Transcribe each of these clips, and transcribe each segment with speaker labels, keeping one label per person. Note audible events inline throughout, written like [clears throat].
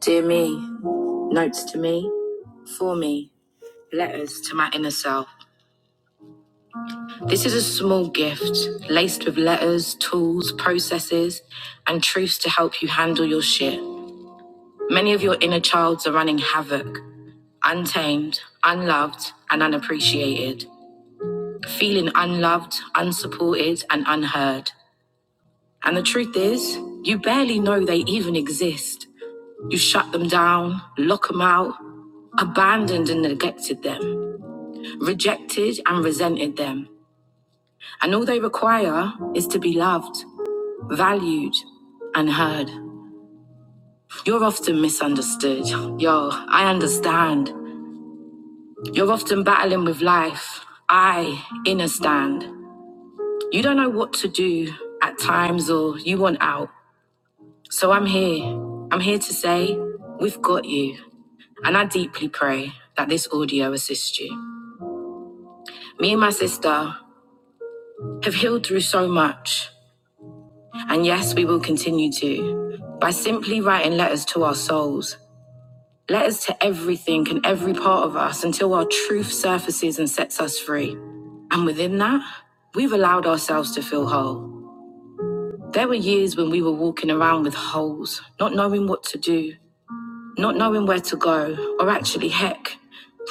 Speaker 1: Dear me, notes to me, for me, letters to my inner self. This is a small gift laced with letters, tools, processes, and truths to help you handle your shit. Many of your inner childs are running havoc, untamed, unloved, and unappreciated, feeling unloved, unsupported, and unheard. And the truth is, you barely know they even exist. You shut them down, lock them out, abandoned and neglected them. rejected and resented them. And all they require is to be loved, valued, and heard. You're often misunderstood. Yo, I understand. You're often battling with life. I understand. You don't know what to do at times or you want out. So I'm here. I'm here to say, we've got you. And I deeply pray that this audio assists you. Me and my sister have healed through so much. And yes, we will continue to by simply writing letters to our souls, letters to everything and every part of us until our truth surfaces and sets us free. And within that, we've allowed ourselves to feel whole. There were years when we were walking around with holes, not knowing what to do, not knowing where to go, or actually, heck,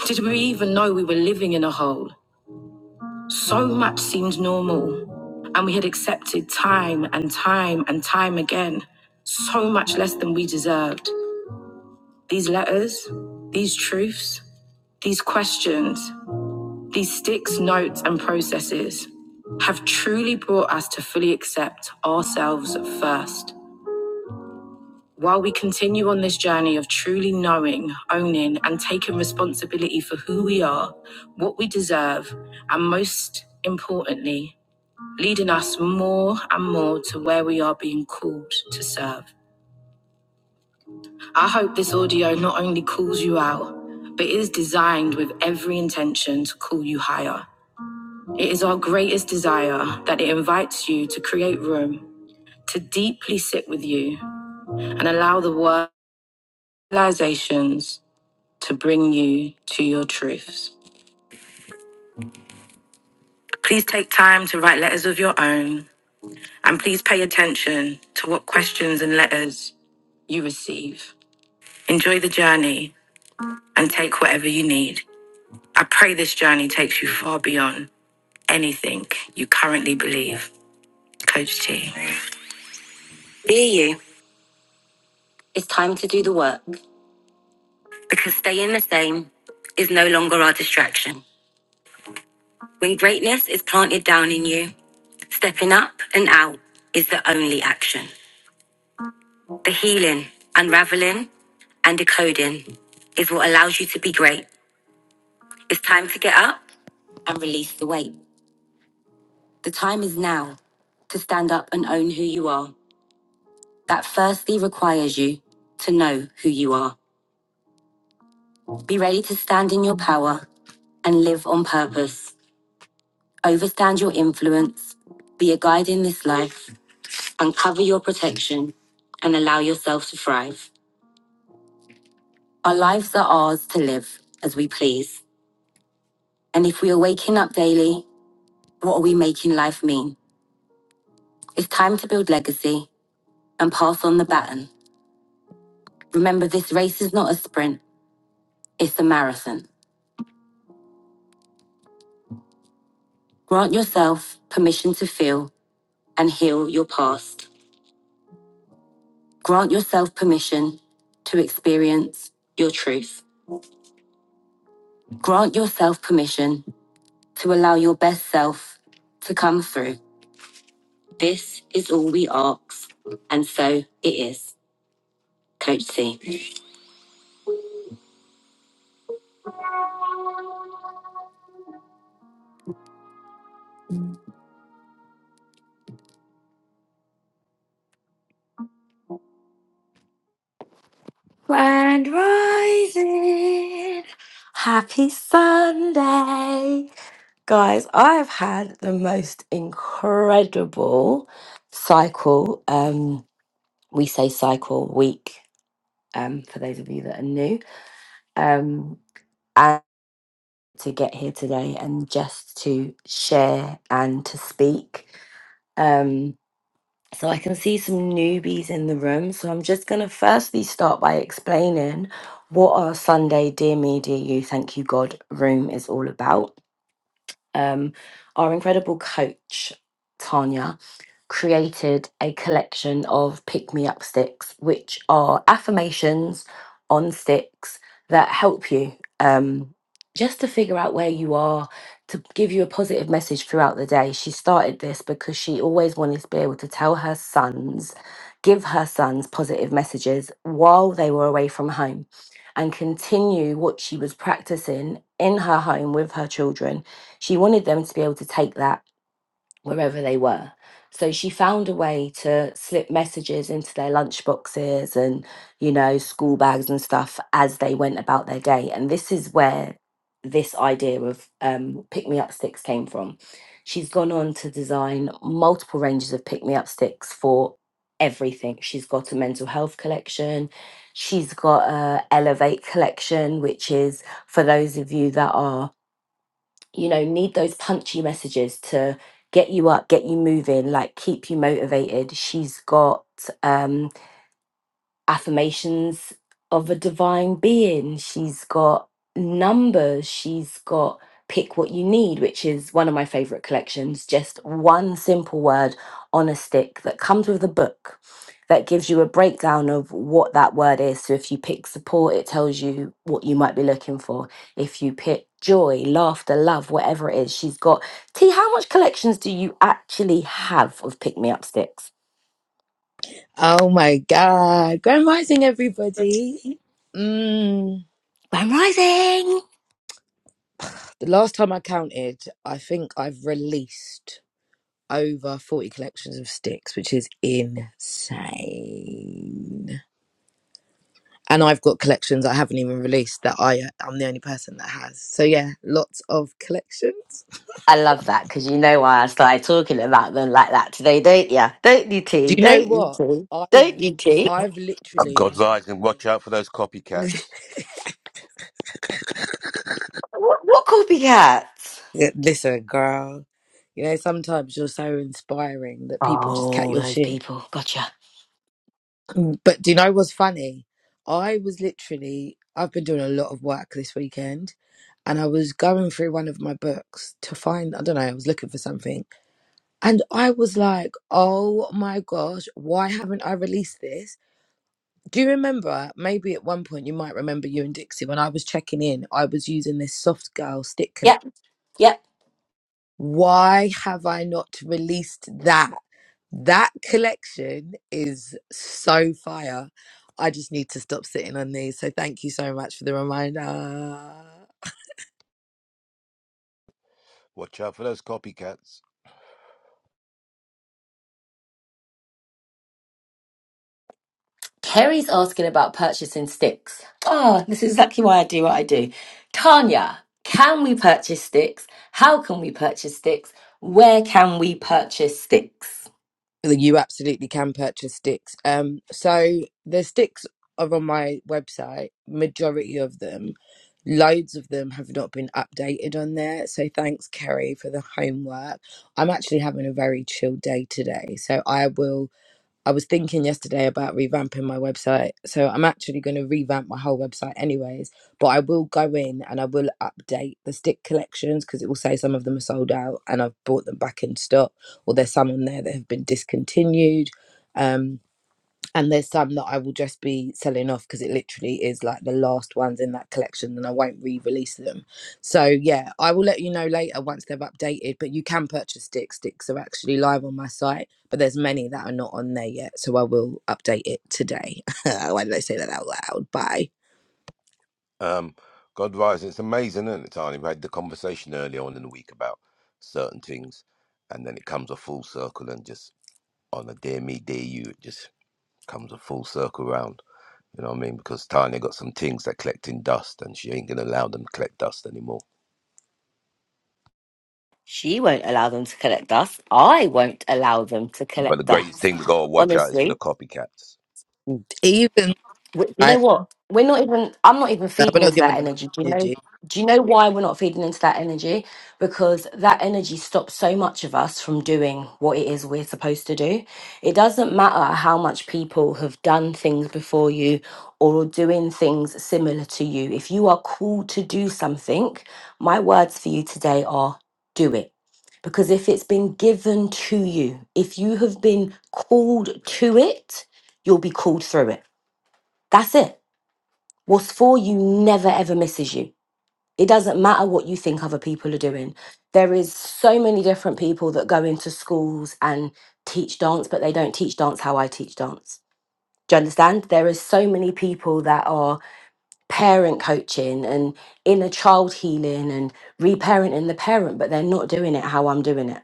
Speaker 1: did we even know we were living in a hole? So much seemed normal, and we had accepted time and time and time again so much less than we deserved. These letters, these truths, these questions, these sticks, notes, and processes have truly brought us to fully accept ourselves first. While we continue on this journey of truly knowing, owning, and taking responsibility for who we are, what we deserve, and most importantly, leading us more and more to where we are being called to serve. I hope this audio not only calls you out, but is designed with every intention to call you higher. It is our greatest desire that it invites you to create room, to deeply sit with you, and allow the word realizations to bring you to your truths. Please take time to write letters of your own and please pay attention to what questions and letters you receive. Enjoy the journey and take whatever you need. I pray this journey takes you far beyond anything you currently believe. Coach T. Be you. It's time to do the work because staying the same is no longer our distraction. When greatness is planted down in you, stepping up and out is the only action. The healing, unraveling, and decoding is what allows you to be great. It's time to get up and release the weight. The time is now to stand up and own who you are. that firstly requires you to know who you are. Be ready to stand in your power and live on purpose. Overstand your influence, be a guide in this life, uncover your protection, and allow yourself to thrive. Our lives are ours to live as we please. And if we are waking up daily, what are we making life mean? It's time to build legacy and pass on the baton. Remember, this race is not a sprint, it's a marathon. Grant yourself permission to feel and heal your past. Grant yourself permission to experience your truth. Grant yourself permission to allow your best self to come through. This is all we ask, and so it is. Coach C. Grand Rising! Happy Sunday! Guys, I've had the most incredible cycle. Um, we say cycle week um, for those of you that are new, um, and to get here today and just to share and to speak. Um, so I can see some newbies in the room. So I'm just going to firstly start by explaining what our Sunday Dear Me, Dear You, Thank You God room is all about um, our incredible coach, Tanya, created a collection of pick me up sticks, which are affirmations on sticks that help you um, just to figure out where you are, to give you a positive message throughout the day. She started this because she always wanted to be able to tell her sons, give her sons positive messages while they were away from home and continue what she was practicing in her home with her children she wanted them to be able to take that wherever they were. So she found a way to slip messages into their lunchboxes and, you know, school bags and stuff as they went about their day. And this is where this idea of um, pick me up sticks came from. She's gone on to design multiple ranges of pick me up sticks for everything. She's got a mental health collection. She's got a Elevate collection, which is for those of you that are you know, need those punchy messages to get you up, get you moving, like keep you motivated. She's got um affirmations of a divine being. She's got numbers. She's got pick what you need, which is one of my favorite collections. Just one simple word on a stick that comes with a book that gives you a breakdown of what that word is. So if you pick support, it tells you what you might be looking for. If you pick joy, laughter, love, whatever it is, she's got. T, how much collections do you actually have of pick me up sticks?
Speaker 2: Oh my God. Grand Rising,
Speaker 1: Grand
Speaker 2: everybody. Mm.
Speaker 1: rising.
Speaker 2: The last time I counted, I think I've released over 40 collections of sticks, which is insane. And I've got collections I haven't even released that I, I'm the only person that has. So yeah, lots of collections.
Speaker 1: I love that because you know why I started talking about them like that today, don't you? Don't you,
Speaker 2: Do
Speaker 1: T?
Speaker 2: you know
Speaker 1: Don't you,
Speaker 2: what?
Speaker 1: T?
Speaker 2: I've,
Speaker 1: Don't you, T?
Speaker 2: I've
Speaker 3: I've God
Speaker 2: literally,
Speaker 3: rising. Watch out for those
Speaker 2: [laughs]
Speaker 3: copycats.
Speaker 1: What, what coffee
Speaker 2: listen, girl, you know, sometimes you're so inspiring that people just cut
Speaker 1: Oh,
Speaker 2: your
Speaker 1: those
Speaker 2: shit
Speaker 1: people. Gotcha.
Speaker 2: But do you know what's funny? I was literally, I've been doing a lot of work this weekend and I was going through one of my books to find, I don't know, I was looking for something. And I was like, oh my gosh, why haven't I released this? Do you remember? Maybe at one point you might remember you and Dixie when I was checking in, I was using this soft girl stick collection
Speaker 1: Yep, yep.
Speaker 2: why have I not released that? That collection is so fire. I just need to stop sitting on these. So thank you so much for the reminder.
Speaker 3: Watch out for those copycats.
Speaker 1: Kerry's asking about purchasing sticks. Oh, this is exactly why I do what I do. Tanya, can we purchase sticks? How can we purchase sticks? Where can we purchase sticks?
Speaker 2: You absolutely can purchase sticks. Um, so the sticks are on my website. Majority of them, loads of them have not been updated on there. So thanks, Kerry, for the homework. I'm actually having a very chill day today, so I will I was thinking yesterday about revamping my website. So I'm actually going to revamp my whole website, anyways. But I will go in and I will update the stick collections because it will say some of them are sold out and I've brought them back in stock, or there's some on there that have been discontinued. Um, and there's some that I will just be selling off because it literally is like the last ones in that collection and I won't re-release them. So yeah, I will let you know later once they've updated, but you can purchase sticks. Sticks are actually live on my site, but there's many that are not on there yet, so I will update it today. [laughs] Why did I say that out loud? Bye.
Speaker 3: Um, God rising. It's amazing, isn't it, Tani? We had the conversation earlier on in the week about certain things, and then it comes a full circle and just on a dear me, dear you, it just comes a full circle round. You know what I mean? Because Tanya got some things that collecting dust, and she ain't gonna allow them to collect dust anymore.
Speaker 1: She won't allow them to collect us. I won't allow them to
Speaker 3: But the
Speaker 1: collect
Speaker 3: greatest
Speaker 1: us.
Speaker 3: thing we gotta watch out is for
Speaker 1: Honestly,
Speaker 3: the copycats.
Speaker 2: Even
Speaker 1: Wh- You
Speaker 2: I
Speaker 1: know what? We're not even. I'm not even
Speaker 2: no, we're
Speaker 1: feeding
Speaker 2: not
Speaker 1: into
Speaker 2: giving
Speaker 1: that
Speaker 2: them
Speaker 1: energy. Do you know?
Speaker 2: energy.
Speaker 1: Do you know why we're not feeding into that energy? Because that energy stops so much of us from doing what it is we're supposed to do. It doesn't matter how much people have done things before you or are doing things similar to you. If you are called to do something, my words for you today are do it. Because if it's been given to you, if you have been called to it, you'll be called through it. That's it. What's for you never ever misses you. It doesn't matter what you think other people are doing. There is so many different people that go into schools and teach dance, but they don't teach dance how I teach dance. Do you understand? There is so many people that are parent coaching and inner child healing and reparenting the parent, but they're not doing it how I'm doing it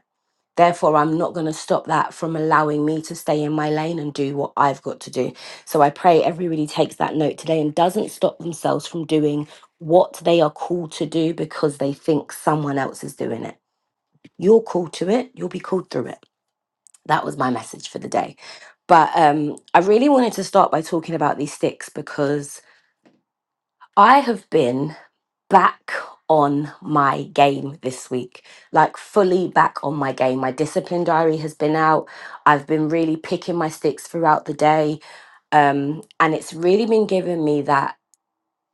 Speaker 1: Therefore, I'm not going to stop that from allowing me to stay in my lane and do what I've got to do. So I pray everybody takes that note today and doesn't stop themselves from doing what they are called to do because they think someone else is doing it. You're called to it, you'll be called through it. That was my message for the day. But um, I really wanted to start by talking about these sticks because I have been back on my game this week, like fully back on my game. My discipline diary has been out. I've been really picking my sticks throughout the day. Um, and it's really been giving me that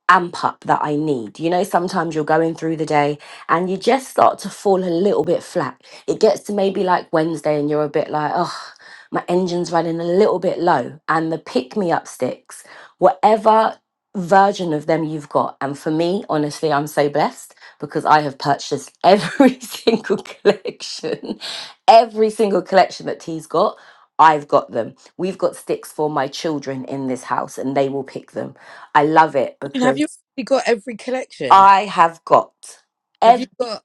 Speaker 1: amp up that I need. You know, sometimes you're going through the day and you just start to fall a little bit flat. It gets to maybe like Wednesday and you're a bit like, oh, my engine's running a little bit low. And the pick me up sticks, whatever version of them you've got. And for me, honestly, I'm so blessed because I have purchased every [laughs] single collection, every single collection that T's got. I've got them. We've got sticks for my children in this house and they will pick them I love it
Speaker 2: I mean, Have you
Speaker 1: because
Speaker 2: actually got every collection?
Speaker 1: I have got
Speaker 2: Have you
Speaker 1: ev-
Speaker 2: got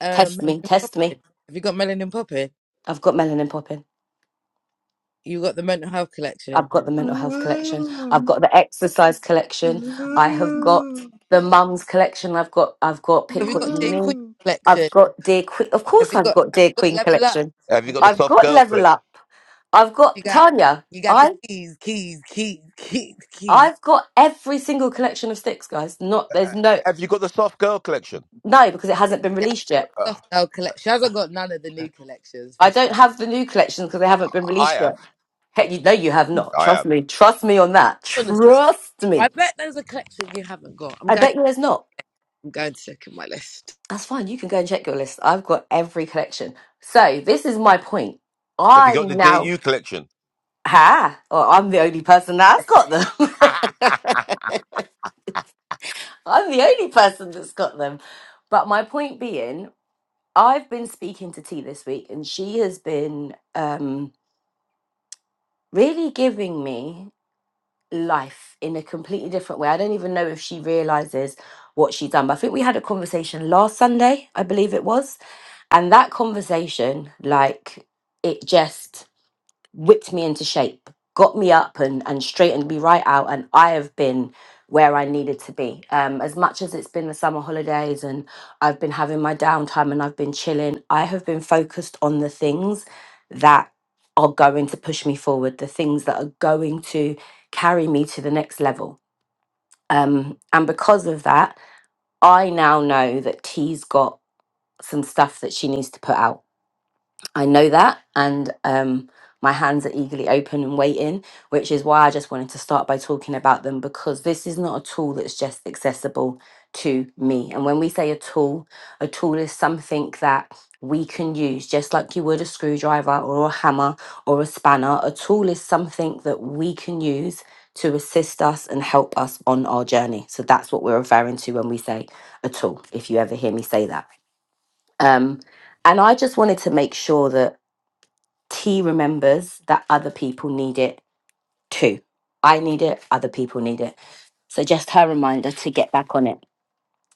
Speaker 2: um
Speaker 1: test me,
Speaker 2: Melanin
Speaker 1: test me.
Speaker 2: Poppin'? Have you got Melanin Poppin'?
Speaker 1: I've got melanin popping.
Speaker 2: You got the mental health collection.
Speaker 1: I've got the mental health collection. I've got the exercise collection. I have got the mum's collection. I've got I've got
Speaker 2: Have
Speaker 1: pick
Speaker 2: you
Speaker 1: what
Speaker 2: got
Speaker 1: you
Speaker 2: J Queen
Speaker 1: need. I've
Speaker 2: collection?
Speaker 1: got dear queen. Of
Speaker 2: Have
Speaker 1: course,
Speaker 2: you
Speaker 1: I've
Speaker 2: got
Speaker 1: got
Speaker 2: have
Speaker 1: dear
Speaker 2: you got
Speaker 1: queen
Speaker 2: level up?
Speaker 1: collection.
Speaker 3: Have you
Speaker 2: Have
Speaker 3: got
Speaker 2: you
Speaker 3: the
Speaker 2: got
Speaker 1: I've
Speaker 3: soft
Speaker 1: got
Speaker 3: girl
Speaker 1: level
Speaker 3: collection?
Speaker 1: up. I've
Speaker 2: you
Speaker 1: got
Speaker 2: got
Speaker 1: Tanya.
Speaker 2: you got the
Speaker 1: I
Speaker 2: keys, keys, keys, keys, keys.
Speaker 1: I've got every single collection of sticks, guys. Not there's no
Speaker 3: Have you got the soft girl collection?
Speaker 1: no because it hasn't been
Speaker 2: Yeah,
Speaker 1: released yet.
Speaker 3: Uh,
Speaker 2: stuff now collection. She hasn't got none of the new collections for
Speaker 1: I
Speaker 2: sure.
Speaker 1: don't have the new collections because they
Speaker 3: I
Speaker 1: haven't been
Speaker 3: I
Speaker 1: released yet.
Speaker 3: have.
Speaker 1: Hey, you, no, you have not.
Speaker 3: I
Speaker 1: Trust
Speaker 3: am.
Speaker 1: me. Trust me on that.
Speaker 2: Honest,
Speaker 1: Trust
Speaker 2: I
Speaker 1: me.
Speaker 2: bet there's a collection you haven't got. I'm
Speaker 1: I
Speaker 2: going
Speaker 1: bet you there's not.
Speaker 2: I'm going to check in my list.
Speaker 1: That's fine. You can go and check your list. I've got every connection. So this is my point.
Speaker 3: Have you
Speaker 1: I
Speaker 3: got the
Speaker 1: now
Speaker 3: DU collection?
Speaker 1: ha. Well, I'm the only person that's got them. [laughs]
Speaker 3: [laughs]
Speaker 1: I'm the only person that's got them. But my point being, I've been speaking to T this week, and she has been um, really giving me. life in a completely different way. I don't even know if she realizes what she's done. But I think we had a conversation last Sunday, I believe it was. And that conversation, like, it just whipped me into shape, got me up and, and straightened me right out. And I have been where I needed to be. Um, as much as it's been the summer holidays and I've been having my downtime and I've been chilling, I have been focused on the things that are going to push me forward, the things that are going to carry me to the next level. Um, and because of that, I now know that T's got some stuff that she needs to put out I know that, and um, my hands are eagerly open and waiting, which is why I just wanted to start by talking about them because this is not a tool that's just accessible to me. And when we say a tool, a tool is something that we can use just like you would a screwdriver or a hammer or a spanner. A tool is something that we can use to assist us and help us on our journey. So that's what we're referring to when we say a tool, if you ever hear me say that. Um, and I just wanted to make sure that T remembers that other people need it too. I need it, other people need it. So just her reminder to get back on it.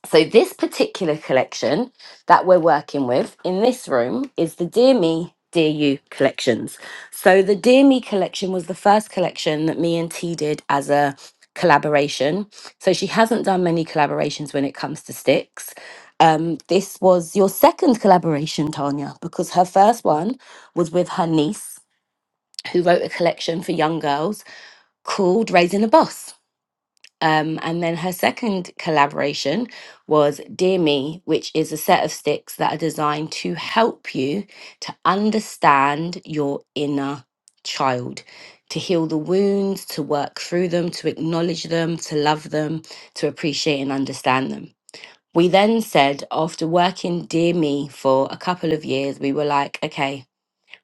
Speaker 1: So this particular collection that we're working with in this room is the Dear Me, Dear You collections. So the Dear Me collection was the first collection that me and T did as a collaboration. So she hasn't done many collaborations when it comes to sticks. Um, this was your second collaboration, Tanya, because her first one was with her niece who wrote a collection for young girls called Raising a Boss. Um, and then her second collaboration was Dear Me, which is a set of sticks that are designed to help you to understand your inner child, to heal the wounds, to work through them, to acknowledge them, to love them, to appreciate and understand them. We then said, after working Dear Me for a couple of years, we were like, okay,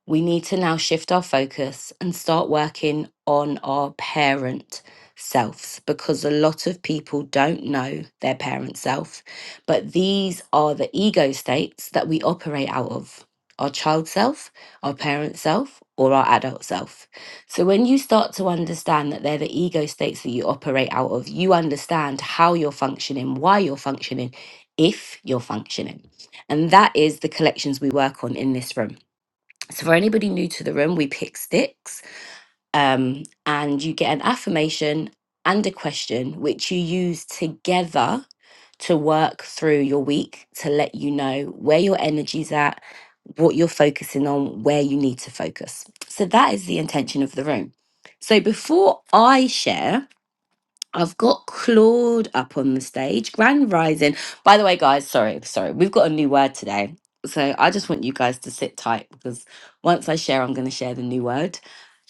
Speaker 1: we need to now shift our focus and start working on our parent selves because a lot of people don't know their parent self. But these are the ego states that we operate out of our child self, our parent self, or our adult self. So when you start to understand that they're the ego states that you operate out of, you understand how you're functioning, why you're functioning, if you're functioning. And that is the collections we work on in this room so, for anybody new to the room, we pick sticks um, and you get an affirmation and a question, which you use together to work through your week to let you know where your energy's at, what you're focusing on, where you need to focus. So, that is the intention of the room. So, before I share, I've got Claude up on the stage. Grand Rising. By the way, guys, sorry, sorry. We've got a new word today. So I just want you guys to sit tight because once I share, I'm going to share the new word.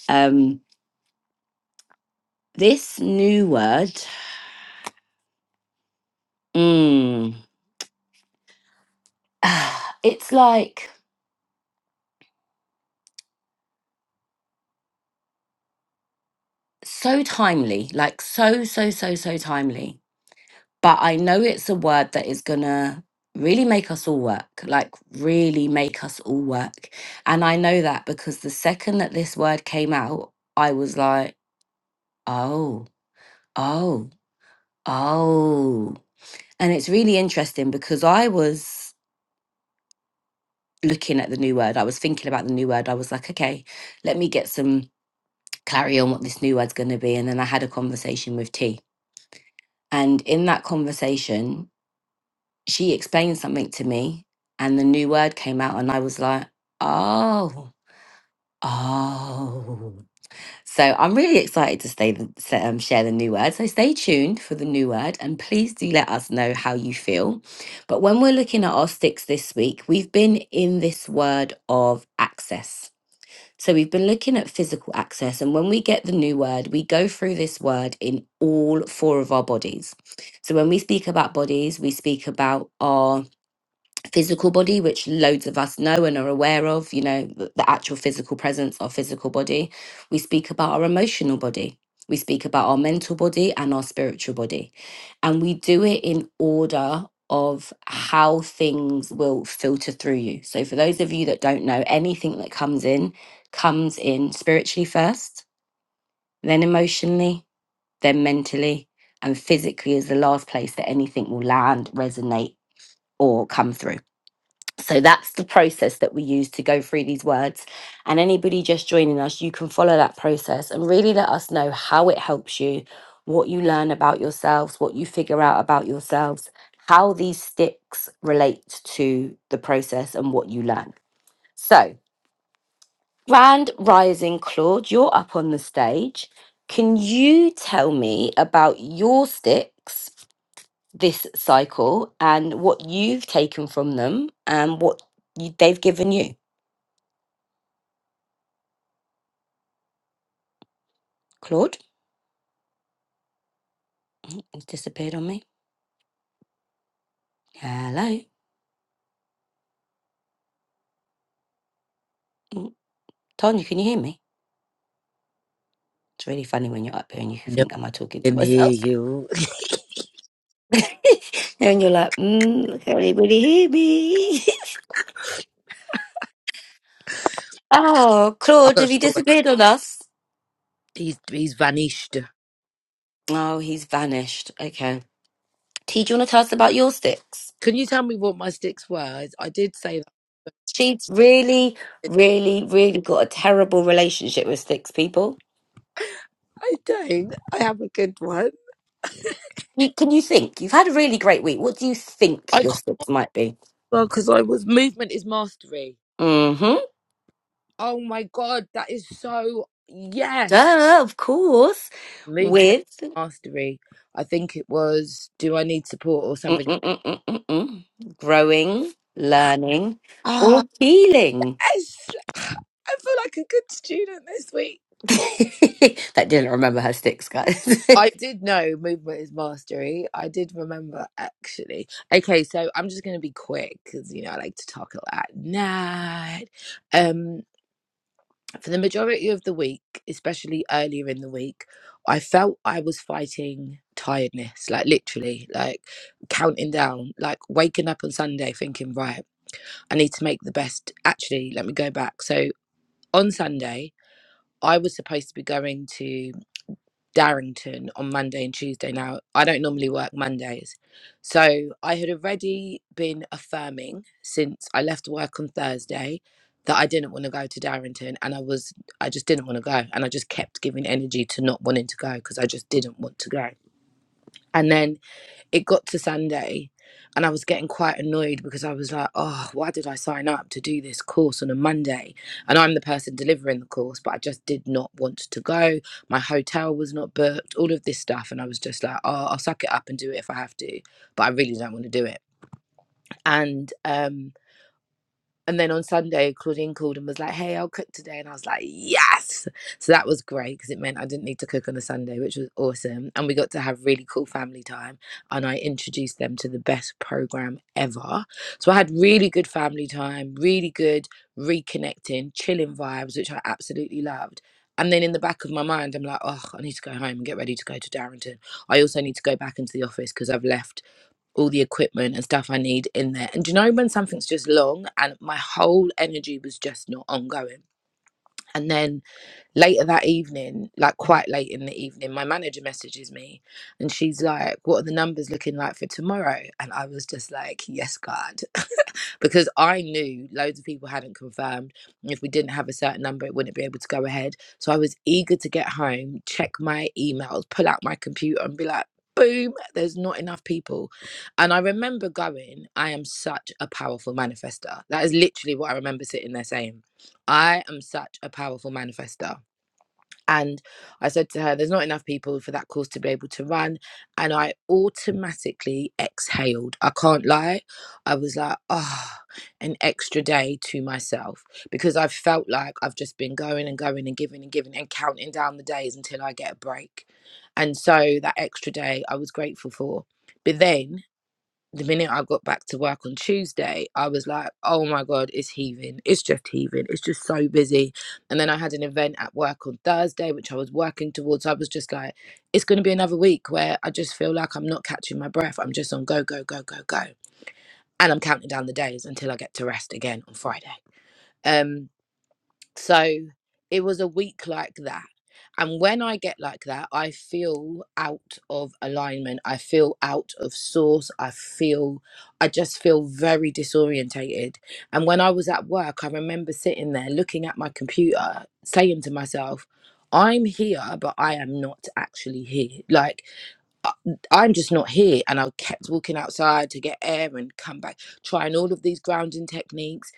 Speaker 1: Um, this new word, mm, [sighs] it's like so timely, like so, so, so, so timely. but I know it's a word that is gonna really make us all work, like really make us all work. And I know that because the second that this word came out, I was like, oh, oh, oh. And it's really interesting because I was looking at the new word, I was thinking about the new word. I was like, okay, let me get some clarity on what this new word's gonna be. And then I had a conversation with T. And in that conversation, she explained something to me and the new word came out and I was like, oh, oh. So I'm really excited to stay the, s- um, share the new word. So stay tuned for the new word and please do let us know how you feel. But when we're looking at our sticks this week, we've been in this word of access. So we've been looking at physical access and when we get the new word, we go through this word in all four of our bodies. So when we speak about bodies, we speak about our physical body, which loads of us know and are aware of, you know, th- the actual physical presence of physical body. We speak about our emotional body. We speak about our mental body and our spiritual body. And we do it in order of how things will filter through you. So, for those of you that don't know, anything that comes in comes in spiritually first, then emotionally, then mentally, and physically is the last place that anything will land, resonate, or come through. So that's the process that we use to go through these words. And anybody just joining us, you can follow that process and really let us know how it helps you, what you learn about yourselves, what you figure out about yourselves, how these sticks relate to the process and what you learn. So, Grand Rising Claude, you're up on the stage. Can you tell me about your sticks this cycle and what you've taken from them and what you, they've given you? Claude, it's disappeared on me. Hello. Mm, Tanya, can you hear me? It's really funny when you're up here and you
Speaker 2: No
Speaker 1: think,
Speaker 2: one
Speaker 1: am I talking to
Speaker 2: can hear
Speaker 1: myself?
Speaker 2: you. [laughs]
Speaker 1: [laughs] and you're like, mm, can anybody hear me? [laughs] oh,
Speaker 2: I'm
Speaker 1: Claude,
Speaker 2: not
Speaker 1: have you
Speaker 2: sure where
Speaker 1: disappeared on us?
Speaker 2: he's he's vanished.
Speaker 1: Oh, he's vanished. Okay. T, do you want to tell us about your sticks?
Speaker 2: Can you tell me what my sticks were? I did say
Speaker 1: She's really,
Speaker 2: that.
Speaker 1: really, really got a terrible relationship with sticks, people.
Speaker 2: I don't. I have a good one.
Speaker 1: You, can you think? You've had a really great week. What do you think
Speaker 2: I
Speaker 1: your
Speaker 2: can't
Speaker 1: sticks might be?
Speaker 2: well because I was movement is mastery.
Speaker 1: Mhm.
Speaker 2: Oh my God, that is so. Yes.
Speaker 1: Duh, of course.
Speaker 2: Movement
Speaker 1: With
Speaker 2: mastery. I think it was Do I Need Support or something.
Speaker 1: mm-mm-mm-mm-mm-mm. growing, learning,
Speaker 2: Ah,
Speaker 1: or healing.
Speaker 2: yes. [sighs] I feel like a good student this week.
Speaker 1: [laughs] that didn't remember her sticks, guys.
Speaker 2: I
Speaker 1: [laughs]
Speaker 2: did know movement is mastery. I did remember actually. Okay, so I'm just going to be quick because you know I like to talk a lot. Night. Um, for the majority of the week, especially earlier in the week, I felt I was fighting tiredness, like literally, like counting down, like waking up on Sunday thinking, right, I need to make the best. Actually, let me go back. So on Sunday, I was supposed to be going to Darrington on Monday and Tuesday. Now, I don't normally work Mondays. So I had already been affirming since I left work on Thursday that I didn't want to go to Darrington and I was I just didn't want to go and I just kept giving energy to not wanting to go because I just didn't want to go. And then it got to Sunday and I was getting quite annoyed because I was like, oh, why did I sign up to do this course on a Monday? And I'm the person delivering the course, but I just did not want to go. My hotel was not booked, all of this stuff. And I was just like, oh, I'll suck it up and do it if I have to, but I really don't want to do it. And um, and then on Sunday, Claudine called and was like, "Hey, I'll cook today," and I was like, "Yes!" So that was great because it meant I didn't need to cook on a Sunday, which was awesome. And we got to have really cool family time, and I introduced them to the best program ever. So I had really good family time, really good reconnecting, chilling vibes, which I absolutely loved. And then in the back of my mind, I'm like, "Oh, I need to go home and get ready to go to Darrington. I also need to go back into the office because I've left." all the equipment and stuff I need in there. And do you know when something's just long and my whole energy was just not ongoing? And then later that evening, like quite late in the evening, my manager messages me and she's like, What are the numbers looking like for tomorrow? And I was just like, Yes, God. [laughs] because I knew loads of people hadn't confirmed. and If we didn't have a certain number, it wouldn't be able to go ahead. So I was eager to get home, check my emails, pull out my computer and be like, Boom, there's not enough people. And I remember going, I am such a powerful manifester. That is literally what I remember sitting there saying. I am such a powerful manifester and I said to her, There's not enough people for that course to be able to run. And I automatically exhaled. I can't lie. I was like, Oh, an extra day to myself because I felt like I've just been going and going and giving and giving and counting down the days until I get a break. And so that extra day I was grateful for. But then the minute I got back to work on Tuesday, I was like, oh my God, it's heaving. It's just heaving. It's just so busy. And then I had an event at work on Thursday, which I was working towards. I was just like, it's going to be another week where I just feel like I'm not catching my breath. I'm just on go, go, go, go, go. And I'm counting down the days until I get to rest again on Friday. Um, so it was a week like that. And when I get like that, I feel out of alignment. I feel out of source. I feel, I just feel very disorientated. And when I was at work, I remember sitting there looking at my computer, saying to myself, I'm here, but I am not actually here. Like, I- I'm just not here. And I kept walking outside to get air and come back, trying all of these grounding techniques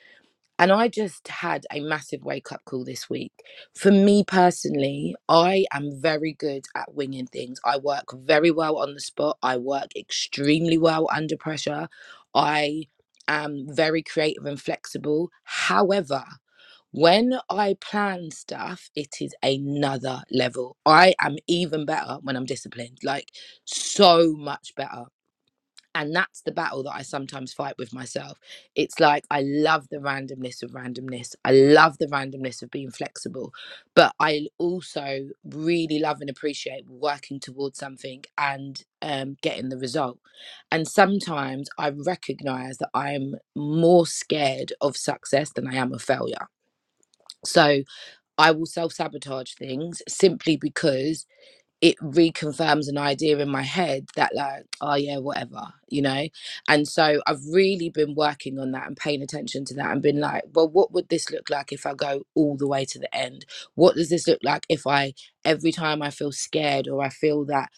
Speaker 2: and I just had a massive wake up call this week. For me personally, I am very good at winging things. I work very well on the spot. I work extremely well under pressure. I am very creative and flexible. However, when I plan stuff, it is another level. I am even better when I'm disciplined, like so much better and that's the battle that I sometimes fight with myself. It's like I love the randomness of randomness. I love the randomness of being flexible, but I also really love and appreciate working towards something and um, getting the result. And sometimes I recognize that I'm more scared of success than I am of failure. So I will self sabotage things simply because it reconfirms an idea in my head that like oh yeah whatever you know and so i've really been working on that and paying attention to that and been like well what would this look like if i go all the way to the end what does this look like if i every time i feel scared or i feel that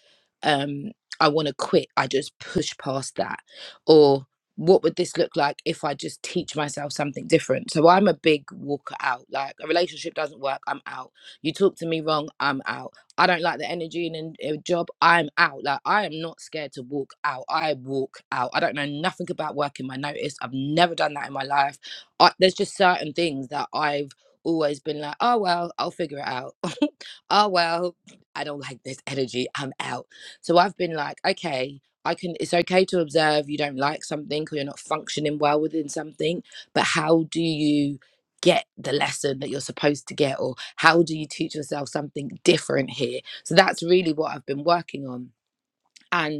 Speaker 2: um i want to quit i just push past that or what would this look like if i just teach myself something different so i'm a big walker out like a relationship doesn't work i'm out you talk to me wrong i'm out I don't like the energy in a job. I'm out. Like I am not scared to walk out. I walk out. I don't know nothing about working my notice. I've never done that in my life. I, there's just certain things that I've always been like, oh well, I'll figure it out. [laughs] oh well, I don't like this energy. I'm out. So I've been like, okay, I can. It's okay to observe you don't like something or you're not functioning well within something, but how do you? get the lesson that you're supposed to get or how do you teach yourself something different here so that's really what i've been working on and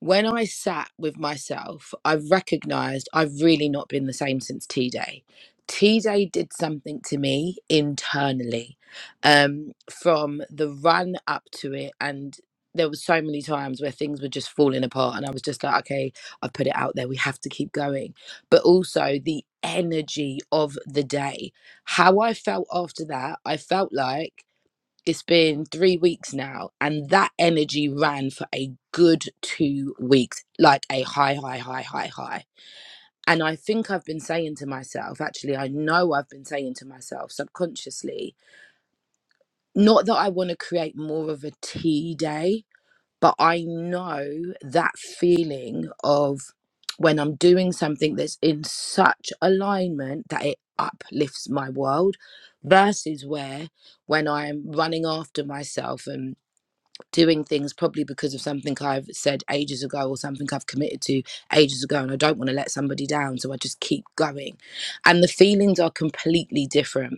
Speaker 2: when I sat with myself, I recognized I've really not been the same since T Day. T Day did something to me internally um, from the run up to it. And there were so many times where things were just falling apart. And I was just like, okay, I've put it out there. We have to keep going. But also the energy of the day, how I felt after that, I felt like. It's been three weeks now, and that energy ran for a good two weeks, like a high, high, high, high, high. And I think I've been saying to myself, actually, I know I've been saying to myself subconsciously, not that I want to create more of a tea day, but I know that feeling of when I'm doing something that's in such alignment that it uplifts my world versus where when I'm running after myself and doing things probably because of something I've said ages ago or something I've committed to ages ago and I don't want to let somebody down so I just keep going and the feelings are completely different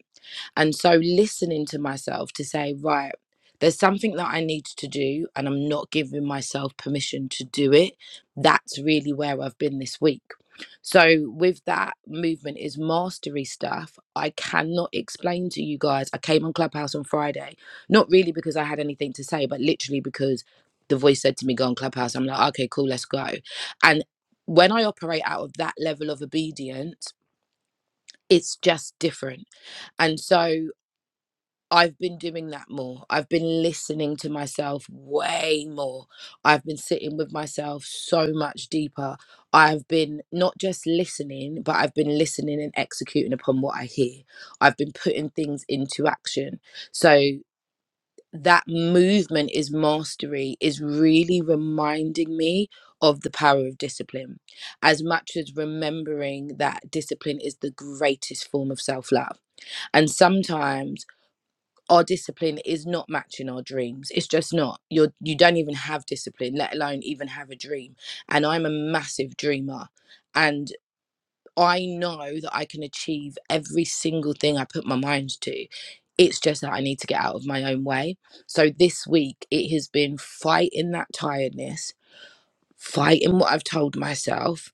Speaker 2: and so listening to myself to say, right, there's something that I need to do, and I'm not giving myself permission to do it. That's really where I've been this week. So, with that movement is mastery stuff. I cannot explain to you guys. I came on Clubhouse on Friday, not really because I had anything to say, but literally because the voice said to me, Go on Clubhouse. I'm like, okay, cool, let's go. And when I operate out of that level of obedience, it's just different. And so I've been doing that more. I've been listening to myself way more. I've been sitting with myself so much deeper. I've been not just listening, but I've been listening and executing upon what I hear. I've been putting things into action. So that movement is mastery is really reminding me of the power of discipline as much as remembering that discipline is the greatest form of self-love and sometimes our discipline is not matching our dreams it's just not you're you don't even have discipline let alone even have a dream and i'm a massive dreamer and i know that i can achieve every single thing i put my mind to it's just that i need to get out of my own way so this week it has been fighting that tiredness fighting what i've told myself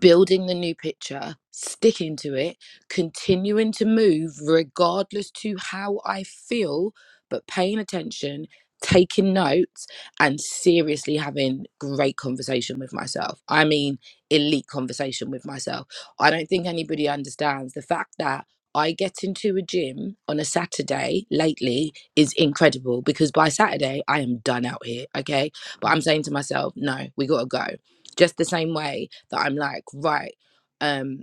Speaker 2: building the new picture, sticking to it, continuing to move regardless to how I feel, but paying attention, taking notes, and seriously having great conversation with myself. I mean, elite conversation with myself. I don't think anybody understands the fact that. I get into a gym on a Saturday lately is incredible because by Saturday I am done out here, okay? But I'm saying to myself, no, we gotta go. Just the same way that I'm like, right, um,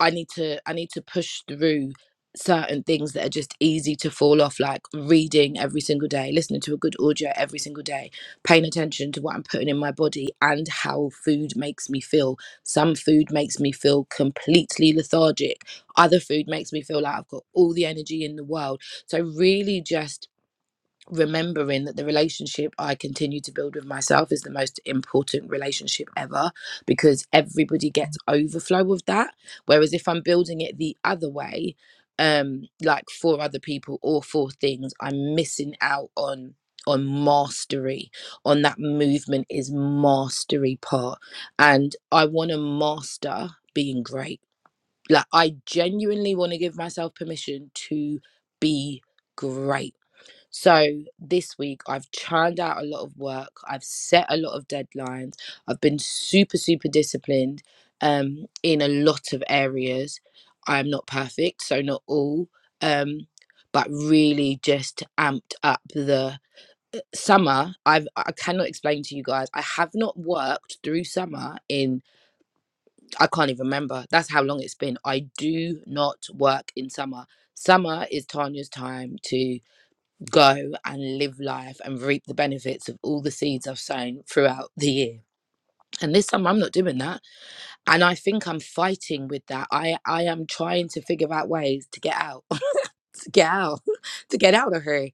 Speaker 2: I need to I need to push through certain things that are just easy to fall off, like reading every single day, listening to a good audio every single day, paying attention to what I'm putting in my body and how food makes me feel. Some food makes me feel completely lethargic. Other food makes me feel like I've got all the energy in the world. So really just remembering that the relationship I continue to build with myself is the most important relationship ever because everybody gets overflow of that. Whereas if I'm building it the other way, um, like for other people or for things, I'm missing out on on mastery on that movement is mastery part and i want to master being great like i genuinely want to give myself permission to be great so this week I've churned out a lot of work. I've set a lot of deadlines. I've been super super disciplined um in a lot of areas. I'm not perfect, so not all um but really just amped up the summer. I've I cannot explain to you guys. I have not worked through summer in I can't even remember. That's how long it's been. I do not work in summer. Summer is Tanya's time to go and live life and reap the benefits of all the seeds I've sown throughout the year. And this time I'm not doing that. And I think I'm fighting with that. I, I am trying to figure out ways to get out this gal [laughs] to get out of her.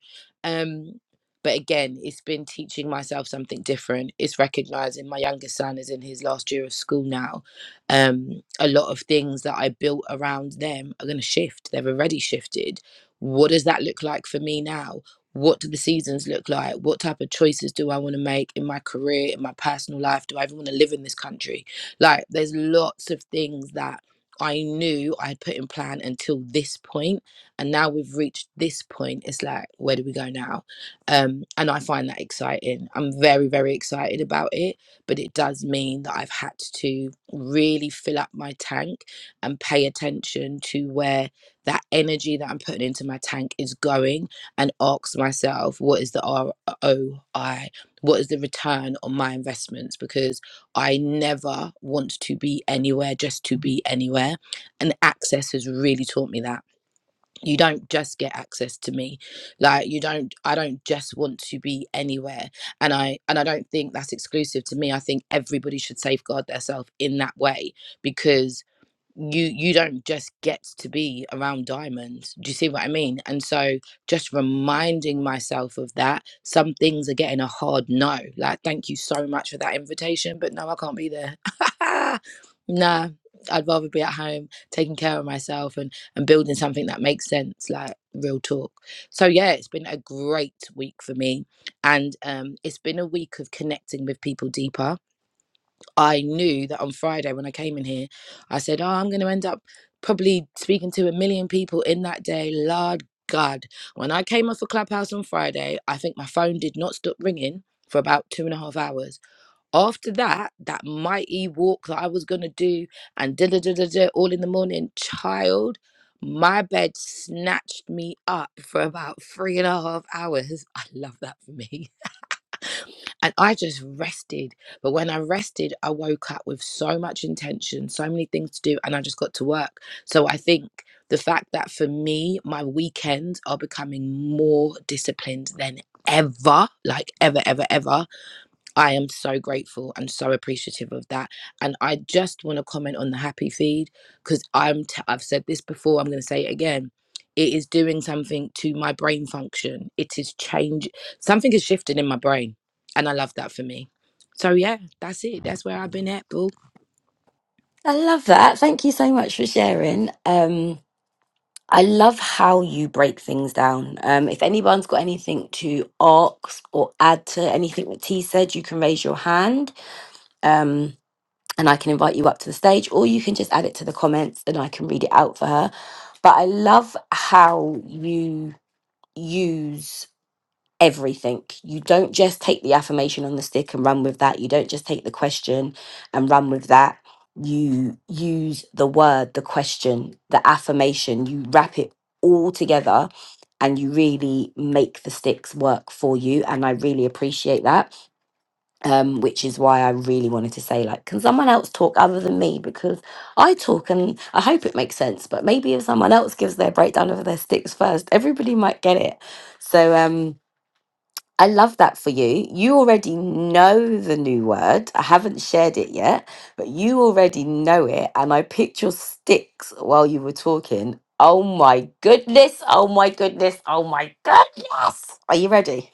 Speaker 2: Um, but again, it's been teaching myself something different. It's recognizing my youngest son is in his last year of school now. Um, a lot of things that I built around them are going to shift. They've already shifted. What does that look like for me now? What do the seasons look like? What type of choices do I want to make in my career, in my personal life? Do I even want to live in this country? Like, there's lots of things that I knew I had put in plan until this point and now we've reached this point it's like where do we go now um and i find that exciting i'm very very excited about it but it does mean that i've had to really fill up my tank and pay attention to where that energy that i'm putting into my tank is going and ask myself what is the roi what is the return on my investments because i never want to be anywhere just to be anywhere and access has really taught me that you don't just get access to me like you don't i don't just want to be anywhere and i and i don't think that's exclusive to me i think everybody should safeguard themselves in that way because you you don't just get to be around diamonds do you see what i mean and so just reminding myself of that some things are getting a hard no like thank you so much for that invitation but no i can't be there [laughs] nah i'd rather be at home taking care of myself and and building something that makes sense like real talk so yeah it's been a great week for me and um it's been a week of connecting with people deeper I knew that on Friday when I came in here, I said, Oh, I'm going to end up probably speaking to a million people in that day. Lord God. When I came off a clubhouse on Friday, I think my phone did not stop ringing for about two and a half hours. After that, that mighty walk that I was going to do and da da da da da all in the morning, child. My bed snatched me up for about three and a half hours. [laughs] I love that for me. And I just rested. But when I rested, I woke up with so much intention, so many things to do, and I just got to work. So I think the fact that for me, my weekends are becoming more disciplined than ever, like ever, ever, ever I am so grateful and so appreciative of that. And I just want to comment on the happy feed because I'm t- I've said this before. I'm going to say it again. It is doing something to my brain function. It is change. Something is shifting in my brain, and I love that for me. So yeah, that's it. That's where I've been at, boo.
Speaker 1: I love that. Thank you so much for sharing. Um, I love how you break things down. Um, if anyone's got anything to ask or add to anything that T said, you can raise your hand. Um, and I can invite you up to the stage, or you can just add it to the comments and I can read it out for her. But I love how you use everything. You don't just take the affirmation on the stick and run with that. You don't just take the question and run with that. You use the word, the question, the affirmation, you wrap it all together and you really make the sticks work for you. And I really appreciate that um, which is why I really wanted to say, like, can someone else talk other than me? Because I talk and I hope it makes sense, but maybe if someone else gives their breakdown of their sticks first, everybody might get it. So um, I love that for you. You already know the new word. I haven't shared it yet, but you already know it. And I picked your sticks while you were talking. Oh my goodness. Oh my goodness. Oh my goodness. Are you ready?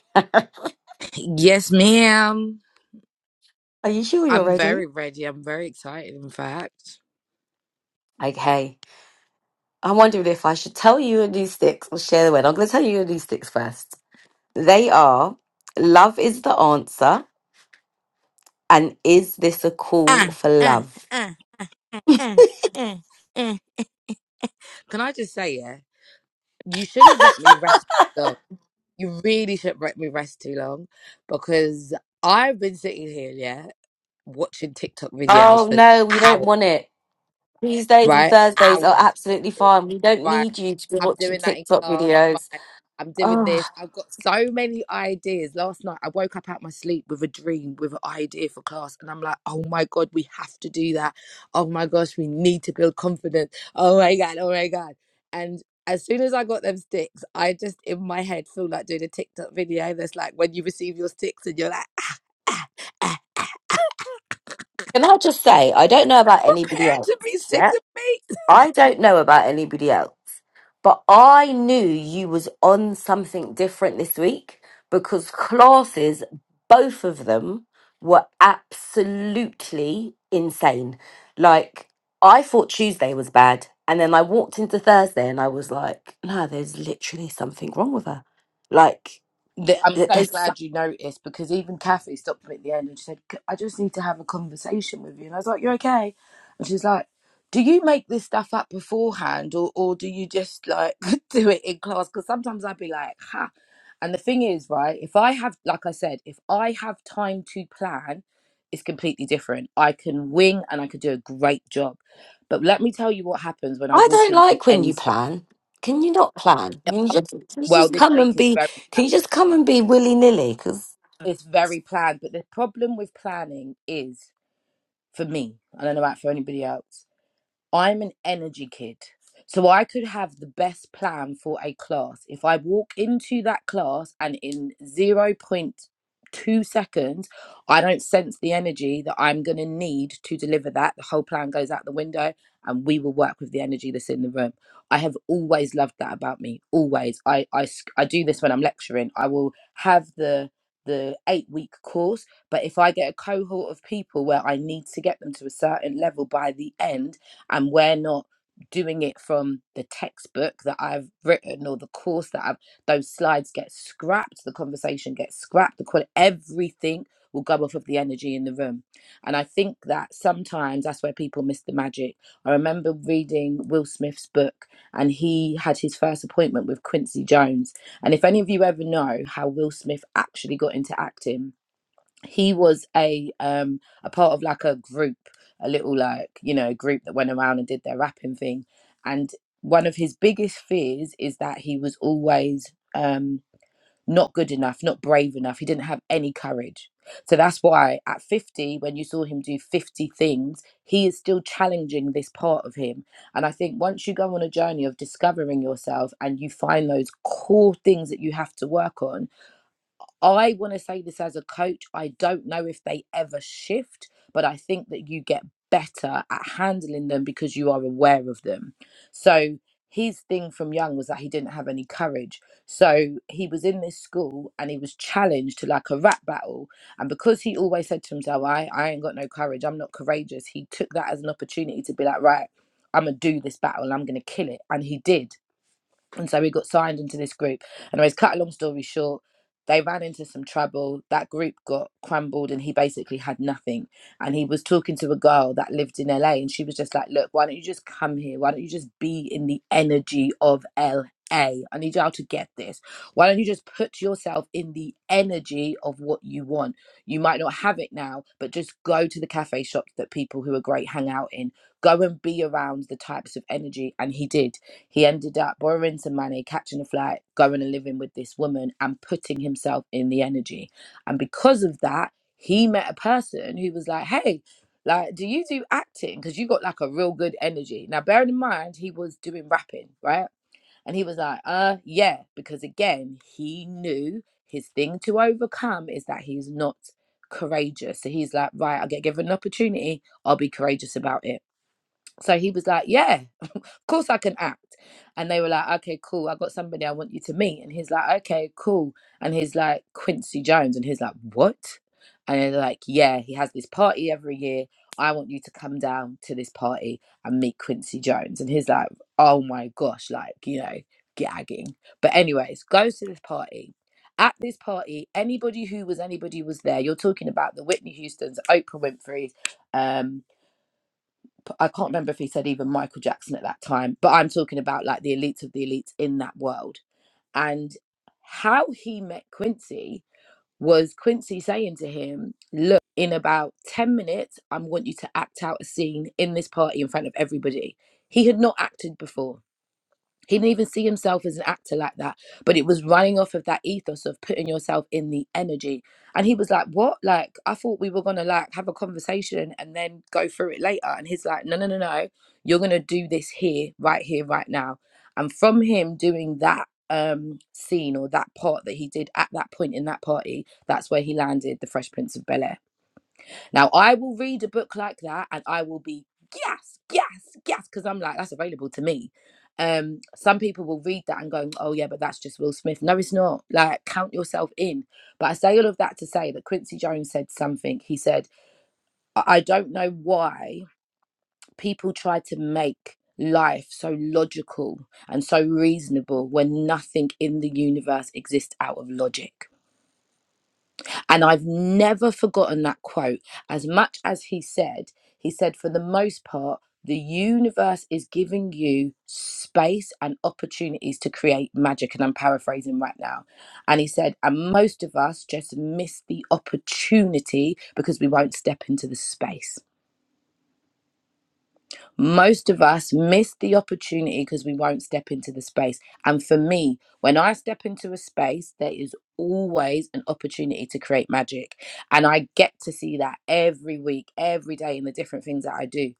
Speaker 2: Yes, ma'am.
Speaker 1: Are you sure you're
Speaker 2: I'm
Speaker 1: ready?
Speaker 2: very ready. I'm very excited. In fact.
Speaker 1: Okay. I wondered if I should tell you these sticks or share the word. I'm going to tell you these sticks first. They are Love is the Answer and Is This a Call
Speaker 2: Ah,
Speaker 1: for
Speaker 2: ah,
Speaker 1: Love?
Speaker 2: ah. Mm, mm, mm. Can I just say, yeah, you shouldn't let me rest too long. You really shouldn't let me rest too long because I've been sitting here, yeah, watching TikTok videos
Speaker 1: Oh,
Speaker 2: for
Speaker 1: no, we don't
Speaker 2: hours,
Speaker 1: want it. Tuesdays and
Speaker 2: right?
Speaker 1: Thursdays are
Speaker 2: Hours.
Speaker 1: absolutely
Speaker 2: Thinking,
Speaker 1: fine. We don't
Speaker 2: Right.
Speaker 1: need you to be
Speaker 2: I'm
Speaker 1: watching
Speaker 2: doing that in
Speaker 1: TikTok
Speaker 2: class.
Speaker 1: videos.
Speaker 2: Right. I'm doing
Speaker 1: Oh,
Speaker 2: this. I've got so many ideas. Last night, I woke up out my sleep with a dream, with an idea for class. And I'm like, oh my God, we have to do that. Oh my gosh, we need to build confidence. Oh my God, oh my God. And as soon as I got them sticks, I just in my head feel like doing a TikTok video that's like when you receive your sticks and you're like,
Speaker 1: can I just say, I don't know about
Speaker 2: [laughs]
Speaker 1: anybody
Speaker 2: prepare
Speaker 1: else.
Speaker 2: to be
Speaker 1: Yeah.
Speaker 2: sick of me.
Speaker 1: I don't know about anybody else, but I knew you was on something different this week because classes, both of them, were absolutely insane. Like I thought Tuesday was bad, and then I walked into Thursday and I was like, no, there's literally something wrong with her. Like
Speaker 2: that I'm
Speaker 1: th-
Speaker 2: so
Speaker 1: there's,
Speaker 2: glad you noticed because even Kathy stopped me at the end and she said, "C- I just need to have a conversation with you. And I was like, You're okay. And she's like, Do you make this stuff up beforehand or, or do you just like [laughs] do it in class? Because sometimes I'd be like, Ha. And the thing is, right, if I have, like I said, if I have time to plan, it's completely different. I can wing and I could do a great job. But let me tell you what happens when I
Speaker 1: I
Speaker 2: walk
Speaker 1: don't
Speaker 2: into
Speaker 1: like when
Speaker 2: any
Speaker 1: you
Speaker 2: space.
Speaker 1: plan. Can you not plan? Can you just, can you
Speaker 2: Well,
Speaker 1: just
Speaker 2: this
Speaker 1: come
Speaker 2: week
Speaker 1: and
Speaker 2: is
Speaker 1: be?
Speaker 2: very
Speaker 1: Can you just come
Speaker 2: planned.
Speaker 1: and be willy nilly?
Speaker 2: it's very planned. But the problem with planning is, for me, I don't know about for anybody else, I'm an energy kid. So I could have the best plan for a class. If I walk into that class and in zero point 0.2 seconds, I don't sense the energy that I'm going to need to deliver that, the whole plan goes out the window and we will work with the energy that's in the room. I have always loved that about me. Always. I, I, sc- I do this when I'm lecturing. I will have the the eight week course but if i get a cohort of people where i need to get them to a certain level by the end and we're not doing it from the textbook that I've written or the course that I've those slides get scrapped, the conversation gets scrapped, the quality everything will go off of the energy in the room. And I think that sometimes that's where people miss the magic. I remember reading Will Smith's book and he had his first appointment with Quincy Jones. And if any of you ever know how Will Smith actually got into acting, he was a um a part of like a group a little like you know group that went around and did their rapping thing and one of his biggest fears is that he was always um not good enough not brave enough he didn't have any courage so that's why at 50 when you saw him do 50 things he is still challenging this part of him and i think once you go on a journey of discovering yourself and you find those core things that you have to work on I want to say this as a coach. I don't know if they ever shift, but I think that you get better at handling them because you are aware of them. So his thing from young was that he didn't have any courage. So he was in this school and he was challenged to like a rap battle. And because he always said to himself, I, I ain't got no courage, I'm not courageous, he took that as an opportunity to be like, right, I'm gonna do this battle and I'm gonna kill it. And he did and so we got signed into this group. Anyways, cut a long story short, they ran into some trouble. That group got crumbled, and he basically had nothing. And he was talking to a girl that lived in LA, and she was just like, "Look, why don't you just come here? Why don't you just be in the energy of LA? I need y'all to get this. Why don't you just put yourself in the energy of what you want? You might not have it now, but just go to the cafe shops that people who are great hang out in. Go and be around the types of energy." And he did he ended up borrowing some money, catching a flight, going and living with this woman and putting himself in the energy. And because of that, he met a person who was like, hey, like, do you do acting? Because you got like a real good energy. Now, bearing in mind, he was doing rapping, right? And he was like, uh, yeah, because again, he knew his thing to overcome is that he's not courageous. So he's like, right, I get given an opportunity, I'll be courageous about it. So he was like, yeah, of course I can act. And they were like, okay, cool. I got somebody I want you to meet. And he's like, okay, cool. And he's like, Quincy Jones. And he's like, what? And they're like, yeah, he has this party every year. I want you to come down to this party and meet Quincy Jones. And he's like, oh my gosh, like, you know, gagging. But, anyways, goes to this party. At this party, anybody who was anybody was there. You're talking about the Whitney Houstons, Oprah Winfrey, um, I can't remember if he said even Michael Jackson at that time, but I'm talking about like the elites of the elites in that world. And how he met Quincy was Quincy saying to him, Look, in about 10 minutes, I want you to act out a scene in this party in front of everybody. He had not acted before. He didn't even see himself as an actor like that, but it was running off of that ethos of putting yourself in the energy. And he was like, What? Like, I thought we were gonna like have a conversation and then go through it later. And he's like, No, no, no, no. You're gonna do this here, right here, right now. And from him doing that um scene or that part that he did at that point in that party, that's where he landed the Fresh Prince of Bel Air now I will read a book like that and I will be yes, yes, yes, because I'm like, that's available to me. Um, some people will read that and go, Oh yeah, but that's just Will Smith. No, it's not. Like, count yourself in. But I say all of that to say that Quincy Jones said something. He said, I I don't know why people try to make life so logical and so reasonable when nothing in the universe exists out of logic and I've never forgotten that quote. As much as he said, he said, for the most part, the universe is giving you space and opportunities to create magic. And I'm paraphrasing right now. And he said, and most of us just miss the opportunity because we won't step into the space. Most of us miss the opportunity because we won't step into the space. And for me, when I step into a space, there is always an opportunity to create magic. And I get to see that every week, every day in the different things that I do.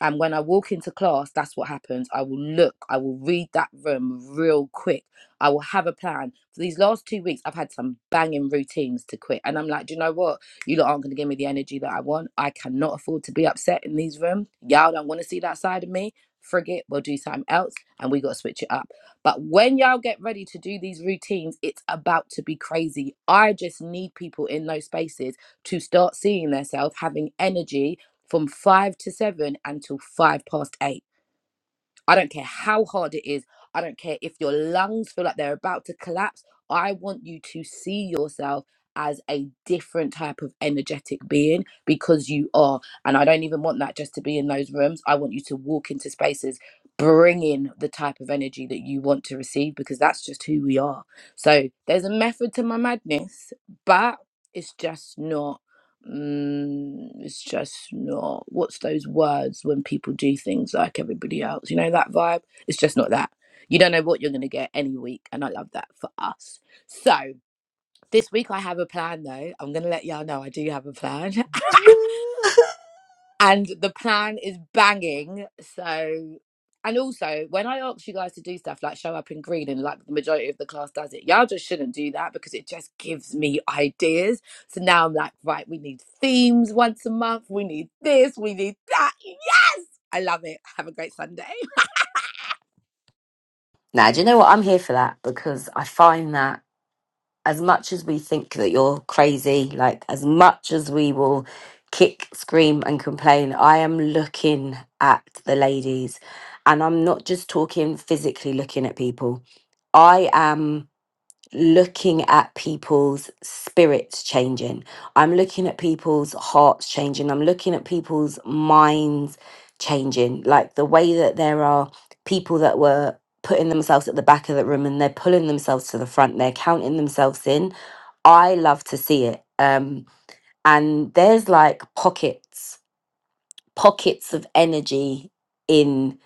Speaker 2: And when I walk into class, that's what happens. I will look, I will read that room real quick. I will have a plan. For these last two weeks, I've had some banging routines to quit. And I'm like, do you know what? You lot aren't going to give me the energy that I want. I cannot afford to be upset in these rooms. Y'all don't want to see that side of me. Frig it, we'll do something else, and we got to switch it up. But when y'all get ready to do these routines, it's about to be crazy. I just need people in those spaces to start seeing themselves having energy from five to seven until five past eight I don't care how hard it is. I don't care if your lungs feel like they're about to collapse. I want you to see yourself as a different type of energetic being because you are. And I don't even want that just to be in those rooms. I want you to walk into spaces bringing the type of energy that you want to receive because that's just who we are. So there's a method to my madness, but it's just not mm, it's just not what's those words when people do things like everybody else you know that vibe it's just not that you don't know what you're going to get any week and i love that for us so this week i have a plan though i'm going to let y'all know i do have a plan [laughs] and the plan is banging. So, and also when I ask you guys to do stuff like show up in green and like the majority of the class does it, y'all just shouldn't do that because it just gives me ideas. So now I'm like, right, we need themes once a month. We need this. We need that. I love it. Have a great Sunday.
Speaker 1: Now, do you know what? I'm here for that because I find that as much as we think that you're crazy, like as much as we will kick, scream, and complain, I am looking at the ladies and I'm not just talking physically looking at people. I am looking at people's spirits changing. I'm looking at people's hearts changing. I'm looking at people's minds changing. Like the way that there are people that were putting themselves at the back of the room and they're pulling themselves to the front, they're counting themselves in. I love to see it. Um, and there's like pockets, pockets of energy in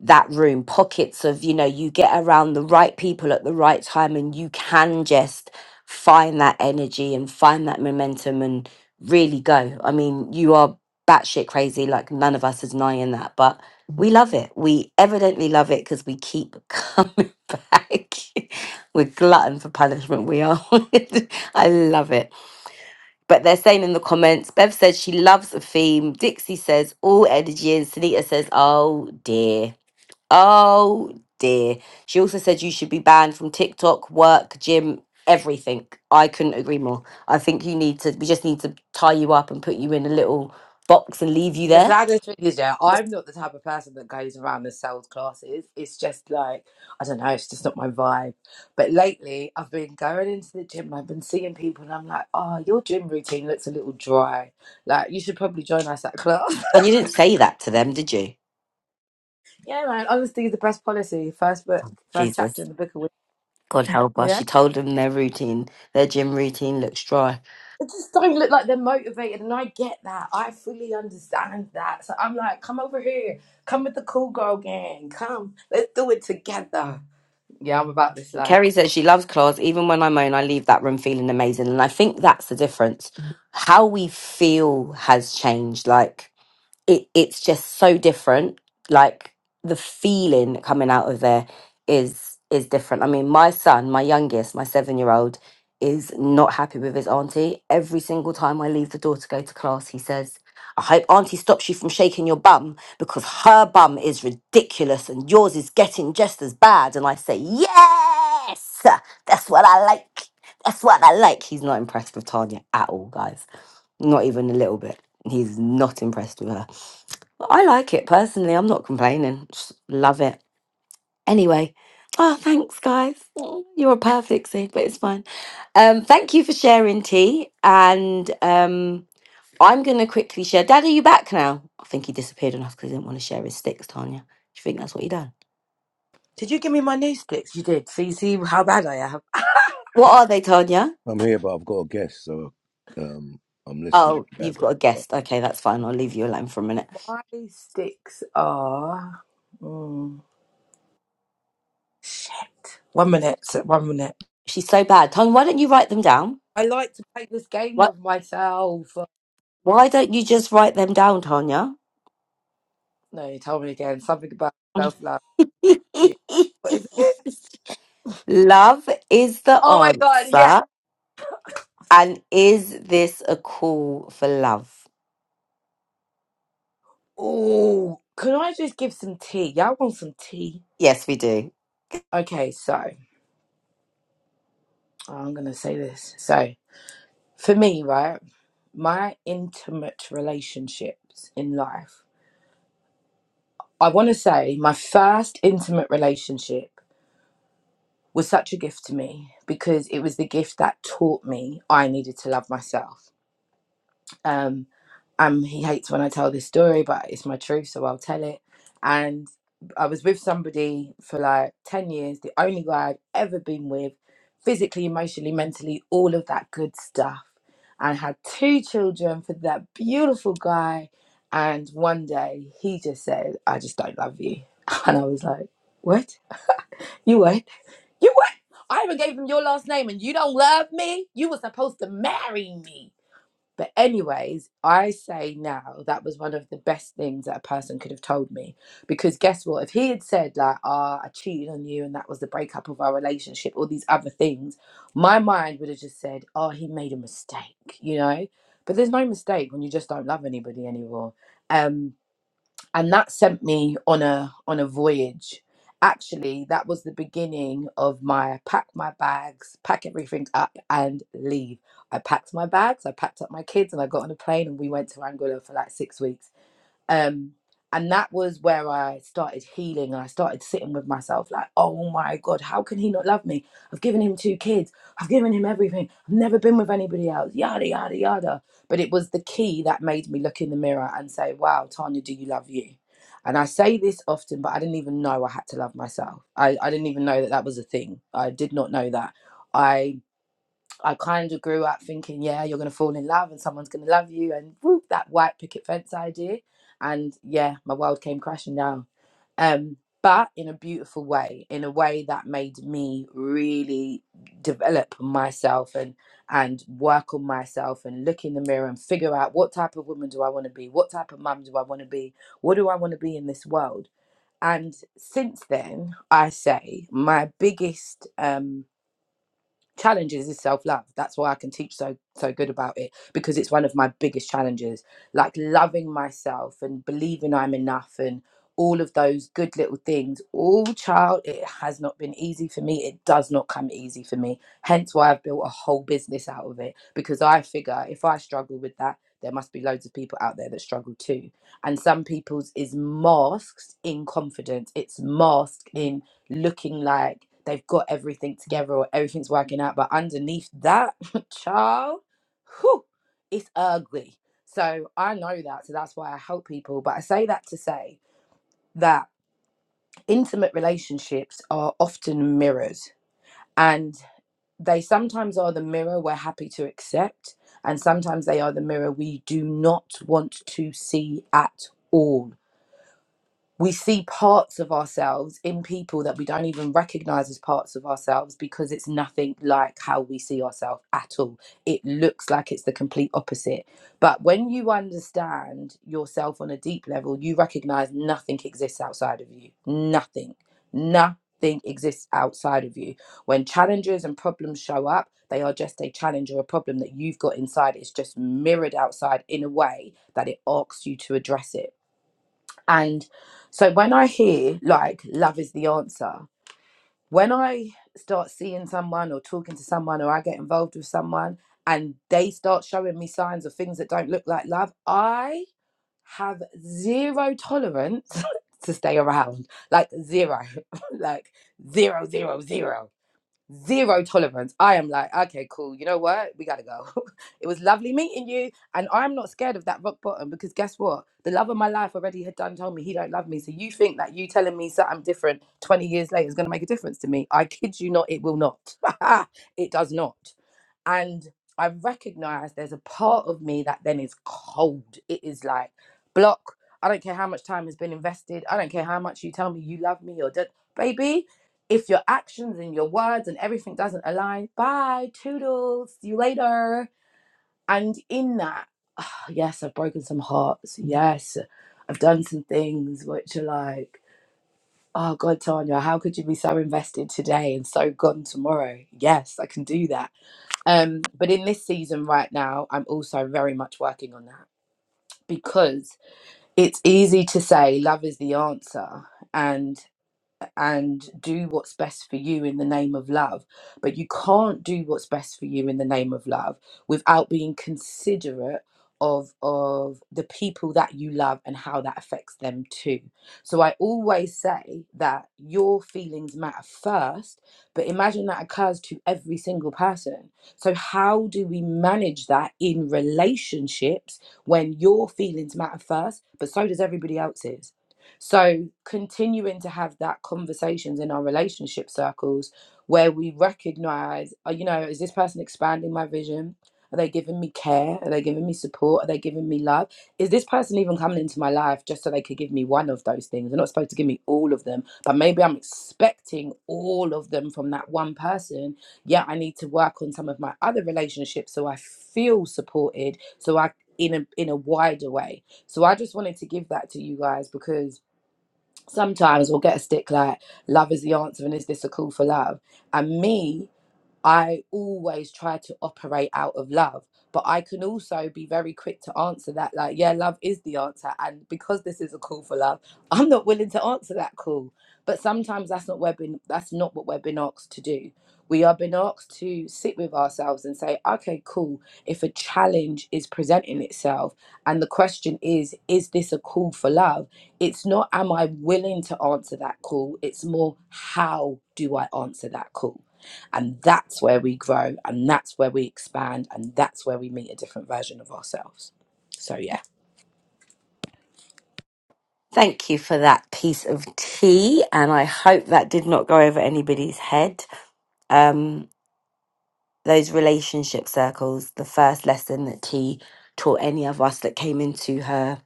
Speaker 1: that room pockets of you know you get around the right people at the right time and you can just find that energy and find that momentum and really go i mean you are batshit crazy like none of us is denying that but we love it we evidently love it because we keep [laughs] coming back we're glutton for punishment we are [laughs] i love it but they're saying in the comments bev says she loves the theme dixie says all energy and sunita says oh dear Oh dear. She also said you should be banned from TikTok, work, gym, everything. I couldn't agree more. I think you need to, we just need to tie you up and put you in a little box and leave you
Speaker 2: The
Speaker 1: there.
Speaker 2: saddest thing is, yeah, I'm not the type of person that goes around and sells classes. It's just like, I don't know, it's just not my vibe. But lately, I've been going into the gym, I've been seeing people, and I'm like, oh, your gym routine looks a little dry. Like, you should probably join us at class. [laughs]
Speaker 1: And you didn't say that to them, did you?
Speaker 2: yeah, man, honesty is the best policy. First book, first
Speaker 1: Jesus.
Speaker 2: chapter in the book of wisdom,
Speaker 1: God help us.
Speaker 2: yeah?
Speaker 1: She told them their routine, their gym routine looks dry.
Speaker 2: It just don't look like they're motivated, and I get that. I fully understand that. So I'm like, come over here, come with the cool girl gang, come, let's do it together. Yeah, I'm about this life.
Speaker 1: Kerry says she loves claws. Even when I moan, I leave that room feeling amazing. And I think that's the difference. How we feel has changed. Like, it it's just so different. Like the feeling coming out of there is is different. I mean, my son, my youngest, my seven year old, is not happy with his auntie. Every single time I leave the door to go to class, he says, "I hope auntie stops you from shaking your bum because her bum is ridiculous and yours is getting just as bad." And I say, "Yes, that's what I like. That's what I like." He's not impressed with Tanya at all, guys. Not even a little bit. He's not impressed with her. I like it personally. I'm not complaining. Just love it. Anyway, oh, thanks, guys. Oh, You're a perfect seed, but it's fine. Um, thank you for sharing tea. And um, I'm going to quickly share. Dad, are you back now? I think he disappeared on us because he didn't want to share his sticks, Tanya. Do you think that's what he done?
Speaker 2: Did you give me my new sticks? You did. So you see how bad I am.
Speaker 1: What are they, Tanya?
Speaker 3: I'm here, but I've got a guest, so um, I'm listening in
Speaker 1: Oh, you've got a guest. Okay, that's fine. I'll leave you alone for a minute.
Speaker 2: My sticks are. Mm, shit. One minute. so- One minute.
Speaker 1: She's so bad. Tanya, why don't you write them down?
Speaker 2: I like to play this game
Speaker 1: What?
Speaker 2: with myself.
Speaker 1: Why don't you just write them down, Tanya?
Speaker 2: No, you told me again something about self love.
Speaker 1: [laughs]
Speaker 2: What is it?
Speaker 1: love is the
Speaker 2: Oh my god, yeah.
Speaker 1: answer. And is this a call for love?
Speaker 2: Oh, can I just give some tea? Y'all want some tea?
Speaker 1: Yes, we do.
Speaker 2: Okay, so I'm gonna say this. So for me, right, my intimate relationships in life. I want to say my first intimate relationship was such a gift to me because it was the gift that taught me I needed to love myself. Um, um, he hates when I tell this story, but it's my truth, so I'll tell it. And I was with somebody for like 10 years, the only guy I've ever been with, physically, emotionally, mentally, all of that good stuff. And had two children for that beautiful guy. And one day he just said, I just don't love you. [laughs] And I was like, What? You what? You what? I even gave him your last name and you don't love me? You were supposed to marry me but, anyways, I say now that was one of the best things that a person could have told me. Because, guess what? If he had said, like, ah, I cheated on you and that was the breakup of our relationship, all these other things, my mind would have just said, oh, he made a mistake, you know? But there's no mistake when you just don't love anybody anymore. Um, and that sent me on a on a voyage actually that was the beginning of my pack my bags pack everything up and leave i packed my bags i packed up my kids and i got on a plane and we went to angola for like six weeks um and that was where i started healing and i started sitting with myself like oh my god how can he not love me i've given him two kids i've given him everything i've never been with anybody else yada yada yada but it was the key that made me look in the mirror and say wow tanya do you love you and i say this often but i didn't even know i had to love myself i, I didn't even know that that was a thing i did not know that I. I kind of grew up thinking, yeah, you're going to fall in love and someone's going to love you, and whoop, that white picket fence idea. And yeah, my world came crashing down. Um, but in a beautiful way, in a way that made me really develop myself and and work on myself and look in the mirror and figure out what type of woman do I want to be, what type of mum do I want to be, what do I want to be in this world. And since then, I say my biggest um, challenges is self-love that's why i can teach so so good about it because it's one of my biggest challenges like loving myself and believing i'm enough and all of those good little things all child it has not been easy for me it does not come easy for me hence why i've built a whole business out of it because i figure if i struggle with that there must be loads of people out there that struggle too and some people's is masked in confidence it's masked in looking like they've got everything together or everything's working out. But underneath that, [laughs] child, whew, it's ugly. So I know that. So that's why I help people. But I say that to say that intimate relationships are often mirrors and they sometimes are the mirror we're happy to accept. And sometimes they are the mirror we do not want to see at all we see parts of ourselves in people that we don't even recognize as parts of ourselves because it's nothing like how we see ourselves at all. It looks like it's the complete opposite. But when you understand yourself on a deep level, you recognize nothing exists outside of you. Nothing. Nothing exists outside of you. When challenges and problems show up, they are just a challenge or a problem that you've got inside. It's just mirrored outside in a way that it asks you to address it and so when I hear like love is the answer, when I start seeing someone or talking to someone or I get involved with someone and they start showing me signs of things that don't look like love, I have zero tolerance [laughs] to stay around. Like zero. [laughs] like zero zero zero zero tolerance. I am like, okay, cool. You know what? We gotta go. [laughs] it was lovely meeting you, and I'm not scared of that rock bottom because guess what? The love of my life already had done told me he don't love me. So you think that you telling me something different 20 years later is gonna make a difference to me? I kid you not, it will not. [laughs] it does not. And I recognize there's a part of me that then is cold. It is like block. I don't care how much time has been invested. I don't care how much you tell me you love me or don't, baby. If your actions and your words and everything doesn't align, bye, toodles, see you later. And in that, [sighs] oh, yes, I've broken some hearts. Yes, I've done some things which are like, oh God, Tanya, how could you be so invested today and so gone tomorrow? Yes, I can do that. Um, but in this season right now, I'm also very much working on that because it's easy to say love is the answer. and and do what's best for you in the name of love. But you can't do what's best for you in the name of love without being considerate of of the people that you love and how that affects them too. So I always say that your feelings matter first, but imagine that occurs to every single person. So how do we manage that in relationships when your feelings matter first, but so does everybody else's? So continuing to have that conversations in our relationship circles where we recognize, uh, you know, is this person expanding my vision? Are they giving me care? Are they giving me support? Are they giving me love? Is this person even coming into my life just so they could give me one of those things? They're not supposed to give me all of them, but maybe I'm expecting all of them from that one person. Yeah, I need to work on some of my other relationships so I feel supported, so I in a in a wider way. So I just wanted to give that to you guys because sometimes we'll get a stick like love is the answer and is this a call for love and me I always try to operate out of love, but I can also be very quick to answer that, like, yeah, love is the answer. And because this is a call for love, [laughs] I'm not willing to answer that call. But sometimes that's not we're been, that's not what we're been asked to do. We are been asked to sit with ourselves and say, okay, cool. If a challenge is presenting itself and the question is, is this a call for love? It's not, am I willing to answer that call? It's more, how do I answer that call? And that's where we grow and that's where we expand and that's where we meet a different version of ourselves. So, yeah.
Speaker 1: Thank you for that piece of tea. And I hope that did not go over anybody's head. Um, those relationship circles, the first lesson that tea taught any of us that came into her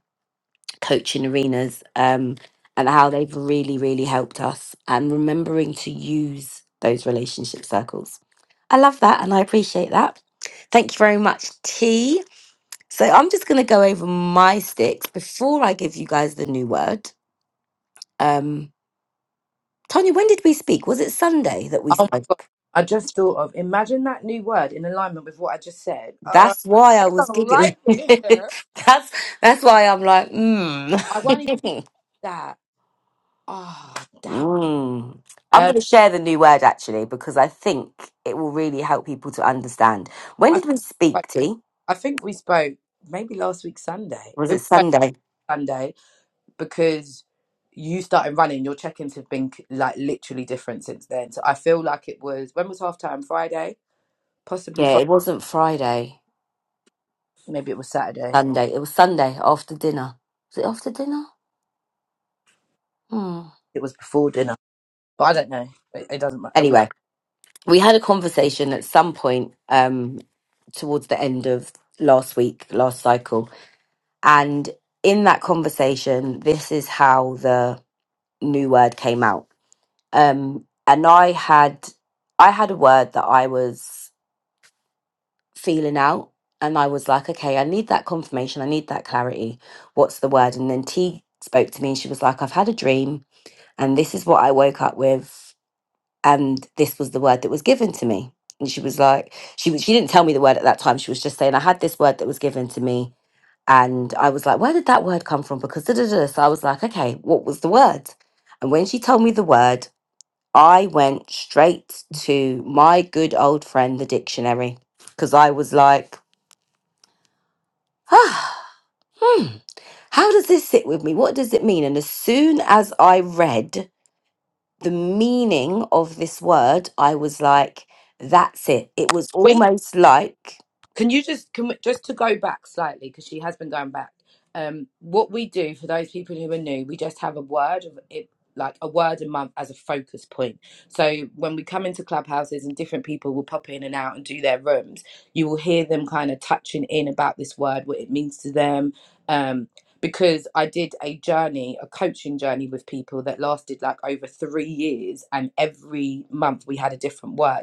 Speaker 1: coaching arenas um, and how they've really, really helped us and remembering to use those relationship circles. I love that and I appreciate that. Thank you very much, T. So I'm just going to go over my sticks before I give you guys the new word. Um, Tanya, when did we speak? Was it Sunday that we
Speaker 2: Oh,
Speaker 1: spoke?
Speaker 2: I just thought of imagine that new word in alignment with what I just said. Uh,
Speaker 1: That's why
Speaker 2: I
Speaker 1: I was
Speaker 2: don't
Speaker 1: giggling.
Speaker 2: like
Speaker 1: [laughs]
Speaker 2: it here.
Speaker 1: that's that's why I'm like,
Speaker 2: I won't even do
Speaker 1: hmm. [laughs]
Speaker 2: that. Oh, damn.
Speaker 1: Mm. I'm
Speaker 2: Um,
Speaker 1: going to share the new word actually because I think it will really help people to understand. When
Speaker 2: I,
Speaker 1: did we
Speaker 2: but
Speaker 1: speak, T?
Speaker 2: I think we spoke maybe last week Sunday.
Speaker 1: Was
Speaker 2: We
Speaker 1: it
Speaker 2: spoke
Speaker 1: Sunday?
Speaker 2: Sunday because you started running. Your check-ins have been like literally different since then. So I feel like it was when was half time Friday, possibly
Speaker 1: Yeah,
Speaker 2: Friday.
Speaker 1: it wasn't Friday.
Speaker 2: Maybe it was Saturday.
Speaker 1: Sunday. It was Sunday after dinner. Was it after dinner? Hmm.
Speaker 2: It was before dinner, but I don't know. It, it doesn't matter. We,
Speaker 1: Anyway, we had a conversation at some point um, towards the end of last week, last cycle. And in that conversation, this is how the new word came out. um and i had i had a word that i was feeling out and i was like okay i need that confirmation i need that clarity what's the word and then t spoke to me and she was like i've had a dream and this is what i woke up with and this was the word that was given to me and she was like she was she didn't tell me the word at that time she was just saying i had this word that was given to me and i was like where did that word come from because da, da, da. so i was like okay what was the word and when she told me the word I went straight to my good old friend, the dictionary, because I was like, ah, hmm, how does this sit with me? What does it mean? And as soon as I read the meaning of this word, I was like, that's it. It was
Speaker 2: Wait,
Speaker 1: almost like,
Speaker 2: Can you just can we, just to go back slightly because she has been going back. Um, what we do for those people who are new, we just have a word of it, like a word a month as a focus point. So when we come into clubhouses and different people will pop in and out and do their rooms, you will hear them kind of touching in about this word, what it means to them. Um, because I did a journey, a coaching journey with people that lasted like over three years, and every month we had a different word.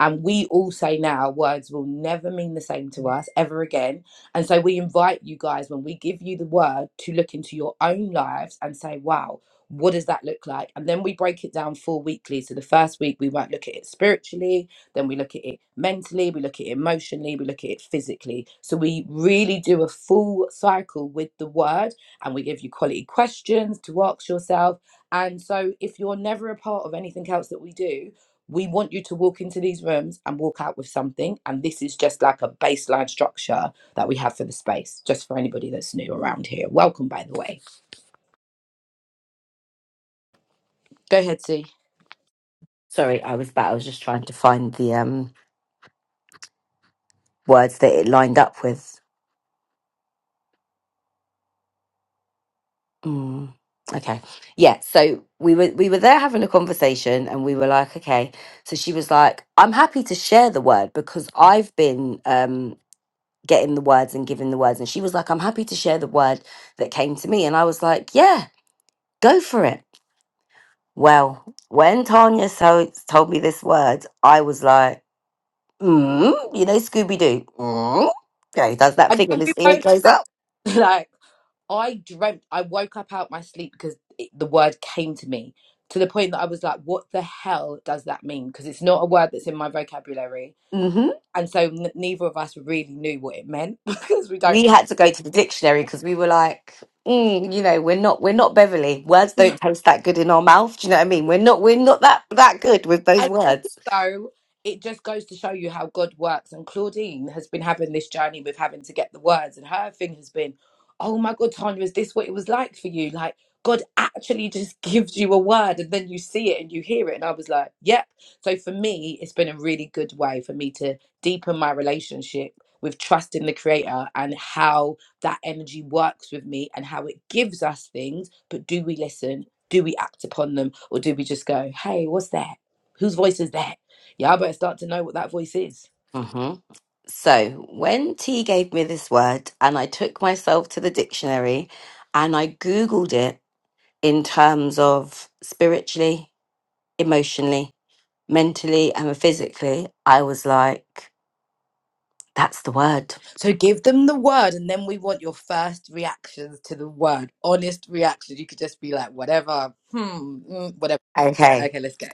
Speaker 2: And we all say now words will never mean the same to us ever again. And so we invite you guys, when we give you the word, to look into your own lives and say, wow, what does that look like? And then we break it down four weekly. So the first week, we might look at it spiritually, then we look at it mentally, we look at it emotionally, we look at it physically. So we really do a full cycle with the word and we give you quality questions to ask yourself. And so if you're never a part of anything else that we do, we want you to walk into these rooms and walk out with something. And this is just like a baseline structure that we have for the space, just for anybody that's new around here. Welcome, by the way. Go ahead, see.
Speaker 1: sorry, I was back. I was just trying to find the um, words that it lined up with. Mm. Okay. Yeah. So we were we were there having a conversation and we were like, okay. So she was like, I'm happy to share the word because I've been um getting the words and giving the words. And she was like, I'm happy to share the word that came to me. And I was like, Yeah, go for it. Well, when Tanya so told me this word, I was like, mm, you know, Scooby Doo. Mm. Yeah, he does that
Speaker 2: And
Speaker 1: thing and
Speaker 2: can we
Speaker 1: his ear
Speaker 2: both,
Speaker 1: goes up.
Speaker 2: [laughs] like, I dreamt, I woke up out my sleep because it, the word came to me to the point that I was like, what the hell does that mean? Because it's not a word that's in my vocabulary.
Speaker 1: Mm-hmm.
Speaker 2: And so n- neither of us really knew what it meant [laughs] because we don't.
Speaker 1: we
Speaker 2: really
Speaker 1: had to go to the dictionary because we were like, mm, you know, we're not we're not Beverly. Words don't taste that good in our mouth. Do you know what I mean? We're not we're not that that good with those
Speaker 2: And
Speaker 1: words.
Speaker 2: also, it just goes to show you how God works. And Claudine has been having this journey with having to get the words, and her thing has been, "Oh my God, Tanya, is this what it was like for you? Like God actually just [laughs] gives you a word, and then you see it and you hear it." And I was like, "Yep." So for me, it's been a really good way for me to deepen my relationship with trust in the creator and how that energy works with me and how it gives us things but do we listen do we act upon them or do we just go hey what's that Whose voice is that? Y'all better start to know what that voice is.
Speaker 1: hmm So when T gave me this word, and I took myself to the dictionary, and I googled it in terms of spiritually, emotionally, mentally, and physically, I was like, that's the word.
Speaker 2: So give them the word, and then we want your first reactions to the word. Honest reactions. You could just be like, whatever, hmm, mm, whatever.
Speaker 1: Okay
Speaker 2: Okay, let's go.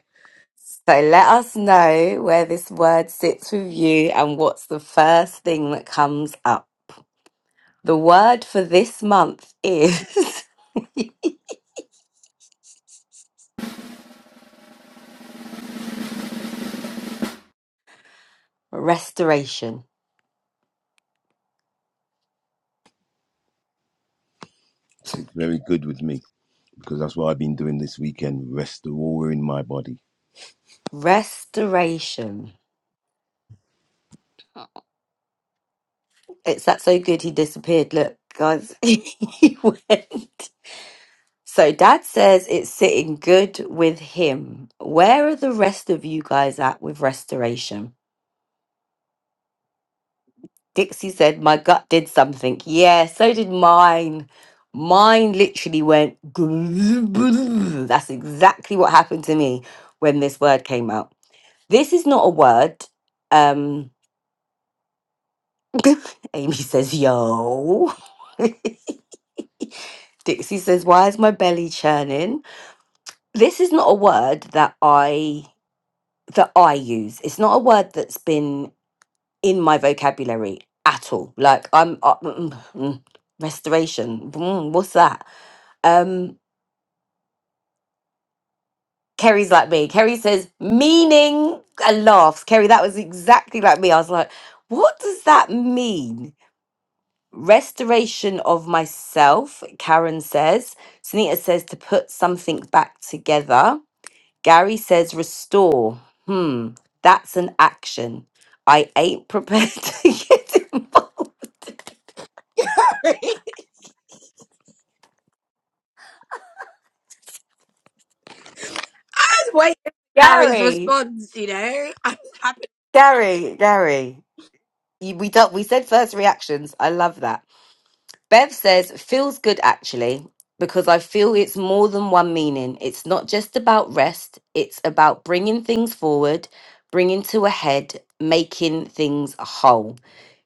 Speaker 1: So let us know where this word sits with you and what's the first thing that comes up. The word for this month is [laughs] restoration.
Speaker 3: It's very good with me because that's what I've been doing this weekend. Restoring my body.
Speaker 1: Restoration. It's that so good he disappeared. Look, guys, [laughs] he went. So dad says it's sitting good with him. Where are the rest of you guys at with restoration? Dixie said, My gut did something. Yeah, so did mine. Mine literally went. [laughs] That's exactly what happened to me when this word came out. This is not a word. Um, [laughs] Amy says, Yo. [laughs] Dixie says, Why is my belly churning? This is not a word that I. That I use. It's not a word that's been in my vocabulary at all. Like I'm uh, mm, mm, mm, restoration. mm, what's that? Um, Kerry's like me. Kerry says meaning and laughs. Kerry, that was exactly like me. I was like, what does that mean? Restoration of myself, Karen says. Sunita says to put something back together. Gary says restore. Hmm, that's an action. I ain't prepared [laughs] to get involved.
Speaker 2: [laughs] Just wait for Harry's
Speaker 1: Gary.
Speaker 2: response, you know? [laughs] I'm happy.
Speaker 1: Gary, Gary, you, we do, we said first reactions. I love that. Bev says feels good actually because I feel it's more than one meaning. It's not just about rest. It's about bringing things forward, bringing to a head, making things whole.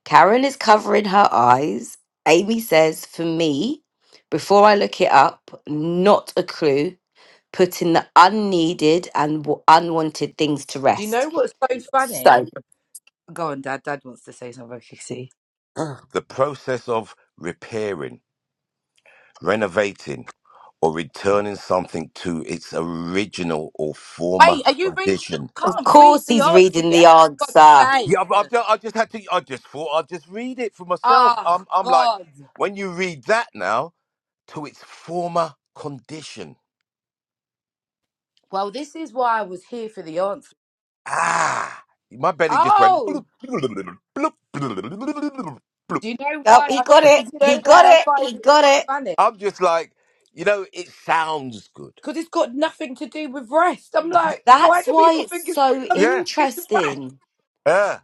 Speaker 1: Karen is covering her eyes. Amy says for me, before I look it up, not a clue. Putting the unneeded and w- unwanted things to
Speaker 2: Do you know
Speaker 1: rest.
Speaker 2: what's so funny?
Speaker 1: So.
Speaker 2: Go on, Dad. Dad wants to say something. Kissy.
Speaker 3: [gasps] the process of repairing, renovating, or returning something to its original or former
Speaker 2: Wait, are you reading?
Speaker 3: condition.
Speaker 2: can't read
Speaker 1: course
Speaker 2: the
Speaker 1: he's
Speaker 2: answer
Speaker 1: reading the
Speaker 2: yet. For
Speaker 1: answer.
Speaker 2: God's sake.
Speaker 3: Yeah, I've, I've, ju- I just had to. I just thought I'd just read it for myself.
Speaker 2: Oh,
Speaker 3: I'm, I'm like,
Speaker 2: God.
Speaker 3: when you read that now to its former condition.
Speaker 2: Well, this is why I was here for the answer.
Speaker 3: Ah, my belly just went.
Speaker 2: Oh!
Speaker 3: Bloop, bloop, bloop, bloop, bloop.
Speaker 2: Do you know
Speaker 1: Oh,
Speaker 2: why
Speaker 1: he
Speaker 2: I?
Speaker 1: got it.
Speaker 2: Do you know
Speaker 1: He
Speaker 2: why
Speaker 1: got
Speaker 2: I
Speaker 1: it.
Speaker 2: find
Speaker 1: He
Speaker 2: it so
Speaker 1: got it.
Speaker 2: funny?
Speaker 3: I'm just like, you know, it sounds good.
Speaker 2: Because it's got nothing to do with rest. I'm like, why
Speaker 1: That's
Speaker 2: do
Speaker 1: why
Speaker 2: people
Speaker 1: it's
Speaker 2: think it's got
Speaker 1: so
Speaker 2: something
Speaker 3: Yeah,
Speaker 2: to do with rest?
Speaker 1: interesting.
Speaker 3: yeah.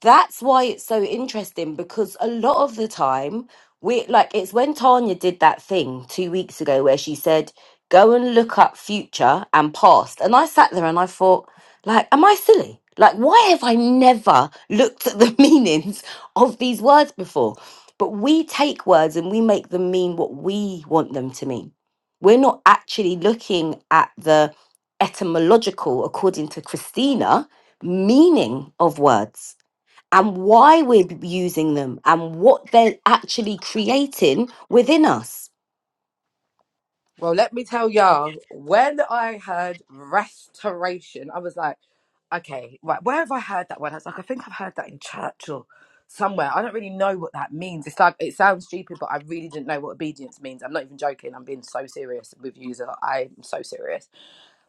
Speaker 1: that's why it's so interesting because a lot of the time we like it's when Tanya did that thing two weeks ago where she said, Go and look up future and past. And I sat there and I thought, like, am I silly? Like, why have I never looked at the [laughs] meanings of these words before? But we take words and we make them mean what we want them to mean. We're not actually looking at the etymological, according to Christina, meaning of words and why we're using them and what they're actually creating within us.
Speaker 2: Well, let me tell y'all. When I heard restoration, I was like, okay, right, where have I heard that word? I was like, I think I've heard that in church or somewhere. I don't really know what that means. It's like it sounds stupid, but I really didn't know what obedience means. I'm not even joking. I'm being so serious with you. Zara. I'm so serious.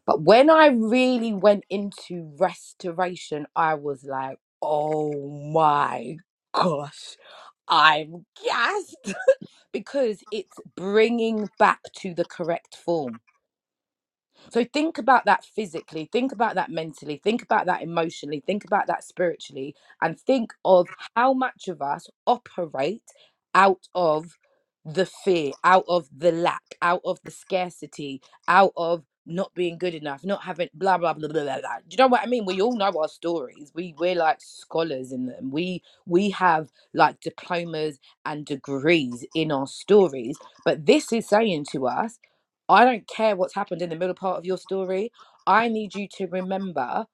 Speaker 2: But when I really went into restoration, I was like, oh my gosh, I'm gassed [laughs] because it's bringing back to the correct form so think about that physically, think about that mentally, think about that emotionally, think about that spiritually, and think of how much of us operate out of the fear, out of the lack, out of the scarcity, out of not being good enough, not having blah blah blah blah blah. blah. Do you know what I mean? We all know our stories. We we're like scholars in them. We we have like diplomas and degrees in our stories. But this is saying to us I don't care what's happened in the middle part of your story. I need you to remember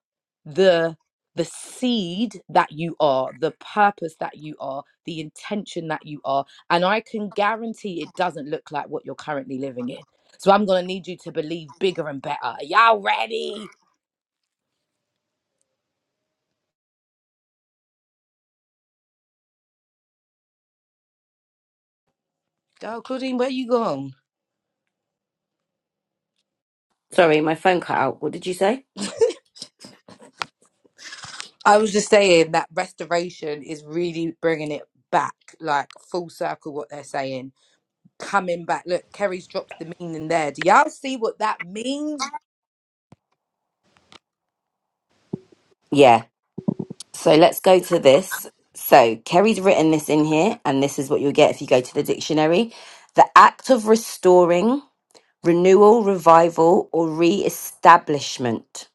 Speaker 2: the the seed that you are, the purpose that you are, the intention that you are, and I can guarantee it doesn't look like what you're currently living in. So I'm gonna need you to believe bigger and better. Are y'all ready? Go, Claudine. Where you gone?
Speaker 1: Sorry, my phone cut out. What did you say?
Speaker 2: I was just saying that restoration is really bringing it back, like full circle. What they're saying coming back. Look, Kerry's dropped the meaning there. Do y'all see what that means?
Speaker 1: Yeah. So let's go to this. So Kerry's written this in here, and this is what you'll get if you go to the dictionary. The act of restoring, renewal, revival, or re establishment.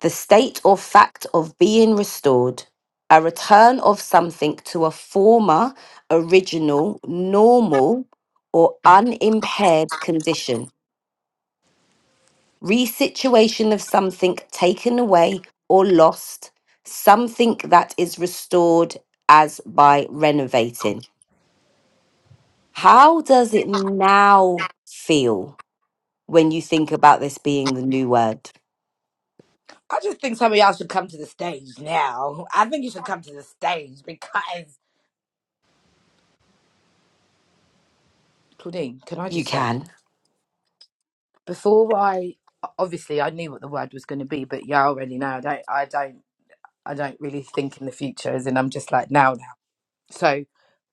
Speaker 1: the state or fact of being restored, a return of something to a former, original, normal, or unimpaired condition, resituation of something taken away or lost, something that is restored as by renovating. How does it now feel when you think about this being the new word?
Speaker 2: I just think some of y'all should come to the stage now. I think you should come to the stage because Claudine, can I
Speaker 1: You
Speaker 2: just say
Speaker 1: can.
Speaker 2: before I obviously I knew what the word was going to be, but y'all already know I don't, I don't, I don't really think in the future. As in, I'm just like now, now. So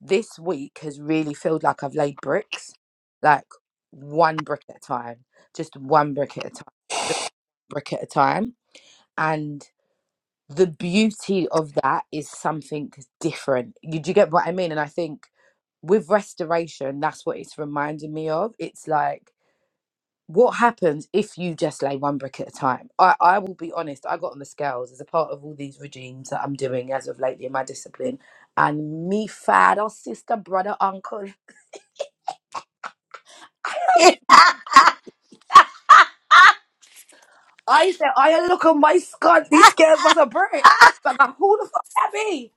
Speaker 2: this week has really felt like I've laid bricks, like one brick at a time, just one brick at a time, just brick at a time, and. the beauty of that is something different. You, do you get what I mean? And I think with restoration, that's what it's reminding me of. It's like, what happens if you just lay one brick at a time? I, I will be honest, I got on the scales as a part of all these regimes that I'm doing as of lately in my discipline. And me father, sister, brother, uncle. [laughs] I said, I look on my scunt, these scales must have break. But like, who the fuck that be?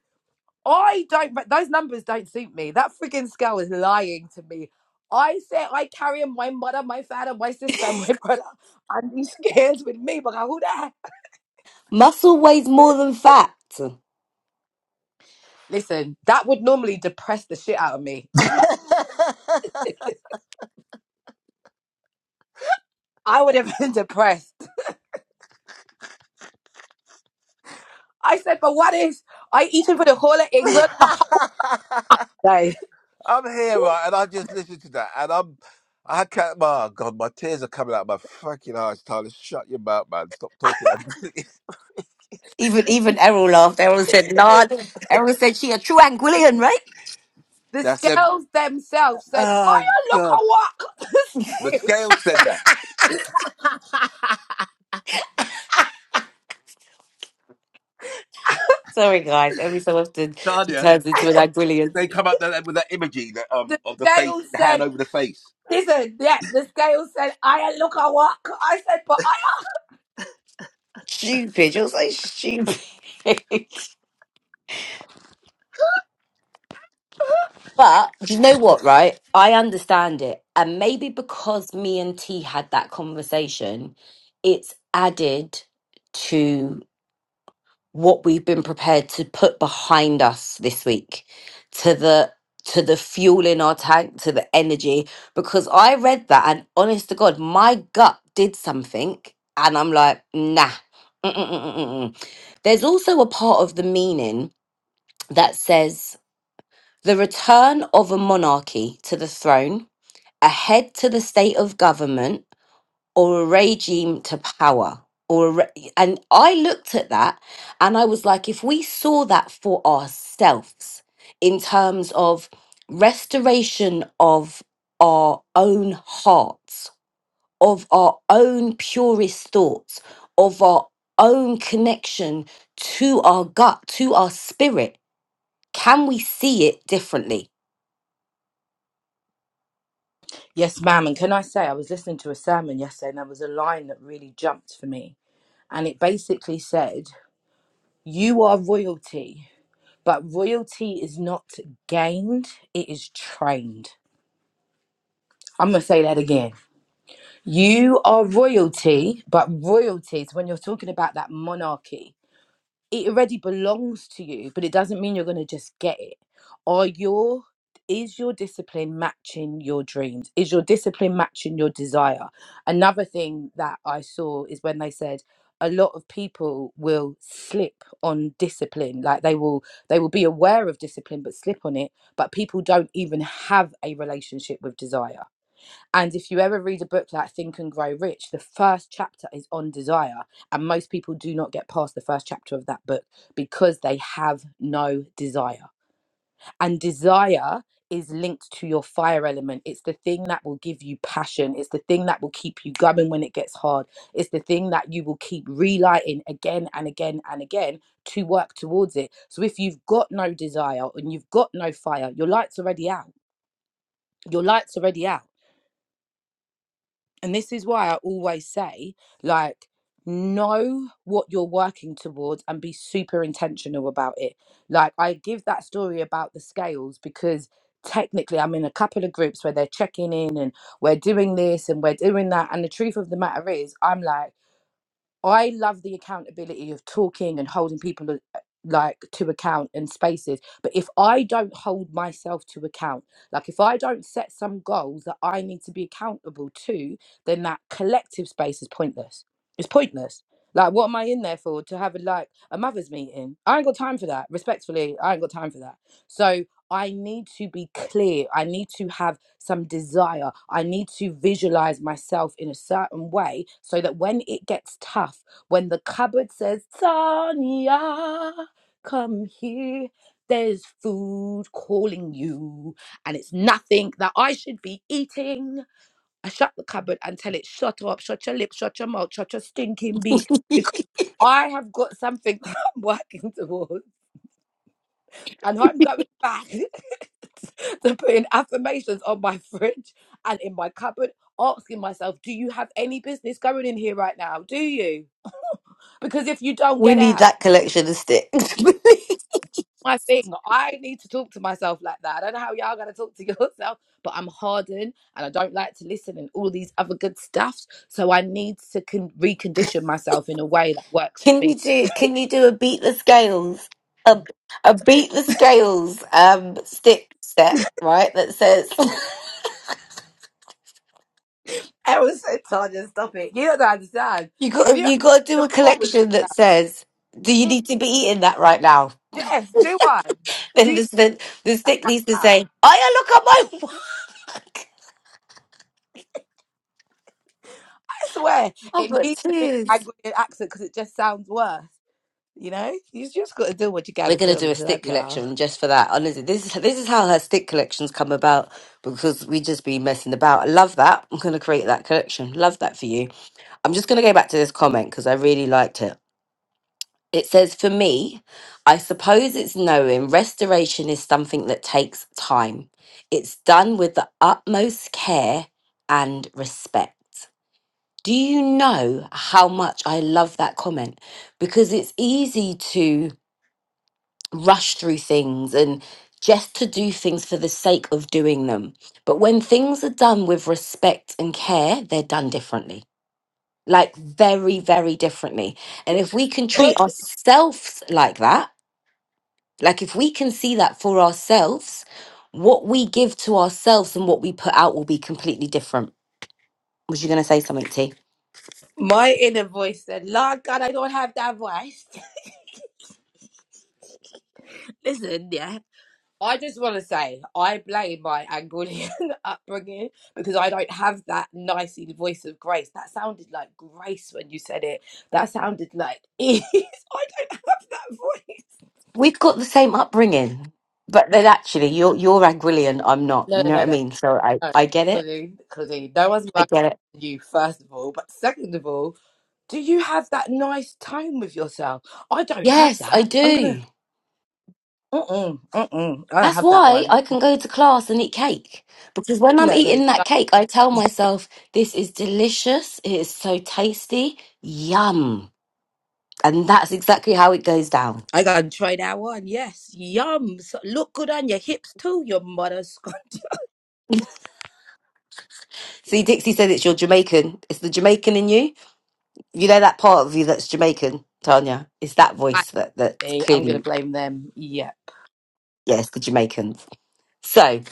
Speaker 2: I don't. re- Those numbers don't suit me. That freaking scale is lying to me. I said I carry my mother, my father, my sister, [laughs] and my brother, and these kids with me. But who the heck?
Speaker 1: Muscle weighs more than fat.
Speaker 2: Listen, that would normally depress the shit out of me. [laughs]
Speaker 3: [laughs]
Speaker 2: I would have been [laughs] depressed. I said, but what if I eat it for the whole of England one day?
Speaker 3: I'm here,
Speaker 2: [laughs]
Speaker 3: right, and I just listened to that, and I'm, I can't. Oh God, my tears are coming out of my fucking eyes. Tyler, shut your mouth, man. Stop talking. [laughs]
Speaker 1: Even even Errol laughed. Errol said, "Nah."
Speaker 2: Listen,
Speaker 1: Errol said, "She a true Anguillian, right?"
Speaker 2: the
Speaker 3: That's them.
Speaker 2: scales themselves said, I
Speaker 3: Oh
Speaker 2: don't look a
Speaker 3: God, the
Speaker 2: walk.
Speaker 3: scales said that.
Speaker 1: Sorry, guys. Every so often she
Speaker 3: Tanya,
Speaker 1: turns into an
Speaker 3: did
Speaker 1: Anguillian.
Speaker 3: they come up there with that imagery that
Speaker 2: [laughs]
Speaker 3: um
Speaker 2: the
Speaker 3: of the face,
Speaker 2: scales
Speaker 3: the hand
Speaker 2: said,
Speaker 3: over the face?
Speaker 2: listen, yeah, the scales said, I don't look a walk. I said, but I
Speaker 1: Stupid. You're so stupid. [laughs] but do you know what? Right? I understand it, and maybe because me and T had that conversation, it's added to. what we've been prepared to put behind us this week to the to the fuel in our tank to the energy because i read that and honest to god my gut did something and i'm like nah Mm-mm-mm-mm-mm. there's also a part of the meaning that says the return of a monarchy to the throne a head to the state of government or a regime to power or a re- and i looked at that and i was like if we saw that for ourselves in terms of restoration of our own hearts of our own purest thoughts of our own connection to our gut to our spirit can we see it differently
Speaker 2: Yes, ma'am. And can I say, I was listening to a sermon yesterday and there was a line that really jumped for me. And it basically said, You are royalty, but royalty is not gained, it is trained. I'm going to say that again. You are royalty, but royalty is when you're talking about that monarchy. it already belongs to you, but it doesn't mean you're going to just get it. Are your is your discipline matching your dreams? Is your discipline matching your desire? Another thing that I saw is when they said a lot of people will slip on discipline like they will they will be aware of discipline but slip on it but people don't even have a relationship with desire and if you ever read a book like Think and Grow Rich, the first chapter is on desire. And most people do not get past the first chapter of that book because they have no desire. And desire is linked to your fire element. It's the thing that will give you passion. It's the thing that will keep you going when it gets hard. It's the thing that you will keep relighting again and again and again to work towards it. So if you've got no desire and you've got no fire, your light's already out. Your light's already out And this is why I always say, like, know what you're working towards and be super intentional about it. Like, I give that story about the scales because technically I'm in a couple of groups where they're checking in and we're doing this and we're doing that. And the truth of the matter is, I'm like, I love the accountability of talking and holding people uh, like to account and spaces. But if I don't hold myself to account, like if I don't set some goals that I need to be accountable to, then that collective space is pointless. It's pointless. Like, what am I in there for? To have a, like a mother's meeting? I ain't got time for that. Respectfully, I ain't got time for that. So I need to be clear. I need to have some desire. I need to visualize myself in a certain way so that when it gets tough, when the cupboard says, Tanya, come here, there's food calling you, and it's nothing that I should be eating. I shut the cupboard and tell it, shut up, shut your lip, shut your mouth, shut your stinking beak, because I have got something [laughs] that I'm working towards and I'm going back [laughs] to putting affirmations on my [laughs] fridge and in my cupboard, asking myself, do you have any business going in here right now? Do you? [laughs] because if you don't
Speaker 1: We
Speaker 2: get
Speaker 1: need
Speaker 2: out,
Speaker 1: that collection of sticks. [laughs]
Speaker 2: [laughs] my thing, I need to talk to myself like that. I don't know how y'all gonna talk to [laughs] yourself, but I'm hardened and I don't like to listen and all these other good stuffs. So I need to con- recondition myself in a way that works for
Speaker 1: Can you
Speaker 2: me.
Speaker 1: do can you do a beat the scales? A a beat the scales um stick set, right? That says
Speaker 2: I was so Tanya, stop it. You don't understand.
Speaker 1: [laughs] you
Speaker 2: If
Speaker 1: got
Speaker 2: you are
Speaker 1: you gotta do
Speaker 2: the
Speaker 1: a
Speaker 2: wall with
Speaker 1: collection that says, Do you need to be eating that right now?
Speaker 2: Yes, do I?
Speaker 1: Then
Speaker 2: Do
Speaker 1: the the, the stick needs to
Speaker 2: I?
Speaker 1: say, I look at my [laughs] work.
Speaker 2: I swear
Speaker 1: I've
Speaker 2: it
Speaker 1: got
Speaker 2: needs to be
Speaker 1: tears.
Speaker 2: Nigerian accent because it just sounds worse. You know, you just got to do what you got
Speaker 1: We're
Speaker 2: to
Speaker 1: gonna do
Speaker 2: do.
Speaker 1: a stick
Speaker 2: Love y'all. [laughs]
Speaker 1: collection just for that. Honestly, this is this is how her stick collections come about because we just be messing about. I love that. I'm gonna create that collection. Love that for you. I'm just gonna go back to this comment because I really liked it. It says, for me, I suppose it's knowing restoration is something that takes time. It's done with the utmost care and respect. Do you know how much I love that comment? Because it's easy to rush through things and just to do things for the sake of doing them. But when things are done with respect and care, they're done differently. Like very, very differently. And if we can
Speaker 2: My,
Speaker 1: treat ourselves like that, like if we can see that for ourselves, what we give to ourselves and what we put out will be completely different. Was you going to say something, T?
Speaker 2: my inner voice said, "Lord God, I don't have that voice." [laughs] Listen, yeah. I just want to say I blame my Angolian [laughs] upbringing because I don't have that nicey voice of grace. That sounded like grace when you said it. That sounded like ease. [laughs] I don't have that voice.
Speaker 1: We've got the same upbringing, but then actually, you're you're Anguillian, I'm not.
Speaker 2: No,
Speaker 1: You
Speaker 2: no,
Speaker 1: know what
Speaker 2: no. no.
Speaker 1: I mean? So I
Speaker 2: No,
Speaker 1: I get it.
Speaker 2: Claudine, Claudine, no one's
Speaker 1: I
Speaker 2: lying
Speaker 1: get it.
Speaker 2: you, first of all. But second of all, do you have that nice tone with yourself? I don't have
Speaker 1: Yes, I
Speaker 2: that. I'm gonna,
Speaker 1: do.
Speaker 2: mm-mm, mm-mm, I don't
Speaker 1: That's
Speaker 2: have that
Speaker 1: why
Speaker 2: one.
Speaker 1: I can go to class and eat cake. Because when I'm
Speaker 2: No, no.
Speaker 1: eating that cake, I tell myself, this is delicious. It is so tasty. Yum. And that's exactly how it goes down.
Speaker 2: I gotta try that one. Yes, yum. So- Look good on your hips too, your mother's. [laughs]
Speaker 1: See, Dixie said it's your Jamaican. It's the Jamaican in you. You know that part of you that's Jamaican, Tanya. It's that
Speaker 2: I
Speaker 1: voice that, that's
Speaker 2: see. I'm gonna
Speaker 1: clearly,
Speaker 2: blame them. Yeah.
Speaker 1: yes, the Jamaican. So,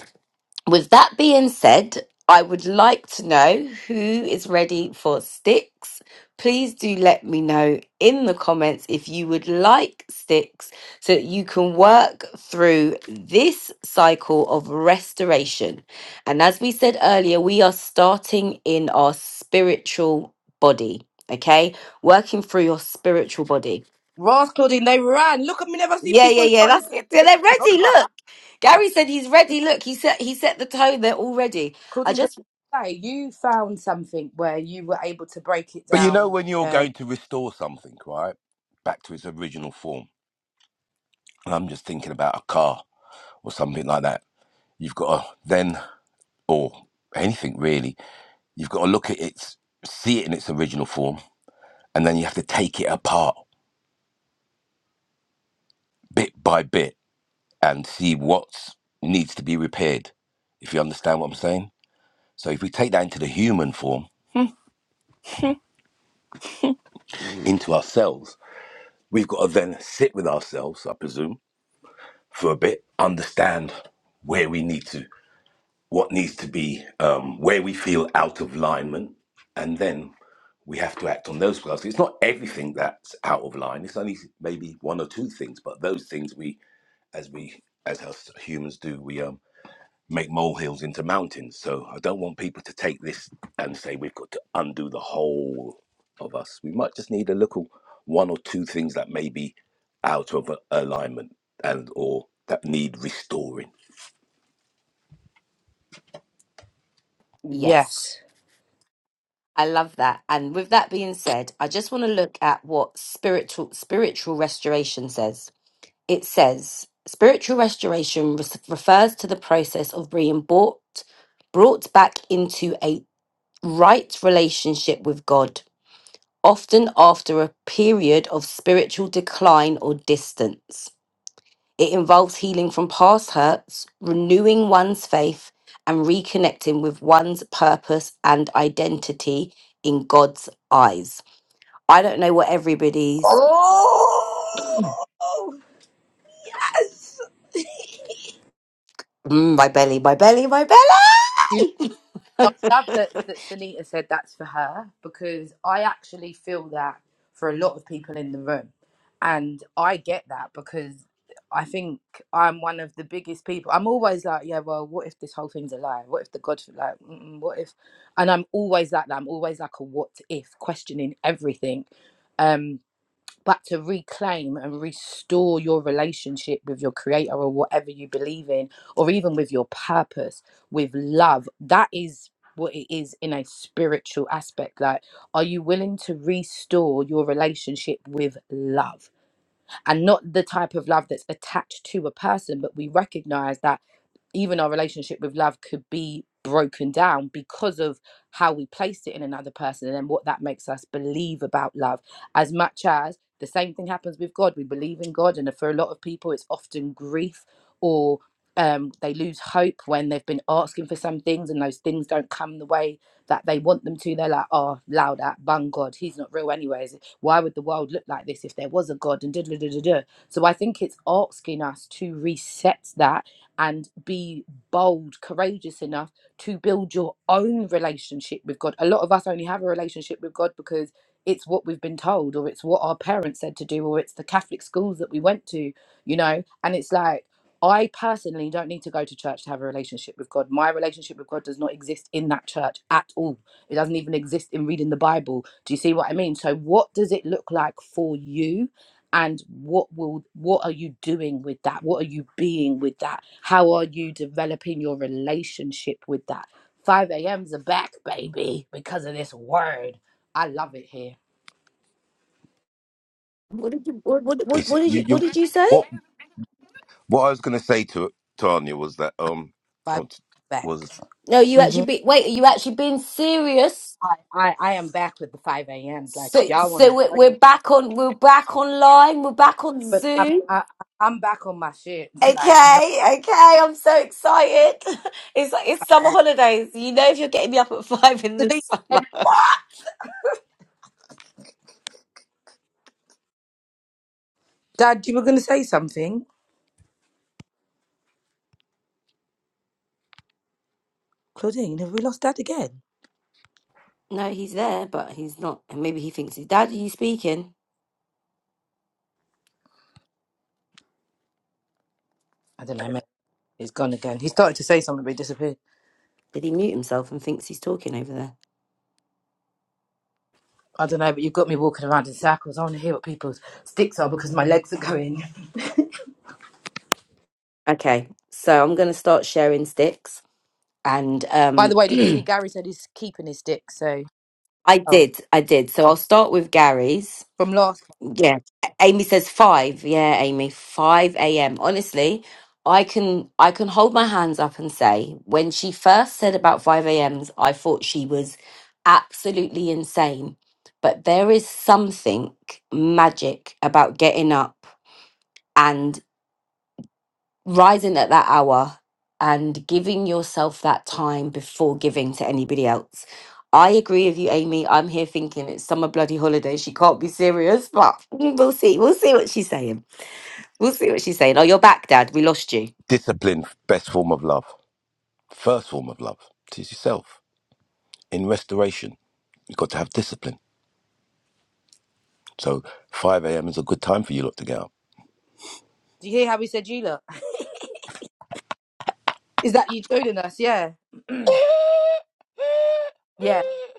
Speaker 1: With that being said, I would like to know who is ready for sticks. Please do let me know in the comments if you would like sticks so that you can work through this cycle of restoration. And as we said earlier, we are starting in our spiritual body, okay? Working through your spiritual body.
Speaker 2: Ross, Claudine, they ran. Look at me, never see
Speaker 1: Yeah,
Speaker 2: people
Speaker 1: yeah,
Speaker 2: in
Speaker 1: yeah.
Speaker 2: front
Speaker 1: That's
Speaker 2: of
Speaker 1: it. They're
Speaker 2: me.
Speaker 1: ready. Look. Gary said he's ready. Look, he set he set the tone They're all ready.
Speaker 2: [laughs]
Speaker 1: I
Speaker 2: Claudine, could
Speaker 1: just
Speaker 2: I say you found something where you were able to break it
Speaker 3: But you know
Speaker 2: down
Speaker 3: when you're
Speaker 2: um,
Speaker 3: going to restore something, right, back to its original form. And I'm just thinking about a car or something like that. You've got to then, or anything really, you've got to look at its, see it in its original form, and then you have to take it apart bit by bit and see what needs to be repaired. If you understand what I'm saying So if we take that into the human form, into ourselves, we've got to then sit with ourselves, I presume, for a bit, understand where we need to, what needs to be, um, where we feel out of alignment, and then we have to act on those because it's not everything that's out of line. It's only maybe one or two things, but those things we, as we, as us humans do, we um. make molehills into mountains. So I don't want people to take this and say we've got to undo the whole of us. We might just need a little one or two things that may be out of alignment and or that need restoring.
Speaker 1: Yes,
Speaker 2: Yes.
Speaker 1: I love that. And with that being said, I just want to look at what spiritual spiritual restoration says. It says spiritual restoration res- refers to the process of being brought brought back into a right relationship with God, often after a period of spiritual decline or distance. It involves healing from past hurts, renewing one's faith, and reconnecting with one's purpose and identity in God's eyes. I don't know what everybody's.
Speaker 2: Oh, yes. Do
Speaker 1: Mm, my belly, my belly, my
Speaker 2: you know,
Speaker 1: belly!
Speaker 2: I
Speaker 1: [laughs]
Speaker 2: love that, that Sunita said that's for her because I actually feel that for a lot of people in the room. And I get that because I think I'm one of the biggest people. I'm always like, yeah, well, what if this whole thing's a lie? What if the God, like, mm-mm, what if? And I'm always like that. I'm always like a what if, questioning everything. Um, but to reclaim and restore your relationship with your creator or whatever you believe in or even with your purpose with love that is what it is in a spiritual aspect like are you willing to restore your relationship with love and not the type of love that's attached to a person, but we recognize that even our relationship with love could be broken down because of how we placed it in another person and then what that makes us believe about love as much as the same thing happens with god we believe in god and for a lot of people it's often grief or um, they lose hope when they've been asking for some things and those things don't come the way that they want them to. They're like, oh, loud at bun God. He's not real, anyways. Why would the world look like this if there was a God? And da da da da da. So I think it's asking us to reset that and be bold, courageous enough to build your own relationship with God. A lot of us only have a relationship with God because it's what we've been told, or it's what our parents said to do, or it's the Catholic schools that we went to, you know. And it's like I personally don't need to go to church to have a relationship with God. My relationship with God does not exist in that church at all. It doesn't even exist in reading the Bible. Do you see what I mean? So what does it look like for you? And what will what are you doing with that? What are you being with that? How are you developing your relationship with that? 5 a.m.'s are back, baby, because of this word. I love it here.
Speaker 1: what, did you, what, what, what,
Speaker 3: It's
Speaker 1: what did
Speaker 3: you.
Speaker 1: you What
Speaker 3: You.
Speaker 1: did you say?
Speaker 3: What What I was going to say to Tanya was that um,
Speaker 2: 5
Speaker 3: was
Speaker 2: back.
Speaker 1: No, you actually
Speaker 2: Mhm.
Speaker 1: be wait. Are you actually being serious?
Speaker 2: I, I, I am back with the 5 a.m. Like, if
Speaker 1: So,
Speaker 2: y'all want
Speaker 1: so
Speaker 2: to
Speaker 1: we're,
Speaker 2: join me,
Speaker 1: we're back on. We're back online. We're back on
Speaker 2: but I'm
Speaker 1: Zoom.
Speaker 2: I, I'm back on my shit. [laughs] Like no,
Speaker 1: Okay, okay, I'm so excited. [laughs] It's like it's summer
Speaker 2: like that.
Speaker 1: holidays. You know, if you're getting me up at [laughs] five in the
Speaker 2: Denise
Speaker 1: summer.
Speaker 2: said, what? Dad, you were gonna say something, Claudine. Have we lost Dad again?
Speaker 1: No, he's there, but he's not. And maybe he thinks his dad. Are you speaking?
Speaker 2: I don't know. Man. He's gone again. He started to say something, but he disappeared.
Speaker 1: Did he mute himself and thinks he's talking over there?
Speaker 2: I don't know, but you've got me walking around in circles. I want to hear what people's sticks are because my legs are going.
Speaker 1: Okay, so I'm gonna start sharing sticks, and
Speaker 2: By the
Speaker 1: um,
Speaker 2: way, did you see
Speaker 1: [clears throat]
Speaker 2: Gary said he's keeping his stick? So
Speaker 1: I
Speaker 2: oh,
Speaker 1: did, I did. So I'll start with Gary's.
Speaker 2: from last,
Speaker 1: Yeah. Amy says five. Yeah, Amy, five a.m. Honestly, I can I can hold my hands up and say when she first said about five a.m.s, I thought she was absolutely insane. But there is something magic about getting up rising at that hour and giving yourself that time before giving to anybody else. I agree with you, Amy. I'm here thinking it's summer bloody holiday. She can't be serious, but [laughs] we'll see. We'll see what she's saying. We'll see what she's saying. Oh, you're back, Dad. We lost you.
Speaker 3: discipline best form of love, first form of love is yourself in restoration. You've got to have discipline. So five a.m. is a good time for you lot to get up.
Speaker 2: do you hear how he said you look? [laughs] Is that you joining us? Yeah, [clears throat]
Speaker 3: [laughs]
Speaker 2: yeah,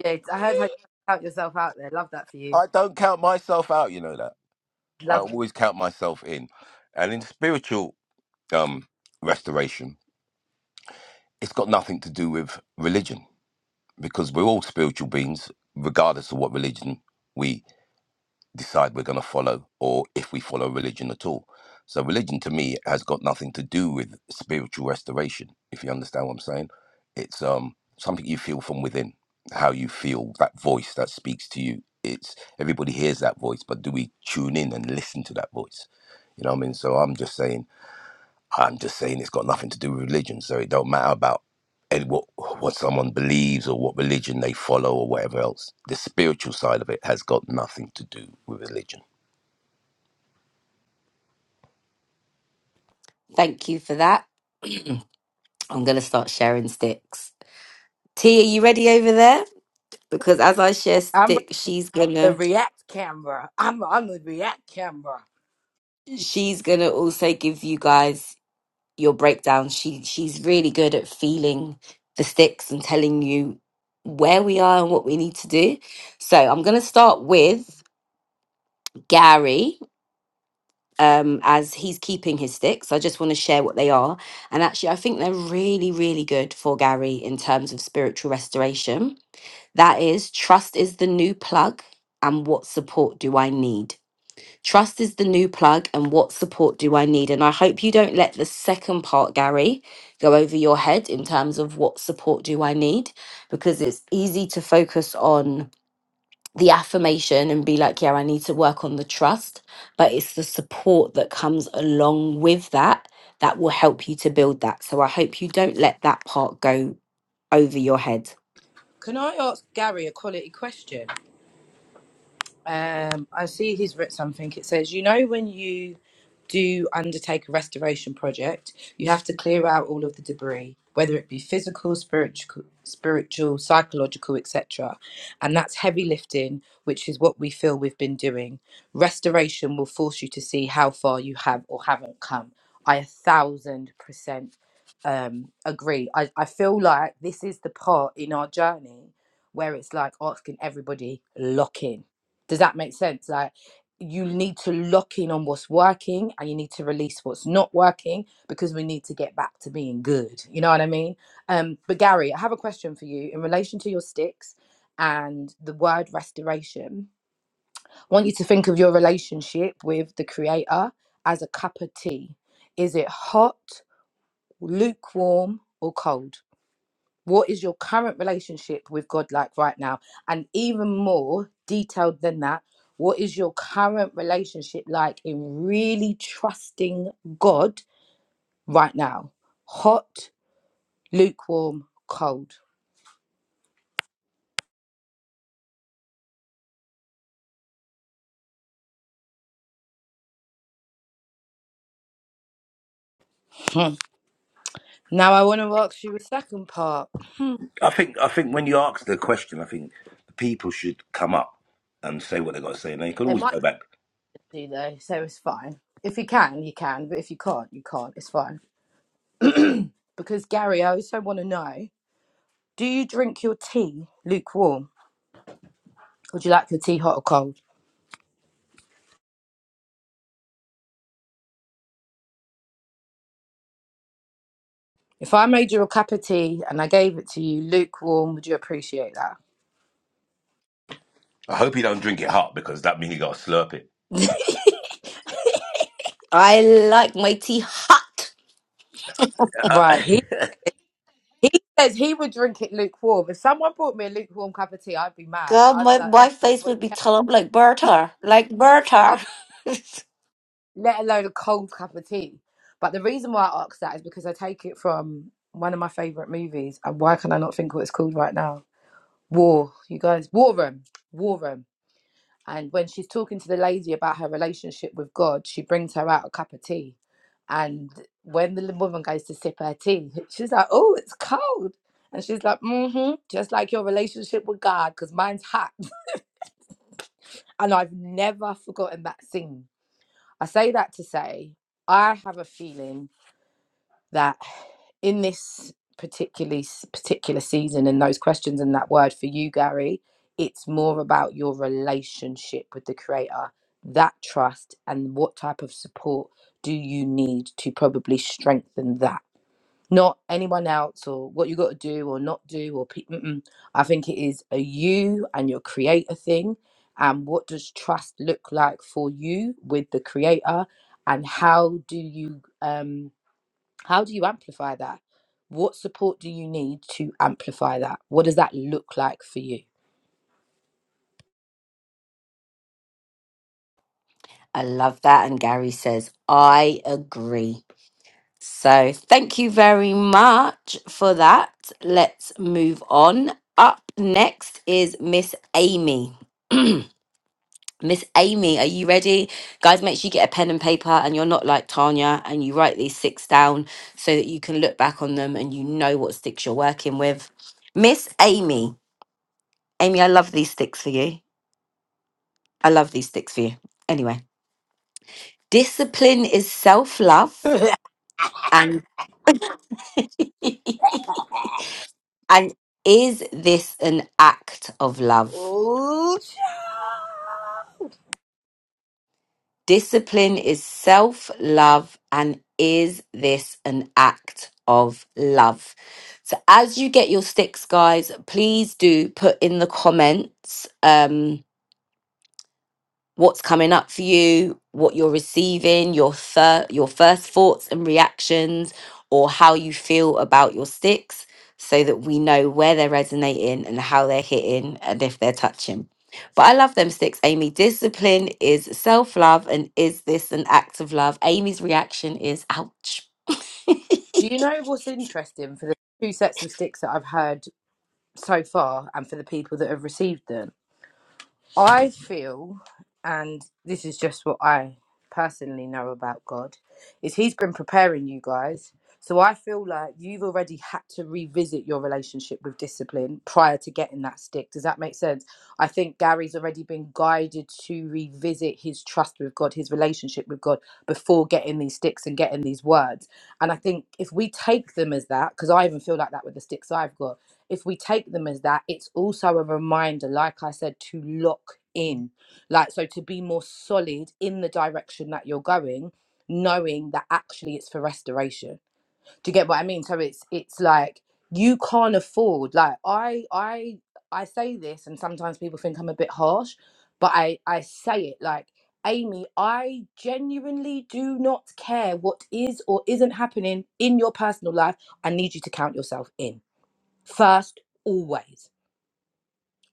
Speaker 2: yeah. I heard how you count yourself out there. Love that for you.
Speaker 3: I don't count myself out, you know that. I
Speaker 2: Love
Speaker 3: always count myself in. And in spiritual um, restoration, it's got nothing to do with religion because we're all spiritual beings, regardless of what religion we decide we're going to follow or if we follow religion at all. So, religion to me has got nothing to do with spiritual restoration, if you understand what I'm saying. It's um, something you feel from within, how you feel that voice that speaks to you. It's everybody hears that voice, but do we tune in and listen to that voice? You know what I mean? So I'm just saying, I'm just saying it's got nothing to do with religion. So it don't matter about and what what someone believes or what religion they follow or whatever else. The spiritual side of it has got nothing to do with religion.
Speaker 1: Thank you for that. [clears throat] I'm going to start sharing sticks. T, are you ready over there? Because as I share
Speaker 2: that.
Speaker 1: stick, she's
Speaker 2: the
Speaker 1: gonna
Speaker 2: React camera. I'm on the React camera.
Speaker 1: she's gonna also give you guys your breakdown. She she's really good at feeling the sticks and telling you where we are and what we need to do. So I'm gonna start with Gary. Um, as he's keeping his sticks, I just want to share what they are. And actually, I think they're really, really good for Gary in terms of spiritual restoration. That is, trust is the new plug, and what support do I need? Trust is the new plug, and what support do I need? And I hope you don't let the second part, Gary, go over your head in terms of what support do I need, because it's easy to focus on the affirmation and be like, yeah, I need to work on the trust, but it's the support that comes along with that that will help you to build that. So I hope you don't let that part go over your head.
Speaker 2: Can I ask Gary a quality question? Um, I see he's written something. It says, you know, when you do undertake a restoration project, you have to clear out all of the debris, whether it be physical, spiritual, spiritual, psychological, etc. And that's heavy lifting, which is what we feel we've been doing. Restoration will force you to see how far you have or haven't come. I a thousand percent um, agree. I, I feel like this is the part in our journey where it's like asking everybody lock in does that make sense? Like you need to lock in on what's working and you need to release what's not working because we need to get back to being good. You know what I mean? Um, but Gary, I have a question for you in relation to your sticks and the word restoration. I want you to think of your relationship with the creator as a cup of tea. Is it hot, lukewarm, or cold? What is your current relationship with God like right now? And even more detailed than that, what is your current relationship like in really trusting God right now? Hot, lukewarm, cold. Hmm. Now I want to ask you a second part.
Speaker 3: I think I think when you ask the question, I think the people should come up and say what they got to say, and they could
Speaker 2: They
Speaker 3: always
Speaker 2: might
Speaker 3: go back.
Speaker 2: do though, so it's fine. If you can, you can, but if you can't, you can't. It's fine. Because Gary, I also want to know: Do you drink your tea lukewarm, or do you like your tea hot or cold? If I made you a cup of tea and I gave it to you lukewarm, would you appreciate that?
Speaker 3: I hope he don't drink it hot because that means he got to slurp it.
Speaker 1: I like my tea hot.
Speaker 2: Right. He
Speaker 3: Uh,
Speaker 2: he says he would drink it lukewarm. If someone brought me a lukewarm cup of tea, I'd be mad.
Speaker 1: God,
Speaker 2: I'd be
Speaker 1: my,
Speaker 2: like, oh,
Speaker 1: my
Speaker 2: did you?
Speaker 1: face
Speaker 2: bring-"
Speaker 1: would be telling like Berta, like Berta.
Speaker 2: I'd be-
Speaker 1: [laughs]
Speaker 2: let alone a cold cup of tea. But the reason why I asked that is because I take it from one of my favorite movies. And why can I not think what it's called right now? War. You guys, War Room. War Room. And when she's talking to the lady about her relationship with God, she brings her out a cup of tea. And when the woman goes to sip her tea, [laughs] she's like, Oh, it's cold. And she's like, Mm hmm, just like your relationship with God, because mine's hot. And I've never forgotten that scene. I say that to say, I have a feeling that in this particularly particular season and those questions and that word for you gary it's more about your relationship with the creator that trust and what type of support do you need to probably strengthen that not anyone else or what you got to do or not do or pe- mm-mm. i think it is a you and your creator thing and what does trust look like for you with the creator and how do you um how do you amplify that? What support do you need to amplify that? What does that look like for you?
Speaker 1: I love that. And Gary says, I agree. So thank you very much for that. Let's move on. Up next is Miss Amy. [clears throat] Miss Amy, are you ready? Guys, make sure you get a pen and paper and you're not like Tanya and you write these six down so that you can look back on them and you know what sticks you're working with. Miss Amy, Amy, I love these sticks for you. I love these sticks for you. Anyway, discipline is self
Speaker 2: [laughs]
Speaker 1: love and. [laughs] And is this an act of love?
Speaker 2: Ooh,
Speaker 1: Discipline is self love. And is this an act of love? So, as you get your sticks, guys, please do put in the comments. Um, what's coming up for you, what you're receiving, your thir- your first thoughts and reactions, or how you feel about your sticks, so that we know where they're resonating and how they're hitting and if they're touching. But I love them sticks, Amy. Discipline is self love, and is this an act of love? Amy's reaction is ouch. [laughs]
Speaker 2: Do you know what's interesting for the two sets of sticks that I've heard so far and for the people that have received them? I feel, and this is just what I personally know about God, is He's been preparing you guys. So I feel like you've already had to revisit your relationship with discipline prior to getting that stick. Does that make sense? I think Gary's already been guided to revisit his trust with God, his relationship with God before getting these sticks and getting these words. And I think if we take them as that, because I even feel like that with the sticks I've got, if we take them as that, it's also a reminder, like I said, to lock in. Like, so to be more solid in the direction that you're going, knowing that actually it's for restoration. Do you get what I mean? So it's it's like you can't afford like I I I say this and sometimes people think I'm a bit harsh, but I I say it like Amy, I genuinely do not care what is or isn't happening in your personal life. I need you to count yourself in First, always,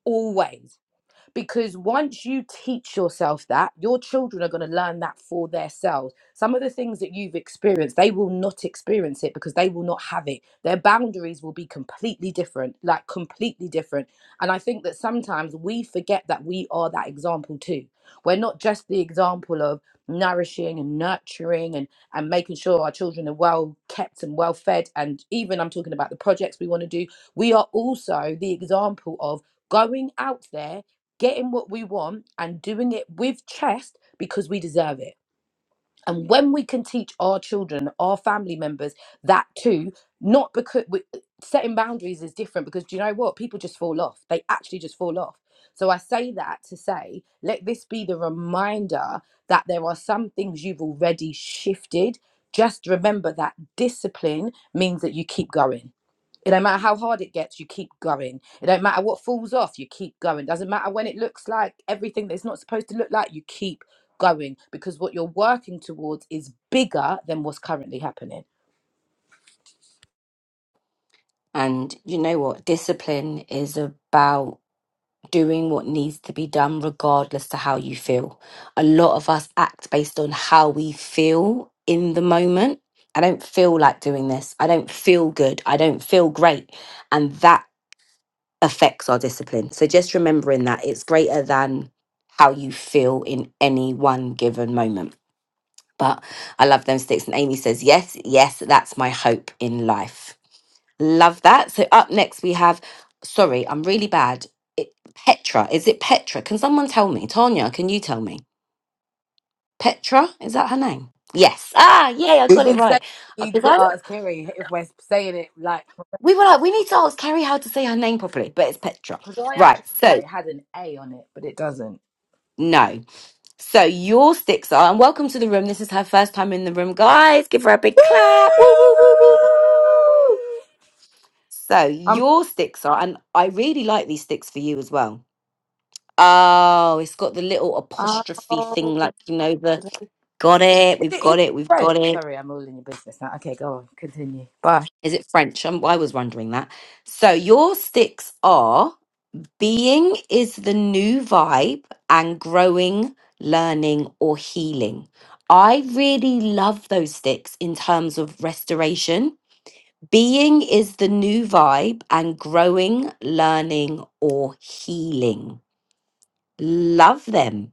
Speaker 2: always because once you teach yourself that your children are going to learn that for themselves some of the things that you've experienced they will not experience it because they will not have it their boundaries will be completely different like completely different and i think that sometimes we forget that we are that example too we're not just the example of nourishing and nurturing and and making sure our children are well kept and well fed and even i'm talking about the projects we want to do we are also the example of going out there getting what we want and doing it with chest because we deserve it. And when we can teach our children, our family members that too, not because we, setting boundaries is different because do you know what? People just fall off. They actually just fall off. So I say that to say, let this be the reminder that there are some things you've already shifted. Just remember that discipline means that you keep going it don't matter how hard it gets, you keep going. It don't matter what falls off, you keep going. Doesn't matter when it looks like everything that's not supposed to look like, you keep going because what you're working towards is bigger than what's currently happening.
Speaker 1: and you know what? Discipline is about doing what needs to be done regardless to how you feel. A lot of us act based on how we feel in the moment. I don't feel like doing this. I don't feel good. I don't feel great. And that affects our discipline. So just remembering that it's greater than how you feel in any one given moment. But I love them sticks. And Amy says, yes, yes, that's my hope in life. Love that. So up next we have. Sorry, I'm really bad. It, Petra. Is it Petra? Can someone tell me? Tanya, can you tell me? Petra? Is that her name? Yes. Ah, yay! I
Speaker 2: We've
Speaker 1: got it
Speaker 2: been saying
Speaker 1: right.
Speaker 2: we
Speaker 1: Uh,
Speaker 2: need
Speaker 1: 'cause
Speaker 2: to
Speaker 1: I don't-
Speaker 2: ask Kerry if we're saying it like
Speaker 1: we were like, we need to ask Carrie how to say her name properly, but it's Petra.
Speaker 2: because I actually
Speaker 1: Right.
Speaker 2: thought
Speaker 1: So
Speaker 2: it had an A on it, but it doesn't.
Speaker 1: no. So your sticks are, and welcome to the room. This is her first time in the room, guys. Give her a big
Speaker 2: Woo!
Speaker 1: clap. Woo, woo, woo, woo, woo, woo, woo, woo. So
Speaker 2: I'm
Speaker 1: your sticks are, and I really like these sticks for you as well Oh, it's got the little apostrophe
Speaker 2: oh,
Speaker 1: thing, like you know the
Speaker 2: is it
Speaker 1: got it, we've
Speaker 2: is it
Speaker 1: got it, we've got
Speaker 2: French?
Speaker 1: it.
Speaker 2: Sorry, I'm all in your business now. Okay, go on, continue. Bye.
Speaker 1: Is it French? Um, I was wondering that. So your sticks are being is the new vibe and growing, learning or healing. I really love those sticks in terms of restoration. Being is the new vibe and growing, learning or healing. Love them.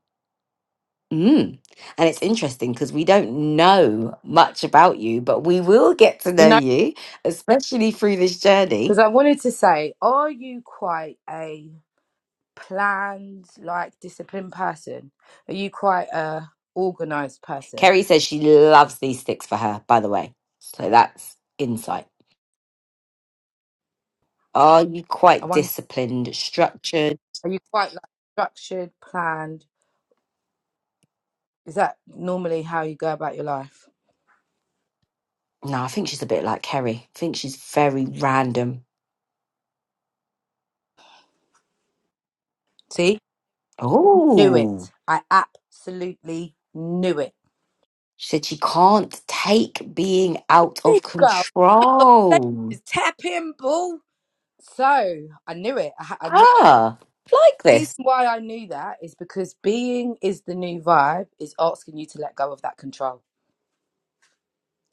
Speaker 1: Mm. And it's interesting because we don't know much about you, but we will get to
Speaker 2: You
Speaker 1: know
Speaker 2: know.
Speaker 1: you, especially through this
Speaker 2: Because
Speaker 1: journey.
Speaker 2: I wanted to say, are you quite a planned, like disciplined person? Are you quite a organized person?
Speaker 1: Kerry says she loves these sticks for her, by the way. So that's insight. Are you
Speaker 2: I
Speaker 1: quite
Speaker 2: wonder,
Speaker 1: disciplined, structured?
Speaker 2: are you quite like structured, planned? Is that normally how you go about your life?
Speaker 1: No, I think she's a bit like Kerry. I think she's very random.
Speaker 2: See, knew
Speaker 1: Oh,
Speaker 2: it. I absolutely knew it.
Speaker 1: she said she can't take being out
Speaker 2: There you
Speaker 1: of
Speaker 2: go.
Speaker 1: control.
Speaker 2: Just Tap in, ball. So I knew it. I, ha- I knew.
Speaker 1: Ah, like
Speaker 2: The
Speaker 1: this.
Speaker 2: reason why I knew that is because being is the new vibe is asking you to let go of that control.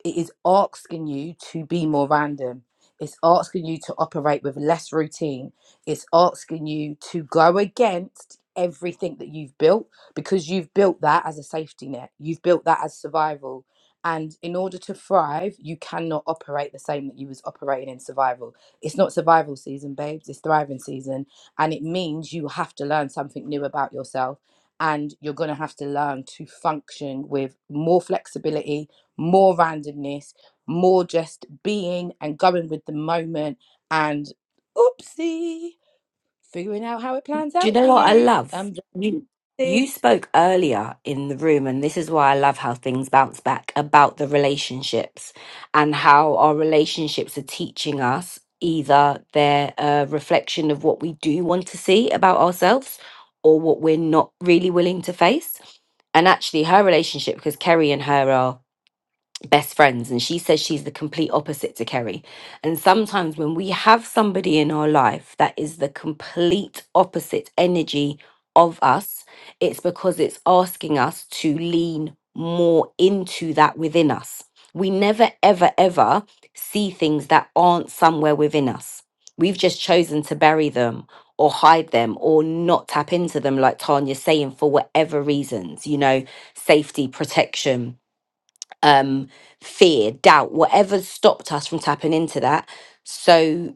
Speaker 2: it is asking you to be more random. It's asking you to operate with less routine. It's asking you to go against everything that you've built because you've built that as a safety net. You've built that as survival. And in order to thrive, you cannot operate the same that you was operating in survival. It's not survival season, babes. It's thriving season. And it means you have to learn something new about yourself. And you're going to have to learn to function with more flexibility, more randomness, more just being and going with the moment and oopsie, figuring out how it plans
Speaker 1: Do you
Speaker 2: out for
Speaker 1: know what I
Speaker 2: you.
Speaker 1: love?
Speaker 2: I'm
Speaker 1: You you
Speaker 2: did.
Speaker 1: spoke earlier in the room, and this is why I love how things bounce back about the relationships and how our relationships are teaching us either they're a reflection of what we do want to see about ourselves or what we're not really willing to face. And actually, her relationship, because Kerry and her are best friends and she says she's the complete opposite to Kerry. And sometimes when we have somebody in our life that is the complete opposite energy of us, it's because it's asking us to lean more into that within us. We never ever ever see things that aren't somewhere within us. We've just chosen to bury them or hide them or not tap into them like Tanya's saying for whatever reasons, you know, safety, protection, um, fear, doubt, whatever stopped us from tapping into that. So,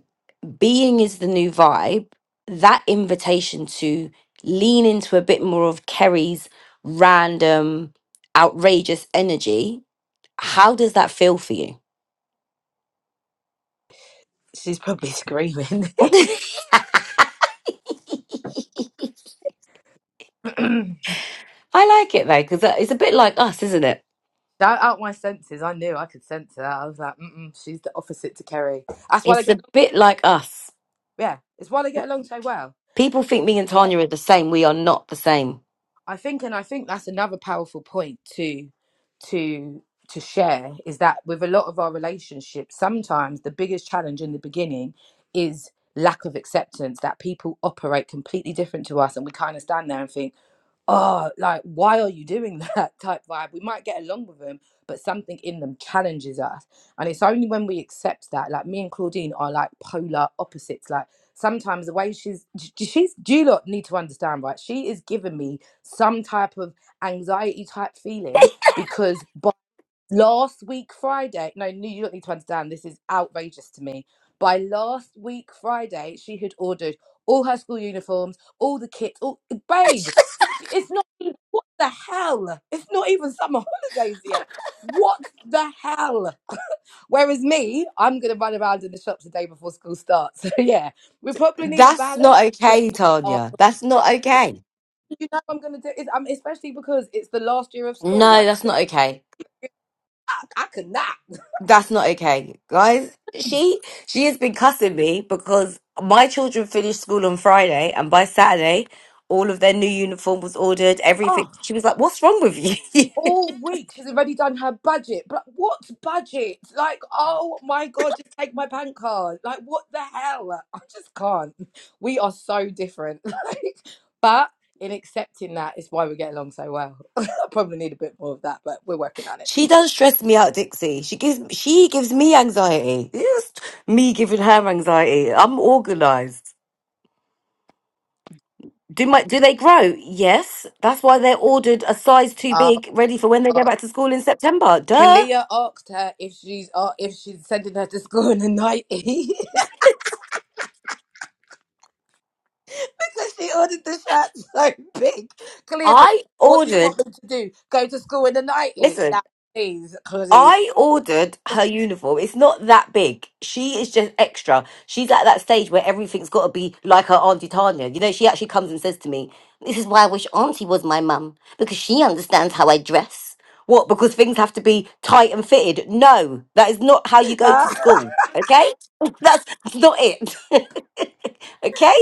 Speaker 1: being is the new vibe, that invitation to lean into a bit more of Kerry's random, outrageous energy. How does that feel for you?
Speaker 2: She's probably [laughs] screaming.
Speaker 1: [laughs] I
Speaker 2: [clears throat]
Speaker 1: like it though, because it's a bit like us, isn't it?
Speaker 2: Shout out my senses. I knew I could sense that. I was like, mm she's the opposite to Kerry. That's why they
Speaker 1: It's
Speaker 2: get,
Speaker 1: a bit like us.
Speaker 2: yeah, it's why they get along so well.
Speaker 1: People think me and Tanya are the same. We are not the same.
Speaker 2: I think, and I think that's another powerful point to to to share is that with a lot of our relationships, sometimes the biggest challenge in the beginning is lack of acceptance that people operate completely different to us, and we kind of stand there and think oh, like, why are you doing that [laughs] type vibe? We might get along with them, but something in them challenges us. And it's only when we accept that, like, me and Claudine are like polar opposites. Like, sometimes the way she's, j- she's, do you lot need to understand, right? She is giving me some type of anxiety type feeling because last week Friday. No, no, you don't need to understand. This is outrageous to me. By last week Friday, she had ordered all her school uniforms, all the kits. All babe, it's not. even- What the hell? It's not even summer holidays yet. What the hell? [laughs] Whereas me, I'm gonna run around in the shops the day before school starts. [laughs] So yeah, we probably need a
Speaker 1: That's
Speaker 2: balance,
Speaker 1: not
Speaker 2: but.
Speaker 1: okay,
Speaker 2: we are-
Speaker 1: Tanya. That's not okay.
Speaker 2: you know, what I'm gonna do is um, especially because it's the last year of school.
Speaker 1: No,
Speaker 2: Like,
Speaker 1: that's
Speaker 2: could
Speaker 1: not okay.
Speaker 2: I? I could not.
Speaker 1: That's not okay, guys. She she has been cussing me because my children finished school on Friday, and by Saturday, all of their new uniform was ordered. Everything. She was like, "What's wrong with you?" [laughs]
Speaker 2: all week she's already done her budget. But what budget? Like, oh my god, just take my bank card. Like, what the hell? I just can't. We are so different. [laughs] Like, but in accepting that is why we get along so well. [laughs] I probably need a bit more of that, but we're working on it.
Speaker 1: she does stress me out, Dixie. She gives she gives me anxiety. It's me giving her anxiety. I'm organized. Do my do they grow? Yes. That's why they're ordered a size too
Speaker 2: Uh,
Speaker 1: big, ready for when they go back to school in September. Duh.
Speaker 2: Kalia asked her if she's uh, if she's sending her to school in a nightie
Speaker 1: [laughs]
Speaker 2: [laughs] because she ordered the shirt so big. Kalia said,
Speaker 1: I
Speaker 2: "What do you want
Speaker 1: ordered.
Speaker 2: me to do? Go to school in a nightie?"
Speaker 1: Listen.
Speaker 2: Now, please,
Speaker 1: I ordered her uniform. It's not that big. She is just extra. She's at that stage where everything's got to be like her Auntie Tanya. You know, she actually comes and says to me, This is why I wish Auntie was my mum, because she understands how I dress. What? Because things have to be tight and fitted. No, that is not how you go
Speaker 2: Ah,
Speaker 1: to school. Okay? [laughs] That's, that's not it. [laughs] okay?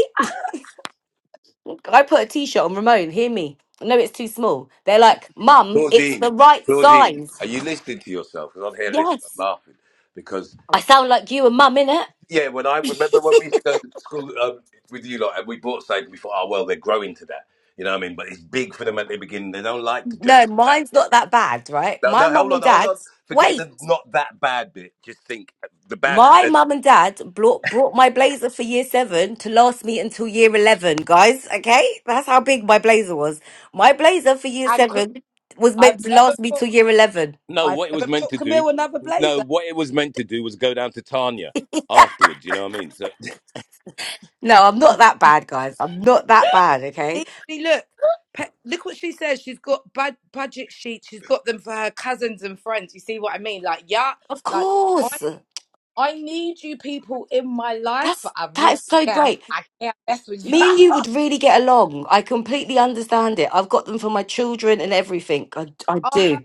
Speaker 1: I put a t shirt on Ramon. Hear me. No, it's too small. They're like,
Speaker 3: [laughs]
Speaker 1: Mum, it's the
Speaker 3: Claudine,
Speaker 1: right
Speaker 3: Claudine, are
Speaker 1: size.
Speaker 3: you listening to yourself? Because I'm here listening,
Speaker 1: Yes.
Speaker 3: I'm laughing. Because,
Speaker 1: I sound like you and mum, innit?
Speaker 3: yeah, when I remember when we used to go to school um, with you lot and we bought something, we thought, oh, well, they're growing to that. You know what I mean? But it's big for them at the beginning. They don't like to dress
Speaker 1: No,
Speaker 3: like that
Speaker 1: mine's
Speaker 3: again.
Speaker 1: not that bad, right?
Speaker 3: No,
Speaker 1: My
Speaker 3: no,
Speaker 1: mum
Speaker 3: hold on,
Speaker 1: and
Speaker 3: hold
Speaker 1: dad,
Speaker 3: on. Forget
Speaker 1: wait,
Speaker 3: the not that bad bit. Just think the bad.
Speaker 1: my mum and dad brought, brought my blazer for year seven to last me until year 11, guys, okay? That's how big my blazer was. My blazer for
Speaker 2: [laughs]
Speaker 1: year
Speaker 2: and Cl-
Speaker 1: seven was
Speaker 2: I've
Speaker 1: meant to
Speaker 2: never
Speaker 1: last me
Speaker 2: put
Speaker 1: till year 11.
Speaker 3: No,
Speaker 2: I've
Speaker 3: what it was
Speaker 2: never
Speaker 3: meant
Speaker 2: put
Speaker 3: to do,
Speaker 2: Camille another
Speaker 3: no,
Speaker 2: blazer.
Speaker 3: what it was meant to do was go down to Tanya
Speaker 1: [laughs]
Speaker 3: afterwards. You know what I mean? So,
Speaker 1: No, I'm not that bad, guys. I'm not that bad, okay?
Speaker 2: See, see, look, Pe- look what she says. She's got bad budget sheets. She's got them for her cousins and friends. You see what I mean? Like, yeah,
Speaker 1: Of
Speaker 2: like I
Speaker 1: course.
Speaker 2: I need you people in my life, but
Speaker 1: That's
Speaker 2: I
Speaker 1: that
Speaker 2: really
Speaker 1: is so
Speaker 2: can't.
Speaker 1: great.
Speaker 2: I can't mess with you.
Speaker 1: Me and
Speaker 2: [laughs]
Speaker 1: you would really get along. I completely understand it. I've got them for my children and everything. I, I
Speaker 2: I'll
Speaker 1: do.
Speaker 2: have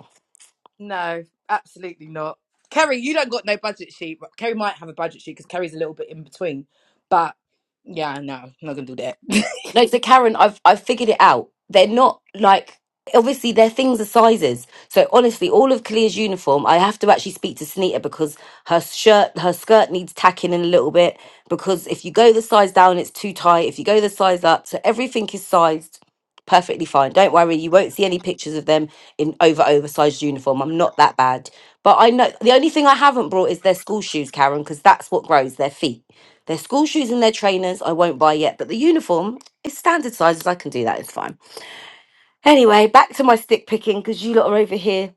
Speaker 2: no, absolutely not. Kerry, you don't got no budget sheet. But Kerry might have a budget sheet because Kerry's a little bit in between. But yeah, no, I'm not gonna do that. [laughs]
Speaker 1: No, so Karen, I've I've figured it out. They're not like obviously their things are sizes. So honestly, all of Kalia's uniform, I have to actually speak to Sunita because her shirt, her skirt needs tacking in a little bit because if you go the size down, it's too tight. If you go the size up, so everything is sized perfectly fine. Don't worry, you won't see any pictures of them in over oversized uniform. I'm not that bad. But I know the only thing I haven't brought is their school shoes, Karen, because that's what grows their feet. Their school shoes and their trainers I won't buy yet, but the uniform is standard sizes. I can do that. It's fine. Anyway, back to my stick picking because you lot are over here.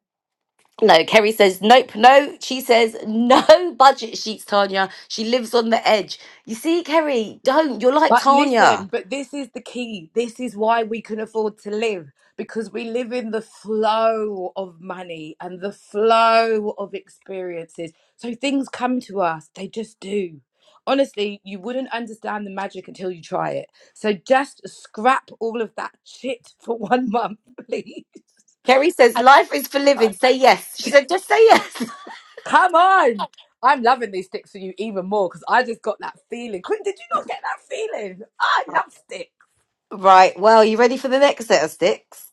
Speaker 1: No, Kerry says nope, no. She says [laughs] no budget sheets, Tanya. She lives on the edge. You see, Kerry, don't. You're like
Speaker 2: But
Speaker 1: Tanya.
Speaker 2: listen, but this is the key. This is why we can afford to live because we live in the flow of money and the flow of experiences. So things come to us, they just do. Honestly, you wouldn't understand the magic until you try it. So just scrap all of that shit [laughs] for one month, [laughs] please.
Speaker 1: Kerry says life is for living. Say yes. She said just say yes.
Speaker 2: Come on! I'm loving these sticks for you even more because I just got that feeling. Quinn, did you not get that feeling? I love sticks.
Speaker 1: [laughs] right. Well, you ready for the next set of sticks?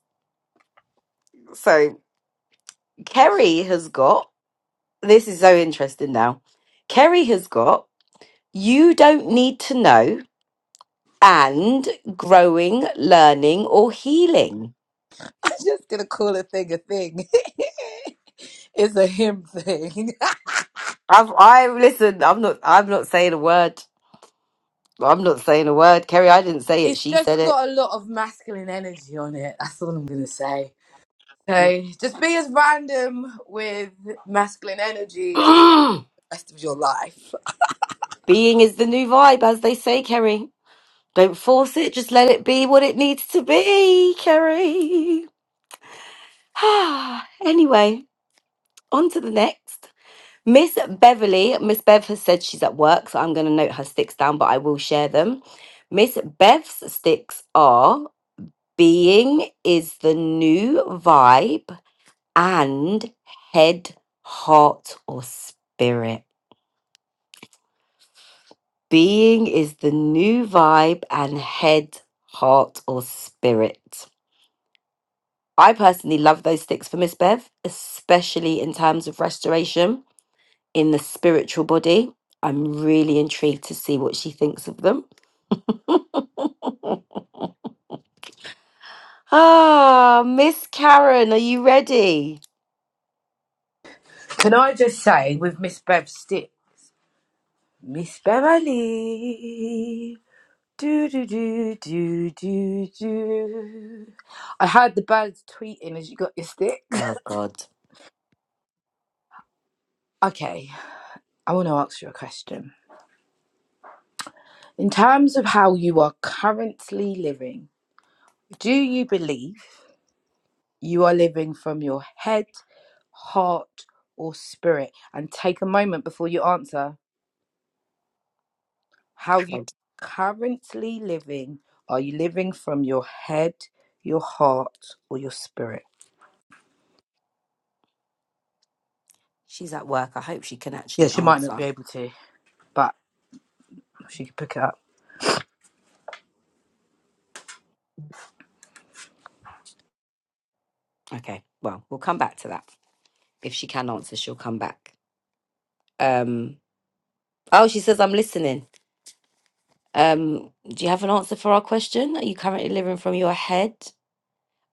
Speaker 1: So Kerry has got. This is so interesting now. Kerry has got. You don't need to know and growing, learning, or healing.
Speaker 2: [laughs] I'm just gonna call a thing a thing. [laughs] it's a him thing.
Speaker 1: I've I listen. I'm not. I'm not saying a word. I'm not saying a word, Kerry. I didn't
Speaker 2: [laughs]
Speaker 1: say it.
Speaker 2: it's
Speaker 1: She
Speaker 2: just
Speaker 1: said it.
Speaker 2: got a lot of masculine energy on it. That's all I'm gonna say. So just be as random with masculine energy as
Speaker 1: [clears throat]
Speaker 2: the rest of your life.
Speaker 1: Being is the new vibe, as they say, Kerry. Don't force it. Just let it be what it needs to be, Kerry. [sighs] Ah. anyway, on to the next. Miss Beverly. Miss Bev has said she's at work, so I'm going to note her sticks down, but I will share them. Miss Bev's sticks are Being is the new vibe and head, heart, or spirit. Being is the new vibe and head, heart, or spirit. I personally love those sticks for Miss Bev, especially in terms of restoration in the spiritual body. I'm really intrigued to see what she thinks of them. Ah, Miss Karen, are you ready?
Speaker 2: Can I just say with Miss Bev Stick, Miss Beverly. Do do do do do do. I heard the birds tweeting as you got your stick. [laughs]
Speaker 1: Oh, God.
Speaker 2: Okay, I want to ask you a question. In terms of how you are currently living, do you believe you are living from your head, heart, or spirit? And take a moment before you answer. How you currently living? Are you living from your head, your heart, or your spirit?
Speaker 1: She's at work. I hope she can
Speaker 2: Yeah,
Speaker 1: actually
Speaker 2: she might not
Speaker 1: answer.
Speaker 2: be able to, but she could pick it up.
Speaker 1: Okay, well, we'll come back to that. If she can answer, she'll come back. Um, oh, she says, I'm listening. Um, do you have an answer for our question? Are you currently living from your head?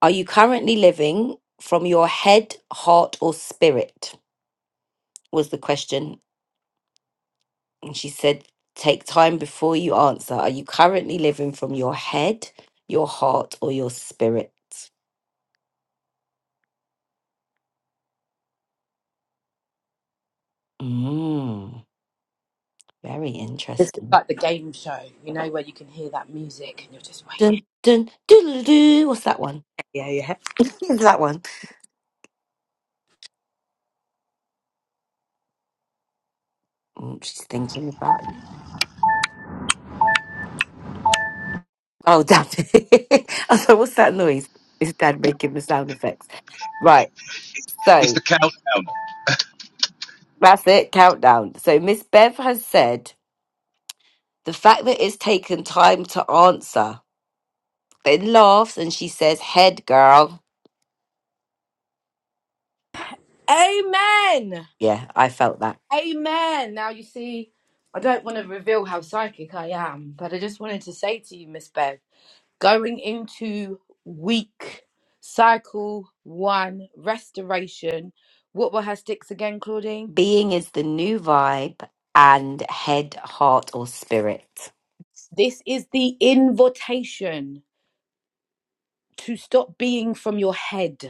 Speaker 1: Are you currently living from your head, heart, or spirit? Was the question. And she said, Take time before you answer. Are you currently living from your head, your heart, or your spirit? Mm, very
Speaker 2: It's
Speaker 1: interesting.
Speaker 2: like the game show, you know, where you can hear that music and you're just waiting.
Speaker 1: Dun, dun, doo, doo, doo. What's that one?
Speaker 2: Yeah, yeah.
Speaker 1: [laughs] What's that one? Mm, She's thinking about it. Oh, damn it. [laughs] I was like, what's that noise? Is Dad making the sound effects? Right. So that's it. Countdown. So Miss Bev has said the fact that it's taken time to answer. It laughs and she says, head girl.
Speaker 2: Amen.
Speaker 1: Yeah, I felt that.
Speaker 2: Amen. Now you see, I don't want to reveal how psychic I am, but I just wanted to say to you, Miss Bev, going into week cycle one restoration. What were her sticks again, Claudine?
Speaker 1: Being is the new vibe and head, heart, or spirit.
Speaker 2: This is the invitation to stop being from your head.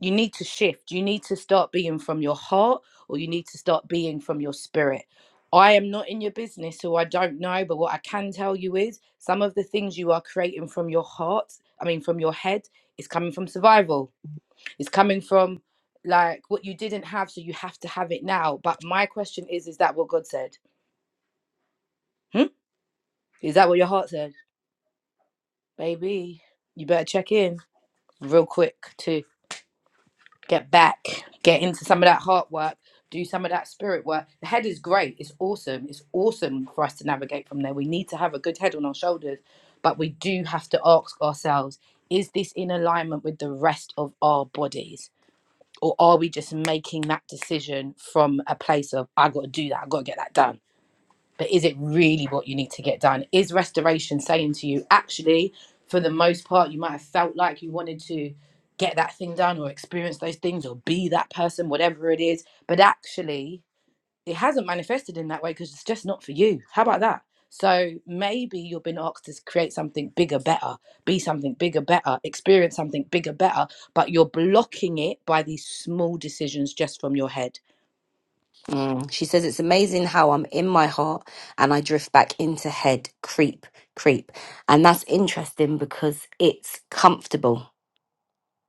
Speaker 2: you need to shift. You need to start being from your heart or you need to start being from your spirit. I am not in your business, so I don't know. But what I can tell you is some of the things you are creating from your heart, I mean, from your head, is coming from survival. It's coming from like what you didn't have, so you have to have it now. But my question is is that what God said? Hmm? Is that what your heart said? Baby, you better check in real quick, too. get back, get into some of that heart work, do some of that spirit work. The head is great. It's awesome. It's awesome for us to navigate from there. We need to have a good head on our shoulders, but we do have to ask ourselves is this in alignment with the rest of our bodies? Or are we just making that decision from a place of, I got to do that, I got to get that done? but is it really what you need to get done? Is restoration saying to you, actually, for the most part, you might have felt like you wanted to get that thing done or experience those things or be that person, whatever it is, but actually, it hasn't manifested in that way because it's just not for you. How about that? So maybe you've been asked to create something bigger, better, be something bigger, better, experience something bigger, better, but you're blocking it by these small decisions just from your head
Speaker 1: Mm. She says it's amazing how I'm in my heart and I drift back into head creep, creep. And that's interesting because it's comfortable.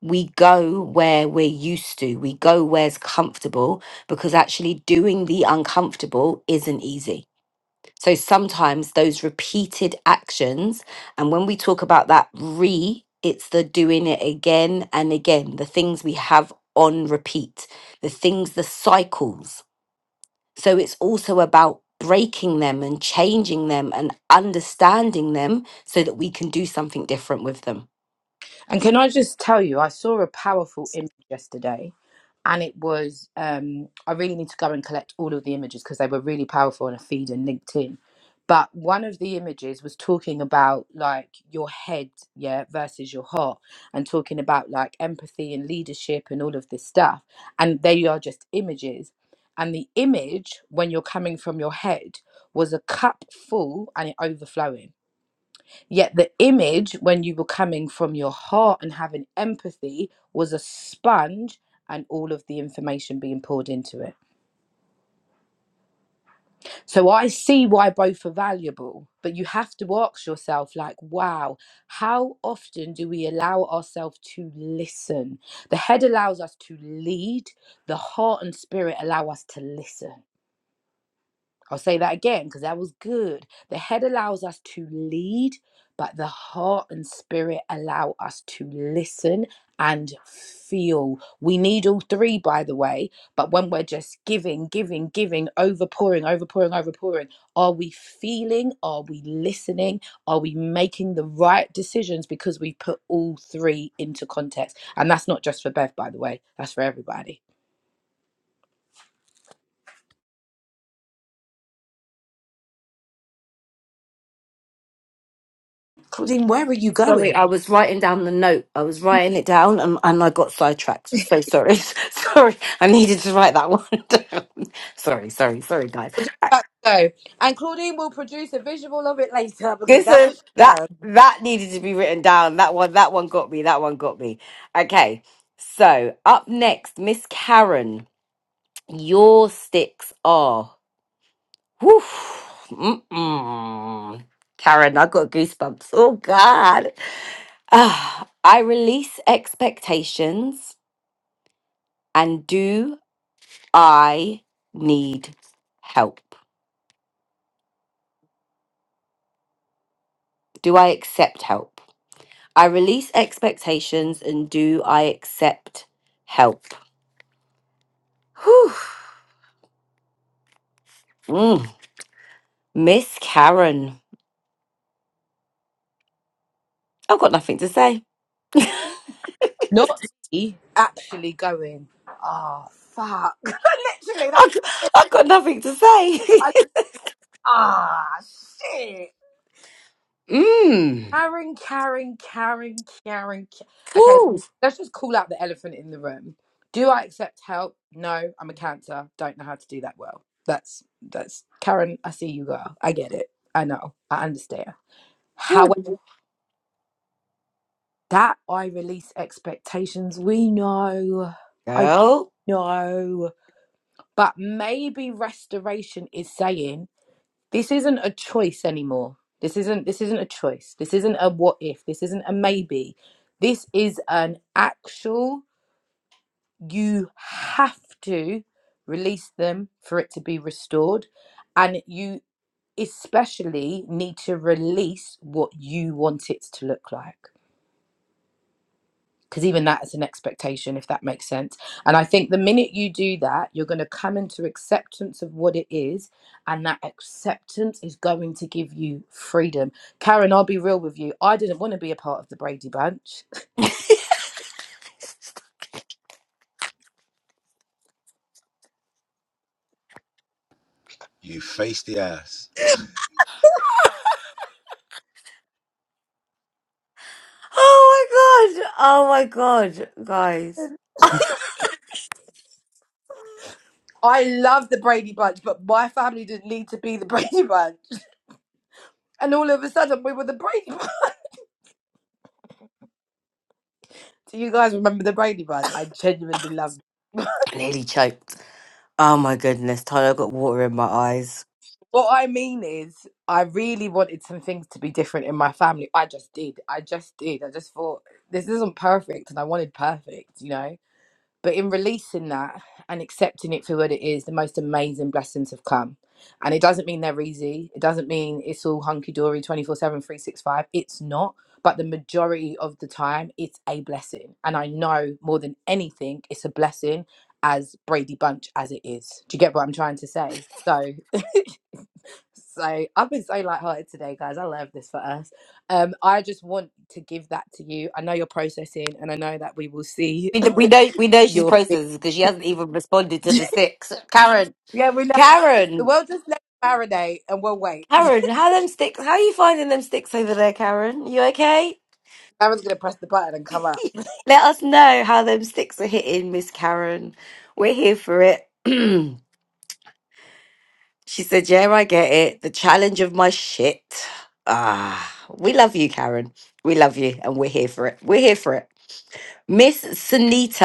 Speaker 1: We go where we're used to, we go where's comfortable because actually doing the uncomfortable isn't easy. So sometimes those repeated actions, and when we talk about that re, it's the doing it again and again, the things we have on repeat, the things, the cycles so it's also about breaking them and changing them and understanding them so that we can do something different with them.
Speaker 2: And can I just tell you, I saw a powerful image yesterday, and it was um, I really need to go and collect all of the images because they were really powerful on a feed and LinkedIn. But one of the images was talking about like your head, yeah, versus your heart, and talking about like empathy and leadership and all of this stuff. And they are just images. And the image, when you're coming from your head, was a cup full and it overflowing Yet the image, when you were coming from your heart and having empathy, was a sponge and all of the information being poured into it. So I see why both are valuable, but you have to ask yourself, like, wow, how often do we allow ourselves to listen? The head allows us to lead, the heart and spirit allow us to listen. I'll say that again because that was good. The head allows us to lead, but the heart and spirit allow us to listen and feel. We need all three, by the way, but when we're just giving, giving, giving, overpouring, overpouring, overpouring, are we feeling? Are we listening? Are we making the right decisions because we put all three into context? And that's not just for Bev, by the way, that's for everybody. Claudine, where are you going?
Speaker 1: Sorry, I was writing down the note. I was writing it down and, and I got sidetracked. So sorry. [laughs] sorry. I needed to write that one [laughs] down. Sorry, sorry, sorry, guys.
Speaker 2: We're just about to go. And Claudine will produce a visual of it later because that's what
Speaker 1: Listen,
Speaker 2: she
Speaker 1: that
Speaker 2: does.
Speaker 1: that needed to be written down. That one, that one got me. That one got me. Okay. So up next, Miss Karen, your sticks are. Whew. Mm-mm. Karen, I got goosebumps. Oh, God. Ah, I release expectations. And do I need help? Do I accept help? I release expectations. And do I accept help? Whew. Mm. Miss Karen, I've got nothing to say. [laughs] I've,
Speaker 2: Not me actually going, oh, fuck. [laughs] Literally, that.
Speaker 1: I've got nothing to say.
Speaker 2: I- Ah, shit.
Speaker 1: [laughs] mm.
Speaker 2: Karen, Karen, Karen, Karen, Ka- Okay,
Speaker 1: Cool.
Speaker 2: let's just call out the elephant in the room. Do I accept help? No, I'm a cancer. Don't know how to do that well. That's, that's, Karen, I see you, girl. I get it. I know. I understand. that I release expectations. We know, I
Speaker 1: Girl.
Speaker 2: know, but maybe restoration is saying this isn't a choice anymore. This isn't this isn't a choice. This isn't a what if. This isn't a maybe. This is an actual. You have to release them for it to be restored, and you especially need to release what you want it to look like. because even that is an expectation if that makes sense and i think the minute you do that you're going to come into acceptance of what it is and that acceptance is going to give you freedom karen i'll be real with you i didn't want to be a part of the brady bunch [laughs]
Speaker 3: You face the ass.
Speaker 1: Oh my god. Oh my god, guys. [laughs] I
Speaker 2: I love the Brady Bunch, but my family didn't need to be the [laughs] Brady Bunch. And all of a sudden, we were the Brady Bunch. [laughs] Do you guys remember the Brady Bunch? I genuinely loved it.
Speaker 1: nearly choked. Oh my goodness, Tyler got water in my eyes.
Speaker 2: What I mean is, I really wanted some things to be different in my family. I just did. I just did. I just thought this isn't perfect, and I wanted perfect, you know. But in releasing that and accepting it for what it is, the most amazing blessings have come. And it doesn't mean they're easy. It doesn't mean it's all hunky dory 24 7, 365. It's not. But the majority of the time, it's a blessing. And I know more than anything, it's a blessing as Brady Bunch as it is. Do you get what I'm trying to say? So. [laughs] So I've been so lighthearted today, guys. I love this for us. Um, I just want to give that to you. I know you're processing, and I know that we will see
Speaker 1: We,
Speaker 2: [coughs]
Speaker 1: we know we
Speaker 2: [clears throat]
Speaker 1: know she's
Speaker 2: your.
Speaker 1: processed because she hasn't even responded to the sticks. Karen,
Speaker 2: Yeah, we know. So
Speaker 1: Karen,
Speaker 2: we'll just let it marinate, and we'll wait.
Speaker 1: Karen, how them sticks? How are you finding them sticks over there, Karen? You okay?
Speaker 2: Aaron's gonna press the button and come up.
Speaker 1: [laughs] Let us know how them sticks are hitting, Miss Karen. We're here for it. [clears throat] She said, Yeah, I get it. The challenge of my shit. Ah, we love you, Karen. We love you, and we're here for it. We're here for it. Miss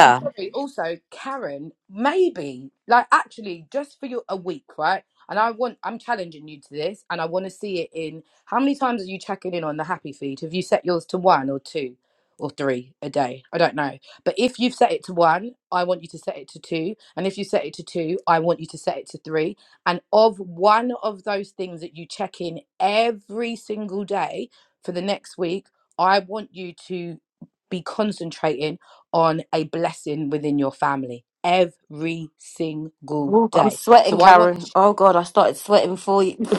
Speaker 2: And sorry, also Karen, maybe like actually just for your a week, right? And I want I'm challenging you to this, and I want to see it in how many times are you checking in on the happy feed? Have you set yours to one or two or three a day? I don't know, but if you've set it to one, I want you to set it to two, and if you set it to two, I want you to set it to three. And of one of those things that you check in every single day for the next week, I want you to be concentrating on a blessing within your family every single
Speaker 1: Oh, I'm
Speaker 2: day.
Speaker 1: sweating,
Speaker 2: So I want
Speaker 1: Karen. Oh God, I started sweating for you. [laughs]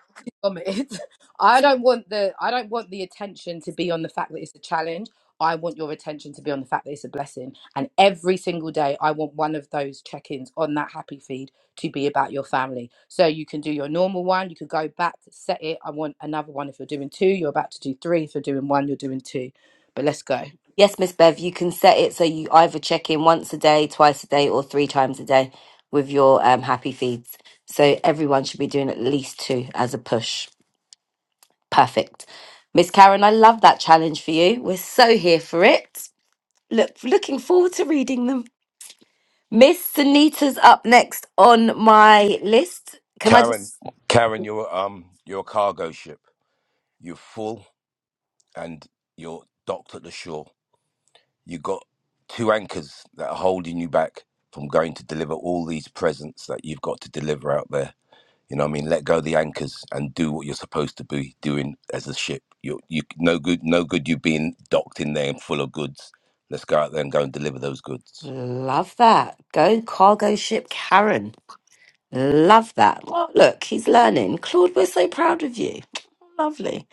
Speaker 2: shit from it. [laughs] I don't want the I don't want the attention to be on the fact that it's a challenge. I want your attention to be on the fact that it's a blessing. And every single day I want one of those check-ins on that happy feed to be about your family. So you can do your normal one, you could go back, set it. I want another one if you're doing two, you're about to do three. If you're doing one, you're doing two. But let's go.
Speaker 1: Yes, Miss Bev, you can set it so you either check in once a day, twice a day, or three times a day with your um, happy feeds. So everyone should be doing at least two as a push. Perfect. Miss Karen, I love that challenge for you. We're so here for it. Look, looking forward to reading them. Miss Sunita's up next on my list. Can I
Speaker 3: Karen,
Speaker 1: just
Speaker 3: Karen, you're um, you're a cargo ship. You're full, and you're docked at the shore. You got two anchors that are holding you back from going to deliver all these presents that you've got to deliver out there. You know what I mean? Let go of the anchors and do what you're supposed to be doing as a ship. You you no good no good you being docked in there and full of goods. Let's go out there and go and deliver those goods.
Speaker 1: love that? Go cargo ship Karen. Love that. Well, look, he's learning. Claude, we're so proud of you. [tsk] Lovely.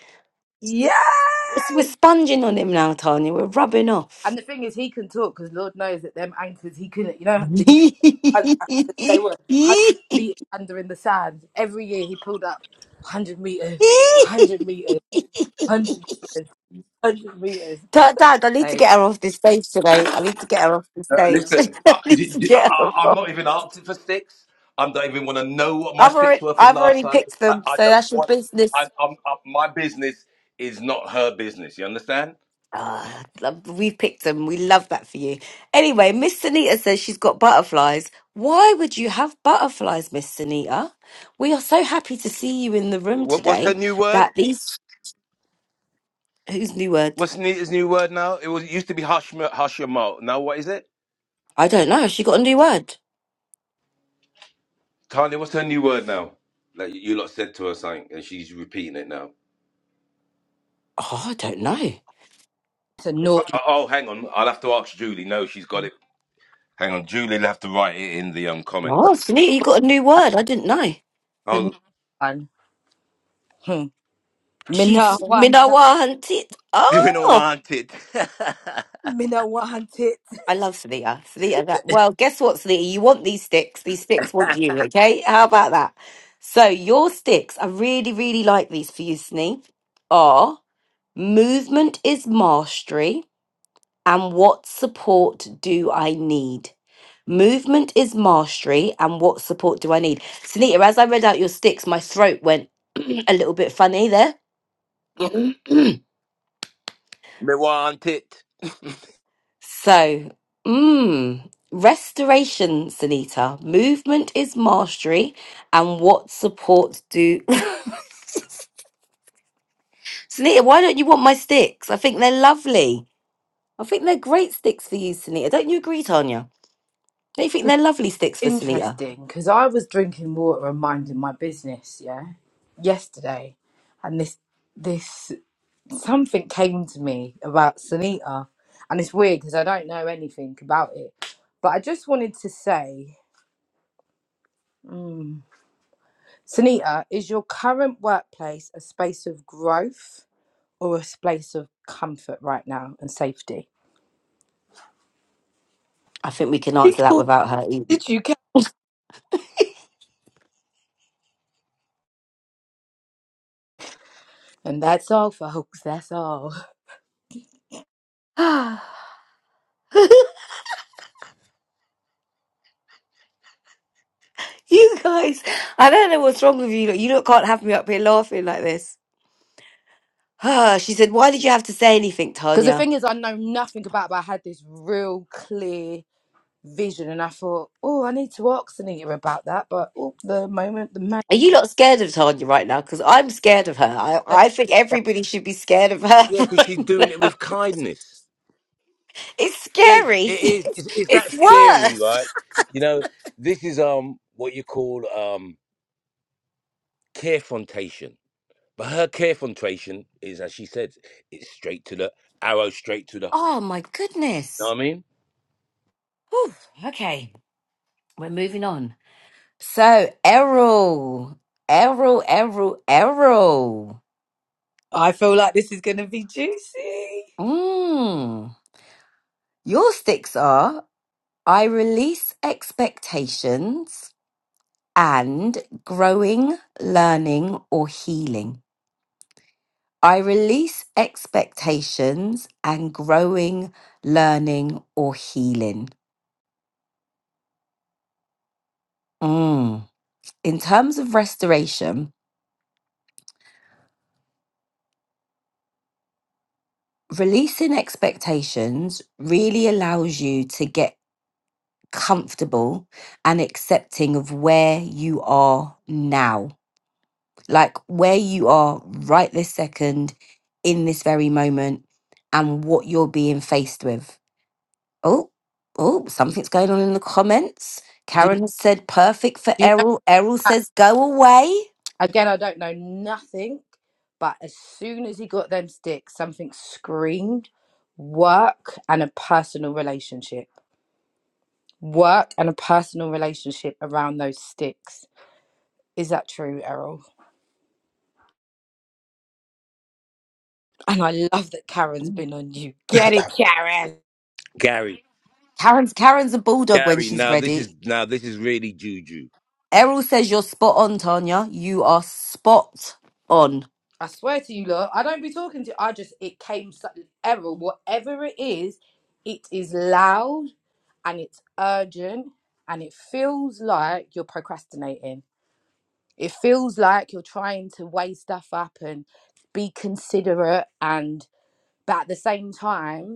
Speaker 2: Yay!
Speaker 1: We're we're sponging on him now, Tanya. We're rubbing off.
Speaker 2: And the thing is, he can talk because Lord knows that them anchors he couldn't. You know, the youth anchors, they were one hundred meters
Speaker 1: [laughs]
Speaker 2: under in the sand. Every year he pulled up one hundred meters, hundred meters, hundred meters, hundred meters.
Speaker 1: Dad, Dad, I
Speaker 2: So
Speaker 1: need to get her
Speaker 2: it's
Speaker 1: off this stage today. I need to get her off the
Speaker 3: Uh,
Speaker 1: stage. [laughs]
Speaker 3: listen, I,
Speaker 1: I need
Speaker 3: d-
Speaker 1: to
Speaker 3: d-
Speaker 1: get her
Speaker 3: I,
Speaker 1: off.
Speaker 3: am not even asking for sticks. I don't even want to know what my
Speaker 1: I've
Speaker 3: sticks
Speaker 1: already,
Speaker 3: were from
Speaker 1: I've
Speaker 3: last
Speaker 1: already
Speaker 3: time.
Speaker 1: picked
Speaker 3: I,
Speaker 1: them,
Speaker 3: I
Speaker 1: so
Speaker 3: don't
Speaker 1: that's your
Speaker 3: want. I,
Speaker 1: business.
Speaker 3: I'm, I, my business is not her business. You understand?
Speaker 1: Ah, love- we've picked them. We love that for you. Anyway, Miss Sunita says she's got butterflies. Why would you have butterflies, Miss Sunita? We are so happy to see you in the room
Speaker 3: What, what's her
Speaker 1: today.
Speaker 3: new word?
Speaker 1: That these whose new word?
Speaker 3: What's new, his new word now? It was it used to be hush hush your mouth. Now what is it?
Speaker 1: I don't know. Has She got a new word.
Speaker 3: Tanya, what's her new word now? Like you lot said to her something, and she's repeating it now.
Speaker 1: Oh, I don't know.
Speaker 2: a naughty
Speaker 3: Oh, oh, hang on, I'll have to ask Julie. No, she's got it. Hang on, Julie'll have to write it in the um
Speaker 1: Oh,
Speaker 3: comments.
Speaker 1: Sunita, you got a new
Speaker 2: one.
Speaker 1: word. I didn't know.
Speaker 2: It's a
Speaker 3: Oh,
Speaker 2: naughty one. Hmm. Me no
Speaker 1: She's
Speaker 2: want that.
Speaker 1: Minawa hunted.
Speaker 3: [laughs] we do
Speaker 1: Oh.
Speaker 3: want it.
Speaker 2: Me no want it.
Speaker 1: I love Thea. Thea, that. Well, guess what, Thea? You want these sticks. These sticks want you, okay? How about that? So, your sticks, I really, really like these for you, Snee, are movement is mastery, and what support do I need? Movement is mastery, and what support do I need? Sunita, as I read out your sticks, my throat went [clears throat] a little bit funny there. [clears throat]
Speaker 3: [laughs] we want it.
Speaker 1: So, mmm, restoration, Sunita. Movement is mastery, and what supports do. [laughs] Sunita, why don't you want my sticks? I think they're lovely. I think they're great sticks for you, Sunita. Don't you agree, Tanya? Don't you think they're lovely sticks for Sunita?
Speaker 2: Interesting, because I was drinking water and minding my business. Yeah, yesterday, and this this something came to me about Sunita, and it's weird because I don't know anything about it. But I just wanted to say, mm, Sunita, is your current workplace a space of growth or a space of comfort right now and safety?
Speaker 1: I think we can answer that
Speaker 2: Because
Speaker 1: without her eating. [sighs]
Speaker 2: Did you care? And that's all, folks. That's all.
Speaker 1: you guys, I don't know what's wrong with you. lot. You lot can't have me up here laughing like this. [sighs] she said, Why did you have to say anything,
Speaker 2: Because the
Speaker 1: Tanya?
Speaker 2: thing is, I know nothing about, it, but I had this real clear vision, and I thought, oh, I need to ask Sunita about that. But oh, the moment, the man.
Speaker 1: Are you not scared of Tanya right now? Because I'm scared of her. I, I think everybody should be scared of her
Speaker 3: Yeah,
Speaker 1: [laughs]
Speaker 3: because she's
Speaker 1: right
Speaker 3: doing it
Speaker 1: now.
Speaker 3: with kindness.
Speaker 1: It's
Speaker 3: It is
Speaker 1: scary.
Speaker 3: it
Speaker 1: [laughs]
Speaker 3: is
Speaker 1: It's,
Speaker 3: it's, it's that
Speaker 1: it's
Speaker 3: scary,
Speaker 1: worse.
Speaker 3: right? You know, this is um what you call um carefrontation. But her carefrontation is, as she said, it's straight to the arrow, straight to the. You
Speaker 1: Oh my
Speaker 3: know
Speaker 1: goodness.
Speaker 3: what I mean?
Speaker 1: Whew. Okay, we're moving on. So, Errol, Errol, Errol, Errol.
Speaker 2: I feel like this is going to be juicy.
Speaker 1: Mm. Your sticks are I release expectations and growing, learning, or healing. I release expectations and growing, learning, or healing. Mm. In terms of restoration, releasing expectations really allows you to get comfortable and accepting of where you are now, like where you are right this second, in this very moment, and what you're being faced with. Oh, oh, something's going on in the comments.
Speaker 2: Do,
Speaker 1: Karen has said perfect for
Speaker 2: do you know
Speaker 1: Errol. Errol
Speaker 2: that?
Speaker 1: says go away.
Speaker 2: Again, I don't know nothing, but as soon as he got them sticks, something screamed work and a personal relationship. Work and a personal relationship around those sticks. Is that true, Errol? And I love that Karen's been on you. Get it, Karen.
Speaker 3: Gary.
Speaker 1: Karen's Karen's a bulldog when
Speaker 3: Gary,
Speaker 1: she's
Speaker 3: now this is
Speaker 1: ready.
Speaker 3: now this is really juju.
Speaker 1: Errol says you're spot on, Tanya. You are spot on.
Speaker 2: I swear to you, look, I don't be talking to. I just it came sudden error. Whatever it is, it is loud and it's urgent and it feels like you're procrastinating. It feels like you're trying to weigh stuff up and be considerate and but at the same time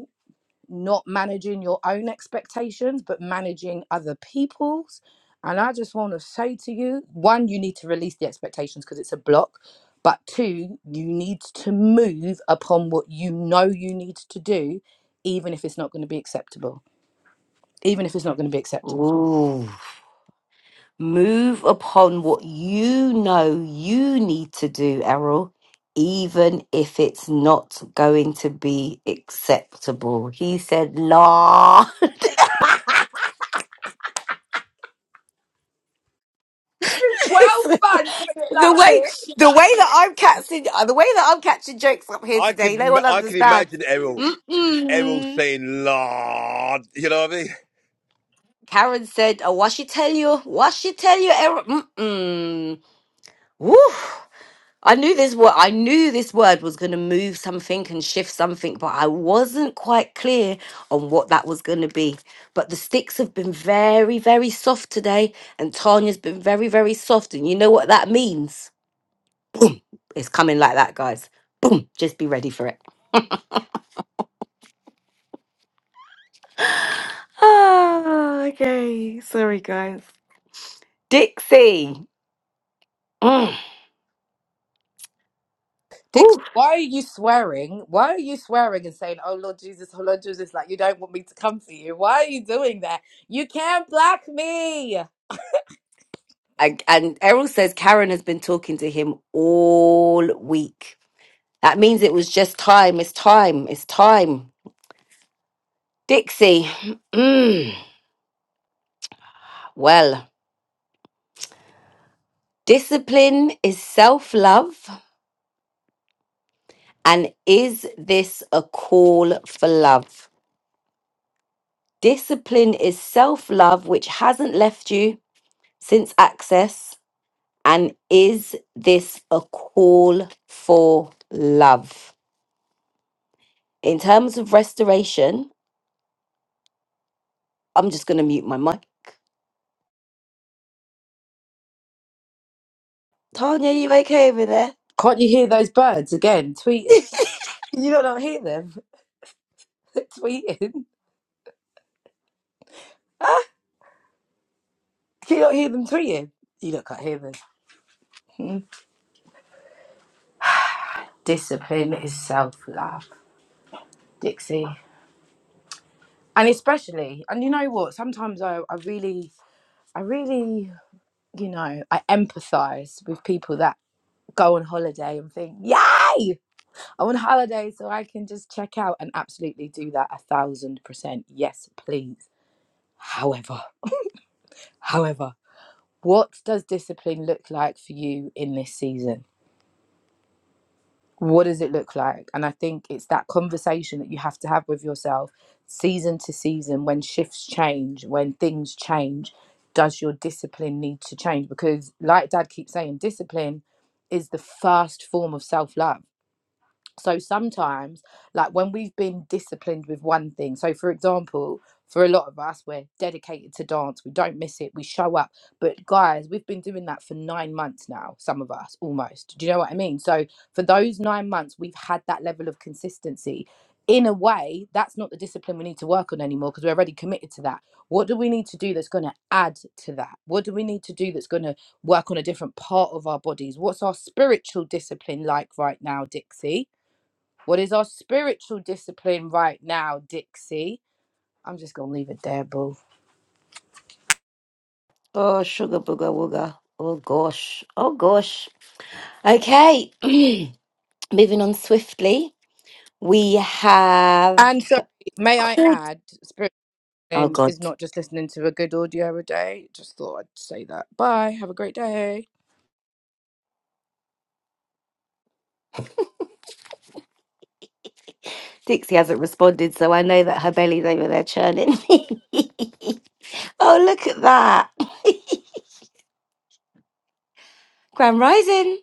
Speaker 2: not managing your own expectations, but managing other people's. And I just want to say to you one, you need to release the expectations because it's a block. But two, you need to move upon what you know you need to do, even if it's not going to be acceptable. Even if it's not going to be acceptable.
Speaker 1: Ooh. Move upon what you know you need to do, Errol, even if it's not going to be acceptable. He said, la. [laughs]
Speaker 2: Well done doing it
Speaker 1: The
Speaker 2: like
Speaker 1: way
Speaker 2: this.
Speaker 1: the way that I'm catching uh, the way that I'm catching jokes up here
Speaker 3: I could
Speaker 1: today, no
Speaker 3: m-
Speaker 1: one
Speaker 3: I could
Speaker 1: understands.
Speaker 3: imagine Errol Errol
Speaker 1: Mm-mm.
Speaker 3: saying "Lord," you know what I mean? [coughs]
Speaker 1: Karen said, "Oh, what she tell you? What she tell you?" Era? Mm-mm. Woo! I knew this word. I knew this word was going to move something and shift something, but I wasn't quite clear on what that was going to be. But the sticks have been very, very soft today, and Tanya's been very, very soft. And you know what that means? It's coming like that, guys. Boom! Just be ready for it. Oh, okay. Sorry, guys. Dixie. Mm. Ooh.
Speaker 2: Dix, why are you swearing? Why are you swearing and saying, "Oh Lord Jesus, oh Lord Jesus," like you don't want me to come for you? Why are you doing that? You can't black me.
Speaker 1: I, and Errol says Karen has been talking to him all week. That means it was just time. It's time. It's time. Dixie. Mm. Well, discipline is self love. And is this a call for love? Discipline is self love, which hasn't left you since access And is this a call for love? In terms of restoration, I'm just going to mute my mic. Tanya, you okay over there?
Speaker 2: Can't you hear those birds again tweeting?
Speaker 1: [laughs]
Speaker 2: Can you not not hear them [laughs] tweeting? Huh? Can you not hear them tweeting? You not can't hear them. Hmm. Discipline is self love, Dixie, and especially, and you know what? Sometimes I, I really, I really, you know, I empathise with people that go on holiday and think, "Yay!" I am on holiday so I can just check out and absolutely do that a thousand percent. Yes, please. However, however, what does discipline look like for you in this season? What does it look like? And I think it's that conversation that you have to have with yourself season to season when shifts change, when things change. Does your discipline need to change? Because, like Dad keeps saying, discipline is the first form of self love so sometimes, like when we've been disciplined with one thing, so for example, for a lot of us, we're dedicated to dance, we don't miss it, we show up. But guys, we've been doing that for nine months now, some of us almost. Do you know what I mean? So for those nine months, we've had that level of consistency. In a way, that's not the discipline we need to work on anymore because we're already committed to that. What do we need to do that's going to add to that? What do we need to do that's going to work on a different part of our bodies? What's our spiritual discipline like right now, Dixie? What is our spiritual discipline right now, Dixie? I'm just going to leave it there, boo.
Speaker 1: Oh, sugar booger wooger. Oh, gosh. Oh, gosh. Okay. [clears throat] Moving on swiftly. We have
Speaker 2: And sorry, may I
Speaker 1: Claude.
Speaker 2: add, spiritual
Speaker 1: Oh,
Speaker 2: discipline
Speaker 1: God.
Speaker 2: is not just listening to a good audio a day. Just thought I'd say that. Bye. Have a great day.
Speaker 1: Dixie hasn't responded, so I know that her belly's over there churning. [laughs] oh, look at that. Grand Rising.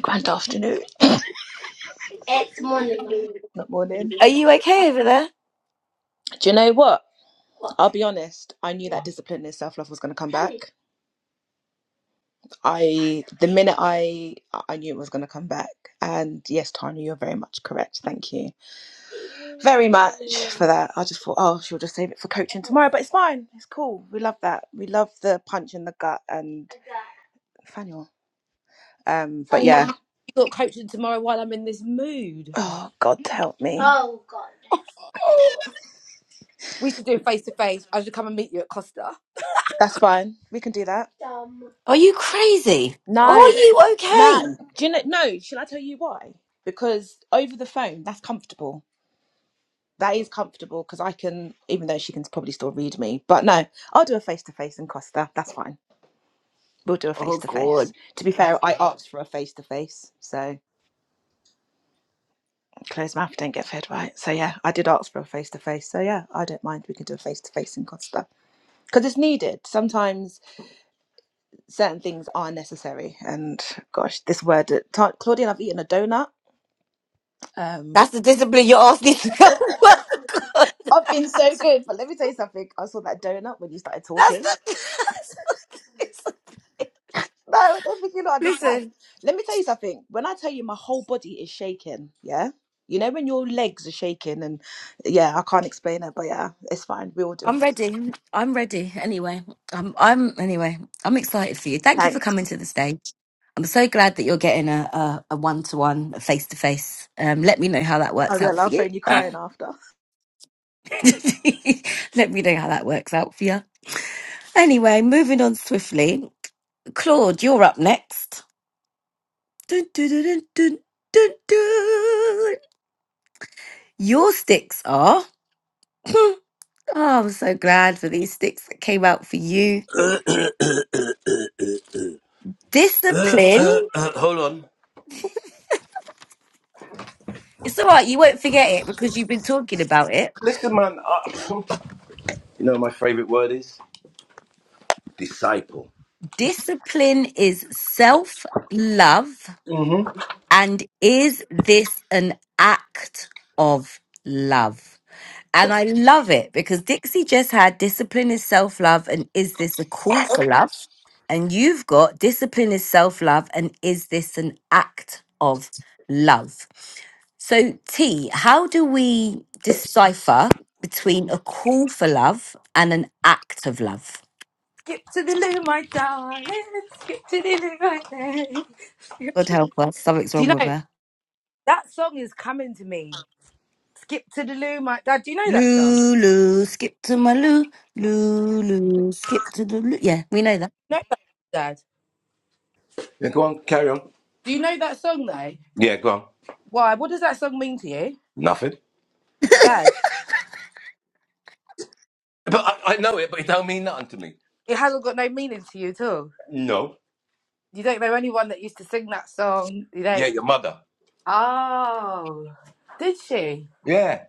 Speaker 4: Grand afternoon. It's morning. Not morning.
Speaker 1: Are you okay over there?
Speaker 4: Do you know what? What? I'll be honest. I knew that discipline and self love was going to come back. I, the minute I, I knew it was going to come back. And yes, Tanya, you're very much correct. Thank you very much for that. I just thought, oh, she'll just save it for coaching tomorrow, but it's fine. It's cool. We love that. We love the punch in the gut and Faniel. Um, but
Speaker 2: Oh my,
Speaker 4: yeah.
Speaker 2: you got coaching tomorrow while I'm in this mood.
Speaker 4: Oh God, help me. Oh God.
Speaker 2: [laughs] we should do face to face. I should come and meet you at Costa.
Speaker 4: That's fine. We can do that. Um,
Speaker 1: Are you crazy?
Speaker 2: All
Speaker 1: Are
Speaker 2: right.
Speaker 4: No,
Speaker 1: you
Speaker 4: no.
Speaker 1: okay?
Speaker 4: Do you know? No. Shall I tell you why? Because over the phone, that's comfortable. That is comfortable because I can, even though she can probably still read me. But no, I'll do a face to face in Costa. That's fine. We'll do a
Speaker 1: Oh
Speaker 4: face to
Speaker 1: God,
Speaker 4: face. To be fair, I asked for a face to face, so closed mouth don't get fed, right? So yeah, I did ask for a face to face. So yeah, I don't mind. We can do a face to face in Costa because it's needed. Sometimes certain things are necessary. And gosh, this word, Ta- Claudine, I've eaten a donut. Um.
Speaker 1: that's the discipline you asked me to go. [laughs] Oh God,
Speaker 4: I've been so good, but let me tell you something. I saw that donut when you started
Speaker 1: that's
Speaker 4: talking.
Speaker 1: the. [laughs] That's the discipline.
Speaker 4: No, I don't think you don't understand.
Speaker 1: Listen,
Speaker 4: Let me tell you something. When I tell you my whole body is shaking, yeah? You know when your legs are shaking and yeah, I can't explain it, but yeah, it's fine. We all do
Speaker 1: I'm
Speaker 4: it.
Speaker 1: ready. I'm ready. Anyway, I'm. I'm. Anyway, I'm excited for you. Thank you for coming
Speaker 4: Thanks.
Speaker 1: to the stage. I'm so glad that you're getting a a, a one-to-one, a face-to-face. Um, let me know how that
Speaker 4: I
Speaker 1: works out
Speaker 4: will.
Speaker 1: for
Speaker 4: I'll
Speaker 1: you.
Speaker 4: phone you crying after.
Speaker 1: [laughs] let me know how that works out for you. Anyway, moving on swiftly. Claude, you're up next. Dun, dun, dun, dun, dun, dun, dun. Your sticks are. [laughs] [clears throat] oh, I'm so glad for these sticks that came out for you.
Speaker 3: Uh, uh,
Speaker 1: Discipline.
Speaker 3: uh, hold on.
Speaker 1: It's all right. You won't forget it because you've been talking about it.
Speaker 3: Listen, man. I, [clears throat] you know what my favourite word is disciple.
Speaker 1: Discipline is self love.
Speaker 3: Mm-hmm.
Speaker 1: And is this an act of love? And I love it because Dixie just had discipline is self love and is this a call for love? And you've got discipline is self love and is this an act of love? So, T, how do we decipher between a call for love and an act of love?
Speaker 2: Skip to the loo, my darling. Skip to the loo, my darling. Skip
Speaker 1: God
Speaker 2: to-
Speaker 1: help us, something's
Speaker 2: Do you
Speaker 1: wrong with
Speaker 2: know
Speaker 1: her.
Speaker 2: that song is coming to me? Skip to the loo, my dad. Do you know that song?
Speaker 1: Lulu, skip to my loo. Lulu, skip to the loo. Yeah, we know that.
Speaker 2: No, dad.
Speaker 3: Yeah, go on, carry on.
Speaker 2: Do you know that song though?
Speaker 3: Yeah, go on.
Speaker 2: Why? What does that song mean to you,
Speaker 3: Nothing.
Speaker 2: dad?
Speaker 3: But I, I know it, but it don't mean nothing to me.
Speaker 2: It hasn't got no meaning to you at all.
Speaker 3: No.
Speaker 2: You don't know anyone that used to sing that song. You
Speaker 3: Yeah,
Speaker 2: don't.
Speaker 3: your mother.
Speaker 2: Oh, did she
Speaker 3: Yeah.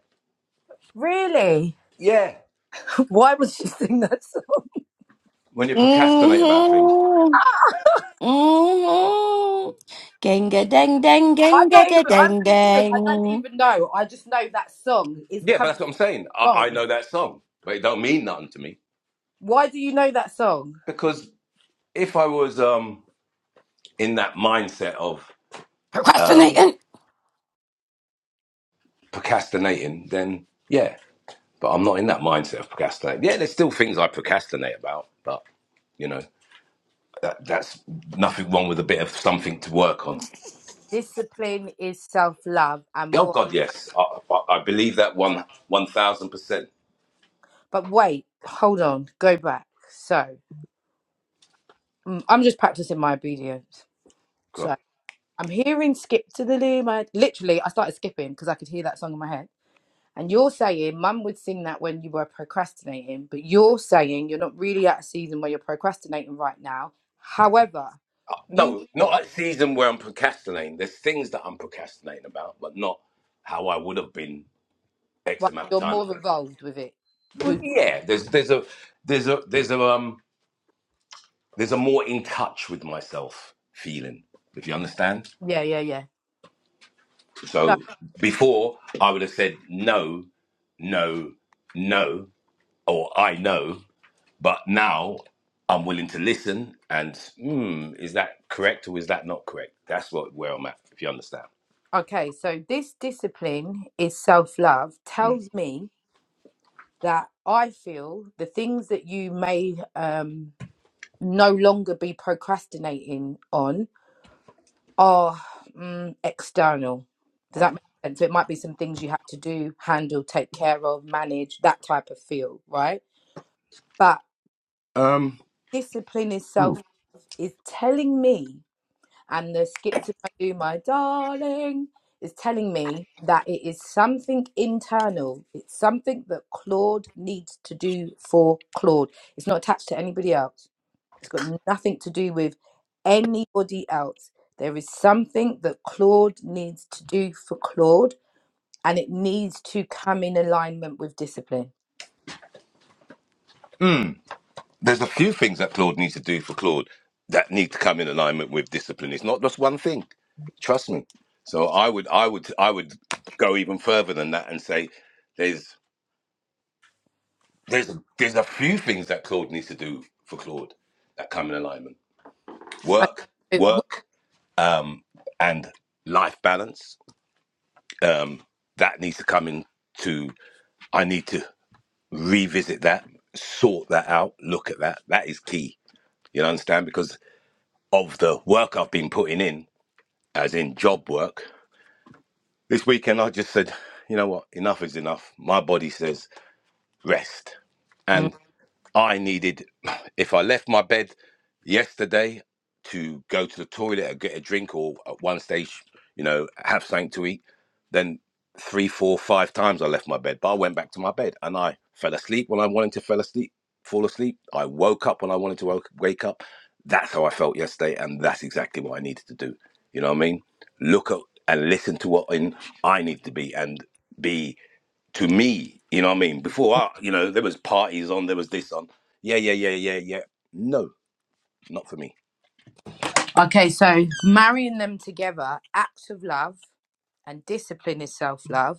Speaker 2: really?
Speaker 3: Yeah.
Speaker 2: [laughs] Why would she sing that song?
Speaker 3: When you procrastinate about things.
Speaker 1: Mm-hmm. Mm-hmm. Genga dang dang
Speaker 2: I'm
Speaker 1: genga
Speaker 2: not even.
Speaker 1: ga
Speaker 2: I'm
Speaker 1: dang
Speaker 2: being serious. I don't
Speaker 1: dang.
Speaker 2: even know. I just know that song is
Speaker 3: Yeah, but that's
Speaker 2: coming
Speaker 3: what I'm saying. I, I
Speaker 2: from.
Speaker 3: know that song, but it don't mean nothing to me.
Speaker 2: Why do you know that song?
Speaker 3: because if I was um in that mindset of um
Speaker 1: Procrastinating.
Speaker 3: procrastinating, then yeah. But I'm not in that mindset of procrastinating. Yeah, there's still things I procrastinate about, but you know that that's nothing wrong with a bit of something to work on.
Speaker 2: Discipline is self love, and
Speaker 3: Oh
Speaker 2: what?
Speaker 3: God, yes, I, I, I believe that one one thousand percent.
Speaker 2: But wait, hold on, go back. So mm, I'm just practicing my obedience.
Speaker 3: God,
Speaker 2: So I'm hearing skip to the luma. Literally, I started skipping because I could hear that song in my head. And you're saying mum would sing that when you were procrastinating, but you're saying you're not really at a season where you're procrastinating right now. However, you've
Speaker 3: no, not
Speaker 2: got,
Speaker 3: a season where I'm procrastinating. There's things that I'm procrastinating about, but not how I would have been X
Speaker 2: well,
Speaker 3: amount of
Speaker 2: you're
Speaker 3: time
Speaker 2: more
Speaker 3: ago.
Speaker 2: involved with it.
Speaker 3: Well,
Speaker 2: You,
Speaker 3: yeah, there's there's a there's a there's a um there's a more in touch with myself feeling, if you understand.
Speaker 2: yeah, yeah, yeah. So,
Speaker 3: So before I would have said no, no, no, or I know, but now I'm willing to listen and hmm, is that correct or is that not correct? That's what where I'm at, if you understand.
Speaker 2: okay, so this discipline is self love
Speaker 3: Mm.
Speaker 2: tells me that I feel the things that you may um, no longer be procrastinating on are mm, external. Does that make sense? So it might be some things you have to do, handle, take care of, manage, that type of feel, right? But
Speaker 3: Um,
Speaker 2: discipline is self is telling me and the skip to my do my darling is telling me that it is something internal it's something that claude needs to do for claude it's not attached to anybody else it's got nothing to do with anybody else there is something that claude needs to do for claude and it needs to come in alignment with discipline
Speaker 3: there's a few things that Claude needs to do for Claude that need to come in alignment with discipline. It's not just one thing. Trust me. So I would I would I would go even further than that and say there's. There's a, there's a few things that Claude needs to do for Claude that come in alignment. Work,
Speaker 2: okay so
Speaker 3: work, um, and life balance. Um, that needs to come in to I need to revisit that, sort that out, look at that. That is key. You understand? Because of the work I've been putting in, as in job work, this weekend I just said, you know what, enough is enough. My body says rest.
Speaker 2: Mm.
Speaker 3: and. I needed, if I left my bed yesterday to go to the toilet or get a drink or at one stage, you know, have something to eat, then three, four, five times I left my bed. But I went back to my bed and I fell asleep when I wanted to fell asleep, fall asleep. I woke up when I wanted to woke, wake up. That's how I felt yesterday. And that's exactly what I needed to do. You know what I mean? Look at and listen to what in I need to be and be to me, you know what I mean? Before I, you know, there was parties on, there was this on. Yeah, yeah, yeah, yeah, yeah. No, not for me.
Speaker 2: Okay, so marrying them together acts of love and discipline is self-love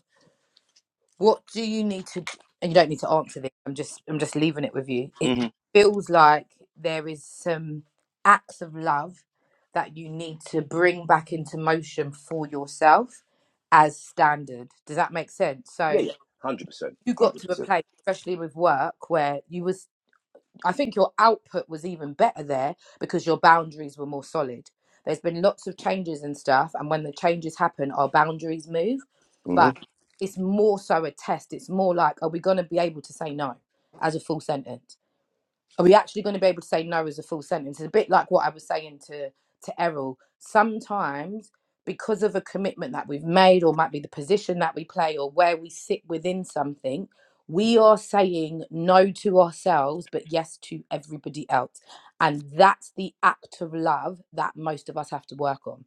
Speaker 2: What do you need to? And you don't need to answer this. I'm just I'm just leaving it with you. It
Speaker 3: hmm
Speaker 2: feels like there is some acts of love that you need to bring back into motion for yourself as standard. Does that make sense?
Speaker 3: Yeah,
Speaker 2: So
Speaker 3: yeah, hundred percent,
Speaker 2: you got
Speaker 3: hundred
Speaker 2: to a
Speaker 3: percent.
Speaker 2: place, especially with work, where you was I think your output was even better there because your boundaries were more solid. There's been lots of changes and stuff, and when the changes happen, our boundaries move.
Speaker 3: hmm
Speaker 2: But it's more so a test. It's more like, are we going to be able to say no as a full sentence? are we actually going to be able to say no as a full sentence? It's a bit like what I was saying to to Errol. Sometimes, because of a commitment that we've made, or might be the position that we play, or where we sit within something, we are saying no to ourselves, but yes to everybody else, and that's the act of love that most of us have to work on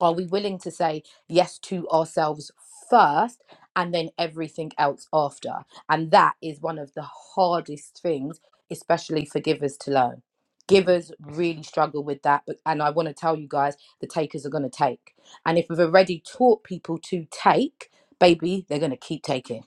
Speaker 2: are we willing to say yes to ourselves first and then everything else after and that is one of the hardest things especially for givers to learn givers really struggle with that but and i want to tell you guys the takers are going to take and if we've already taught people to take baby they're going to keep taking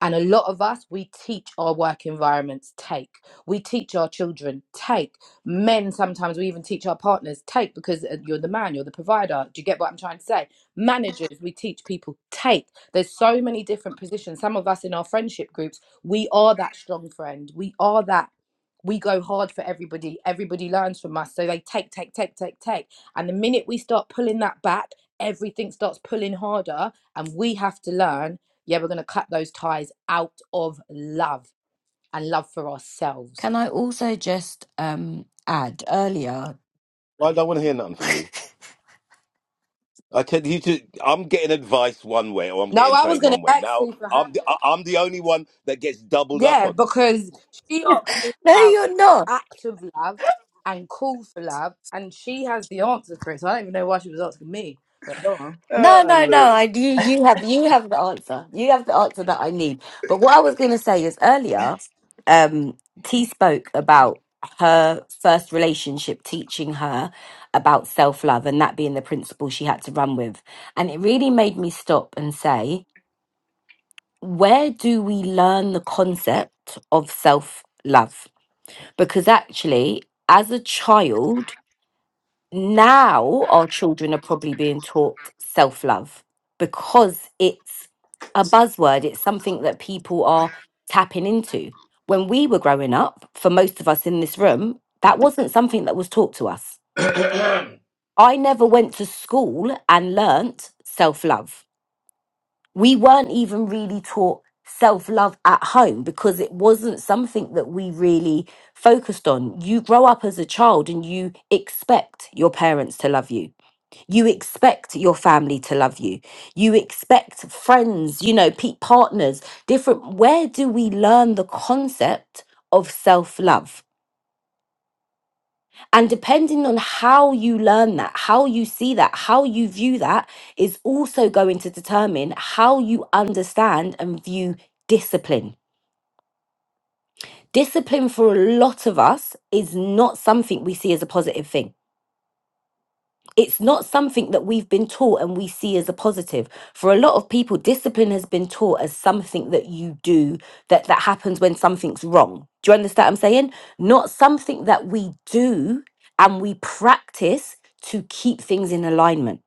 Speaker 2: and a lot of us, we teach our work environments take. We teach our children take. Men, sometimes we even teach our partners take because uh, you're the man, you're the provider. Do you get what I'm trying to say? Managers, we teach people take. There's so many different positions. Some of us in our friendship groups, we are that strong friend. We are that. We go hard for everybody. Everybody learns from us. So they take, take, take, take, take. And the minute we start pulling that back, everything starts pulling harder. And we have to learn yeah, we're going to cut those ties out of love and love for ourselves.
Speaker 1: Can I also just um add earlier?
Speaker 3: I don't want to hear nothing from you.
Speaker 1: [laughs]
Speaker 3: I tell you, to, I'm getting advice one way, or I'm
Speaker 2: No,
Speaker 3: getting
Speaker 2: I was
Speaker 3: something
Speaker 2: going to
Speaker 3: one way.
Speaker 2: ask
Speaker 3: Now
Speaker 2: you for her.
Speaker 3: I'm the, I- I'm the only one that gets doubled up
Speaker 2: Yeah,
Speaker 3: on.
Speaker 2: because she asked me
Speaker 1: no,
Speaker 2: about
Speaker 1: you're not.
Speaker 2: active love and call for love, and she has the answer for it. So I don't even know why she was asking me. But go on.
Speaker 1: No,
Speaker 3: Ah,
Speaker 1: no, no.
Speaker 3: Lord.
Speaker 1: I you you have you have the answer. You have the answer that I need. But what I was going to say is earlier, um, T spoke about her first relationship teaching her about self love and that being the principle she had to run with, and it really made me stop and say, where do we learn the concept of self love? Because actually, as a child now our children are probably being taught self love because it's a buzzword, it's something that people are tapping into. When we were growing up, for most of us in this room, that wasn't something that was taught to us. I never went to school and learnt self love. We weren't even really taught self love at home because it wasn't something that we really focused on. You grow up as a child and you expect your parents to love you you expect your family to love you. You expect friends, you know, pe- partners, different. Where do we learn the concept of self love? And depending on how you learn that, how you see that, how you view that is also going to determine how you understand and view discipline. Discipline for a lot of us is not something we see as a positive thing it's not something that we've been taught and we see as a positive for a lot of people discipline has been taught as something that you do that that happens when something's wrong do you understand what i'm saying not something that we do and we practice to keep things in alignment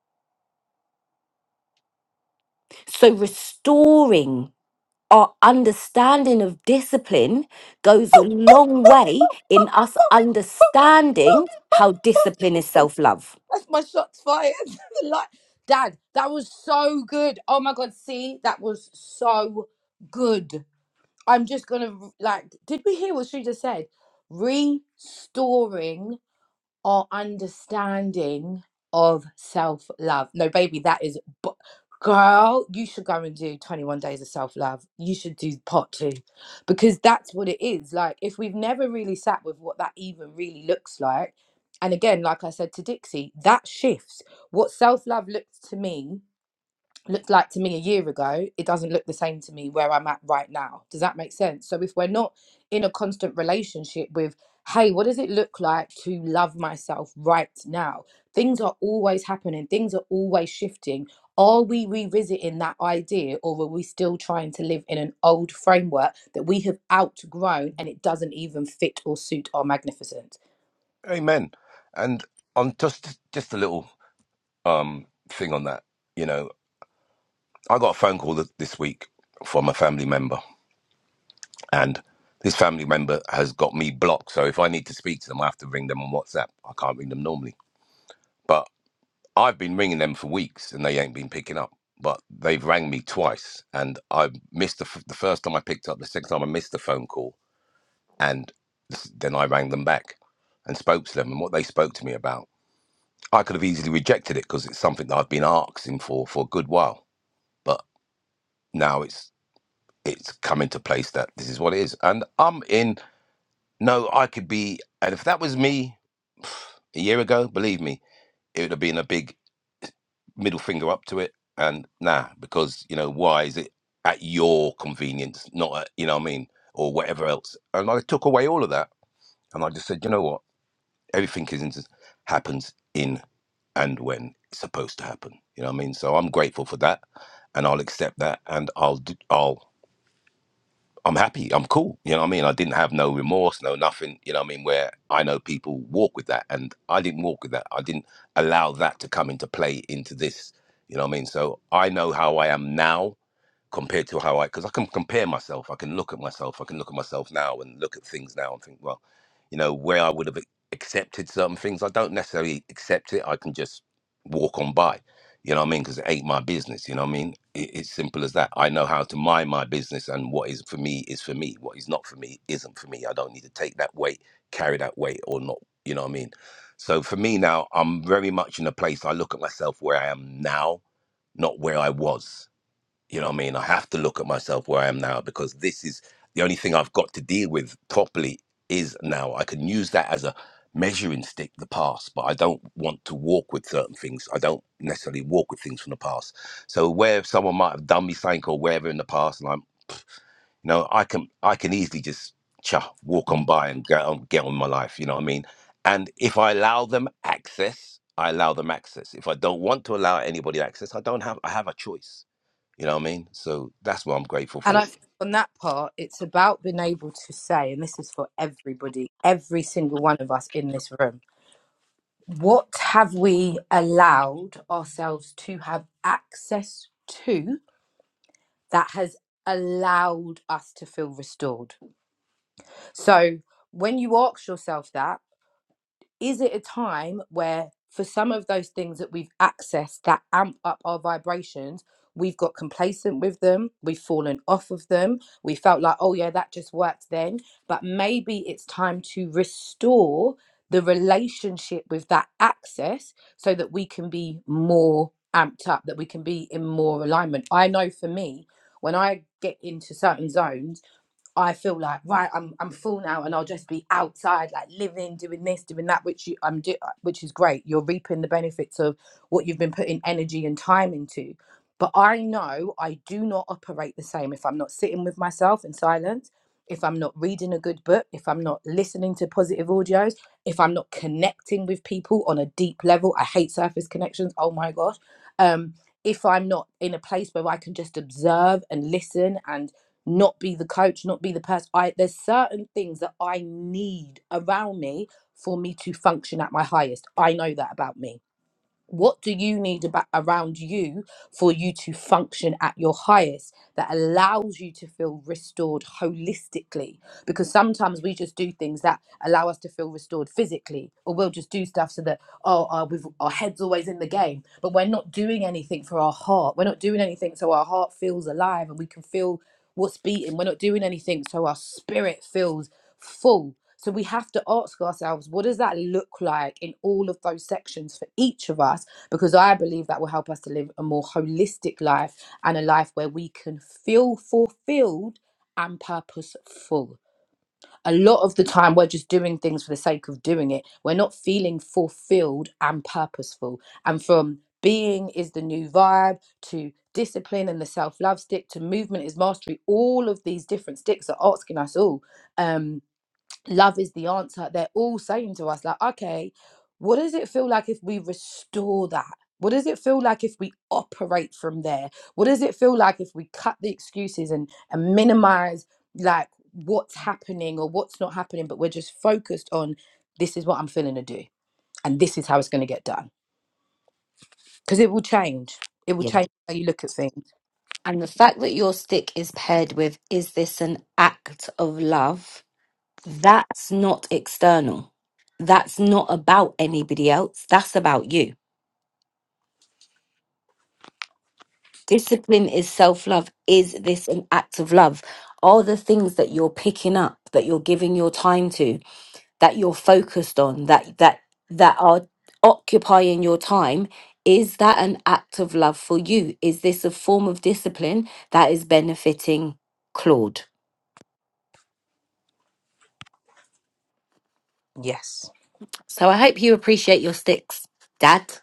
Speaker 1: so restoring our understanding of discipline goes a long way in us understanding how discipline is self-love
Speaker 2: That's my shots fired. [laughs] like, Dad, that was so good. Oh my God, see, that was so good. I'm just going to, like, did we hear what she just said? Restoring our understanding of self love. No, baby, that is, bu- girl, you should go and do 21 days of self love. You should do part two because that's what it is. Like, if we've never really sat with what that even really looks like, and again, like I said to Dixie, that shifts. What self love looks to me looked like to me a year ago, it doesn't look the same to me where I'm at right now. Does that make sense? So if we're not in a constant relationship with, hey, what does it look like to love myself right now? Things are always happening, things are always shifting. Are we revisiting that idea or are we still trying to live in an old framework that we have outgrown and it doesn't even fit or suit our magnificence?
Speaker 3: Amen. And on just just a little um thing on that, you know, I got a phone call th- this week from a family member and this family member has got me blocked. So if I need to speak to them, I have to ring them on WhatsApp. I can't ring them normally. But I've been ringing them for weeks and they ain't been picking up. But they've rang me twice and I missed the, f- the first time I picked up, the second time I missed the phone call. And s- then I rang them back and spoke to them and what they spoke to me about. I could have easily rejected it because it's something that I've been asking for for a good while. But now it's it's come into place that this is what it is. And I'm in. No, I could be, and if that was me [sighs] a year ago, believe me, it would have been a big middle finger up to it. And nah, because you know why is it at your convenience, not at, you know what I mean, or whatever else. And I took away all of that, and I just said, you know what, everything is in, happens in and when it's supposed to happen. You know what I mean? So I'm grateful for that, and I'll accept that, and I'll do, I'll I'm happy. I'm cool. You know what I mean? I didn't have no remorse, no nothing. You know what I mean? Where I know people walk with that, and I didn't walk with that. I didn't allow that to come into play into this. You know what I mean? So I know how I am now compared to how I because I can compare myself. I can look at myself. I can look at myself now and look at things now and think, well, you know, where I would have accepted certain things, I don't necessarily accept it. I can just walk on by. You know what I mean? Because it ain't my business. You know what I mean? It, it's simple as that. I know how to mind my business, and what is for me is for me. What is not for me isn't for me. I don't need to take that weight, carry that weight, or not. You know what I mean? So for me now, I'm very much in a place. I look at myself where I am now, not where I was you know what I mean? I have to look at myself where I am now because this is the only thing I've got to deal with properly is now. I can use that as a measuring stick, the past, but I don't want to walk with certain things. I don't necessarily walk with things from the past. So where someone might have done me something or wherever in the past, and I'm, you know, I can I can easily just cha walk on by and get on, get on with my life. You know what I mean? And if I allow them access, I allow them access. If I don't want to allow anybody access, I don't have I have a choice. You know what I mean? So that's what I'm grateful
Speaker 2: And I
Speaker 3: for.
Speaker 2: think on that part, it's about being able to say, and this is for everybody, every single one of us in this room, what have we allowed ourselves to have access to that has allowed us to feel restored? So when you ask yourself that, is it a time where for some of those things that we've accessed that amp up our vibrations we've got complacent with them we've fallen off of them we felt like oh yeah that just worked then but maybe it's time to restore the relationship with that access so that we can be more amped up that we can be in more alignment i know for me when i get into certain zones I feel like right, I'm I'm full now, and I'll just be outside, like living, doing this, doing that, which you I'm do, uh, which is great. You're reaping the benefits of what you've been putting energy and time into. But I know I do not operate the same if I'm not sitting with myself in silence, if I'm not reading a good book, if I'm not listening to positive audios, if I'm not connecting with people on a deep level. I hate surface connections. Oh my gosh. Um, if I'm not in a place where I can just observe and listen and not be the coach, not be the person. I there's certain things that I need around me for me to function at my highest. I know that about me what do you need about around you for you to function at your highest that allows you to feel restored holistically because sometimes we just do things that allow us to feel restored physically or we'll just do stuff so that oh uh, we've, our head's always in the game but we're not doing anything for our heart we're not doing anything so our heart feels alive and we can feel what's beating we're not doing anything so our spirit feels full so we have to ask ourselves, what does that look like in all of those sections for each of us? Because I believe that will help us to live a more holistic life and a life where we can feel fulfilled and purposeful. A lot of the time, we're just doing things for the sake of doing it. We're not feeling fulfilled and purposeful. And from being is the new vibe to discipline and the self love stick to movement is mastery, all of these different sticks are asking us all. um love is the answer they're all saying to us like okay what does it feel like if we restore that what does it feel like if we operate from there what does it feel like if we cut the excuses and and minimize like what's happening or what's not happening but we're just focused on this is what i'm feeling to do and this is how it's going to get done because it will change it will change how you look at things
Speaker 1: And the fact that your stick is paired with, is this an act of love? That's not external. That's not about anybody else. That's about you. Discipline is self love. Is this an act of love? Are the things that you're picking up, that you're giving your time to, that you're focused on, that that that are occupying your time, is that an act of love for you? Is this a form of discipline that is benefiting Claude?
Speaker 2: yes
Speaker 1: So I hope you appreciate your sticks, Dad.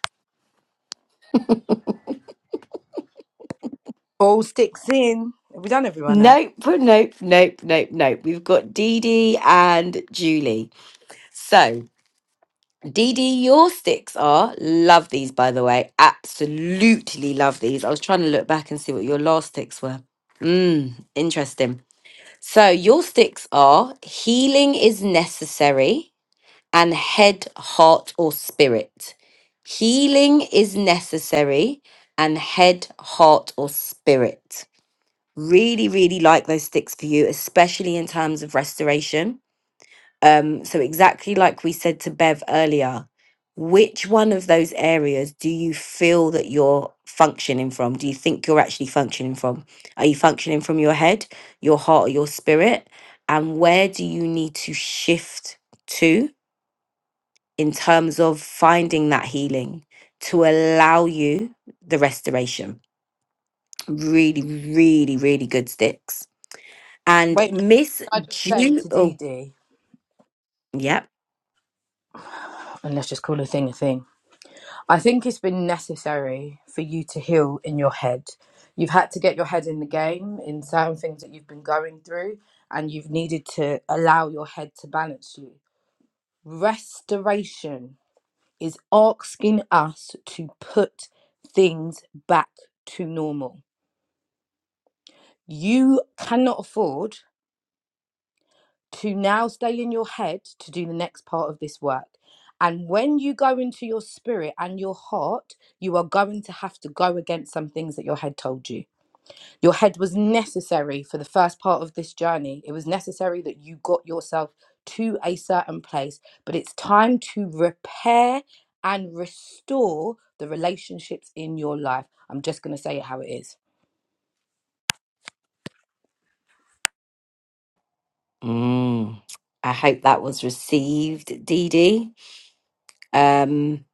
Speaker 2: all sticks in have we done everyone now
Speaker 1: Nope, nope, nope, nope, nope. We've got Dee Dee and Julie. So, Dee Dee, your sticks are love these, by the way. Absolutely love these. I was trying to look back and see what your last sticks were. Mmm, interesting. So, your sticks are healing is necessary and head, heart, or spirit. Healing is necessary and head, heart, or spirit. really really like those sticks for you especially in terms of restoration um so exactly like we said to bev earlier which one of those areas do you feel that you're functioning from do you think you're actually functioning from are you functioning from your head your heart or your spirit and where do you need to shift to in terms of finding that healing to allow you the restoration really really really good sticks And
Speaker 2: wait a minute
Speaker 1: Miss
Speaker 2: i just say
Speaker 1: Ju,
Speaker 2: to
Speaker 1: oh,
Speaker 2: dd
Speaker 1: yep.
Speaker 2: and let's just call a thing a thing I think it's been necessary for you to heal in your head. You've had to get your head in the game in certain things that you've been going through, and you've needed to allow your head to balance you. Restoration is asking us to put things back to normal. You cannot afford to now stay in your head to do the next part of this work. And when you go into your spirit and your heart, you are going to have to go against some things that your head told you. Your head was necessary for the first part of this journey. It was necessary that you got yourself to a certain place, but it's time to repair and restore the relationships in your life. I'm just going to say it how it is.
Speaker 1: Mm. I hope that was received, Dee Dee. Um,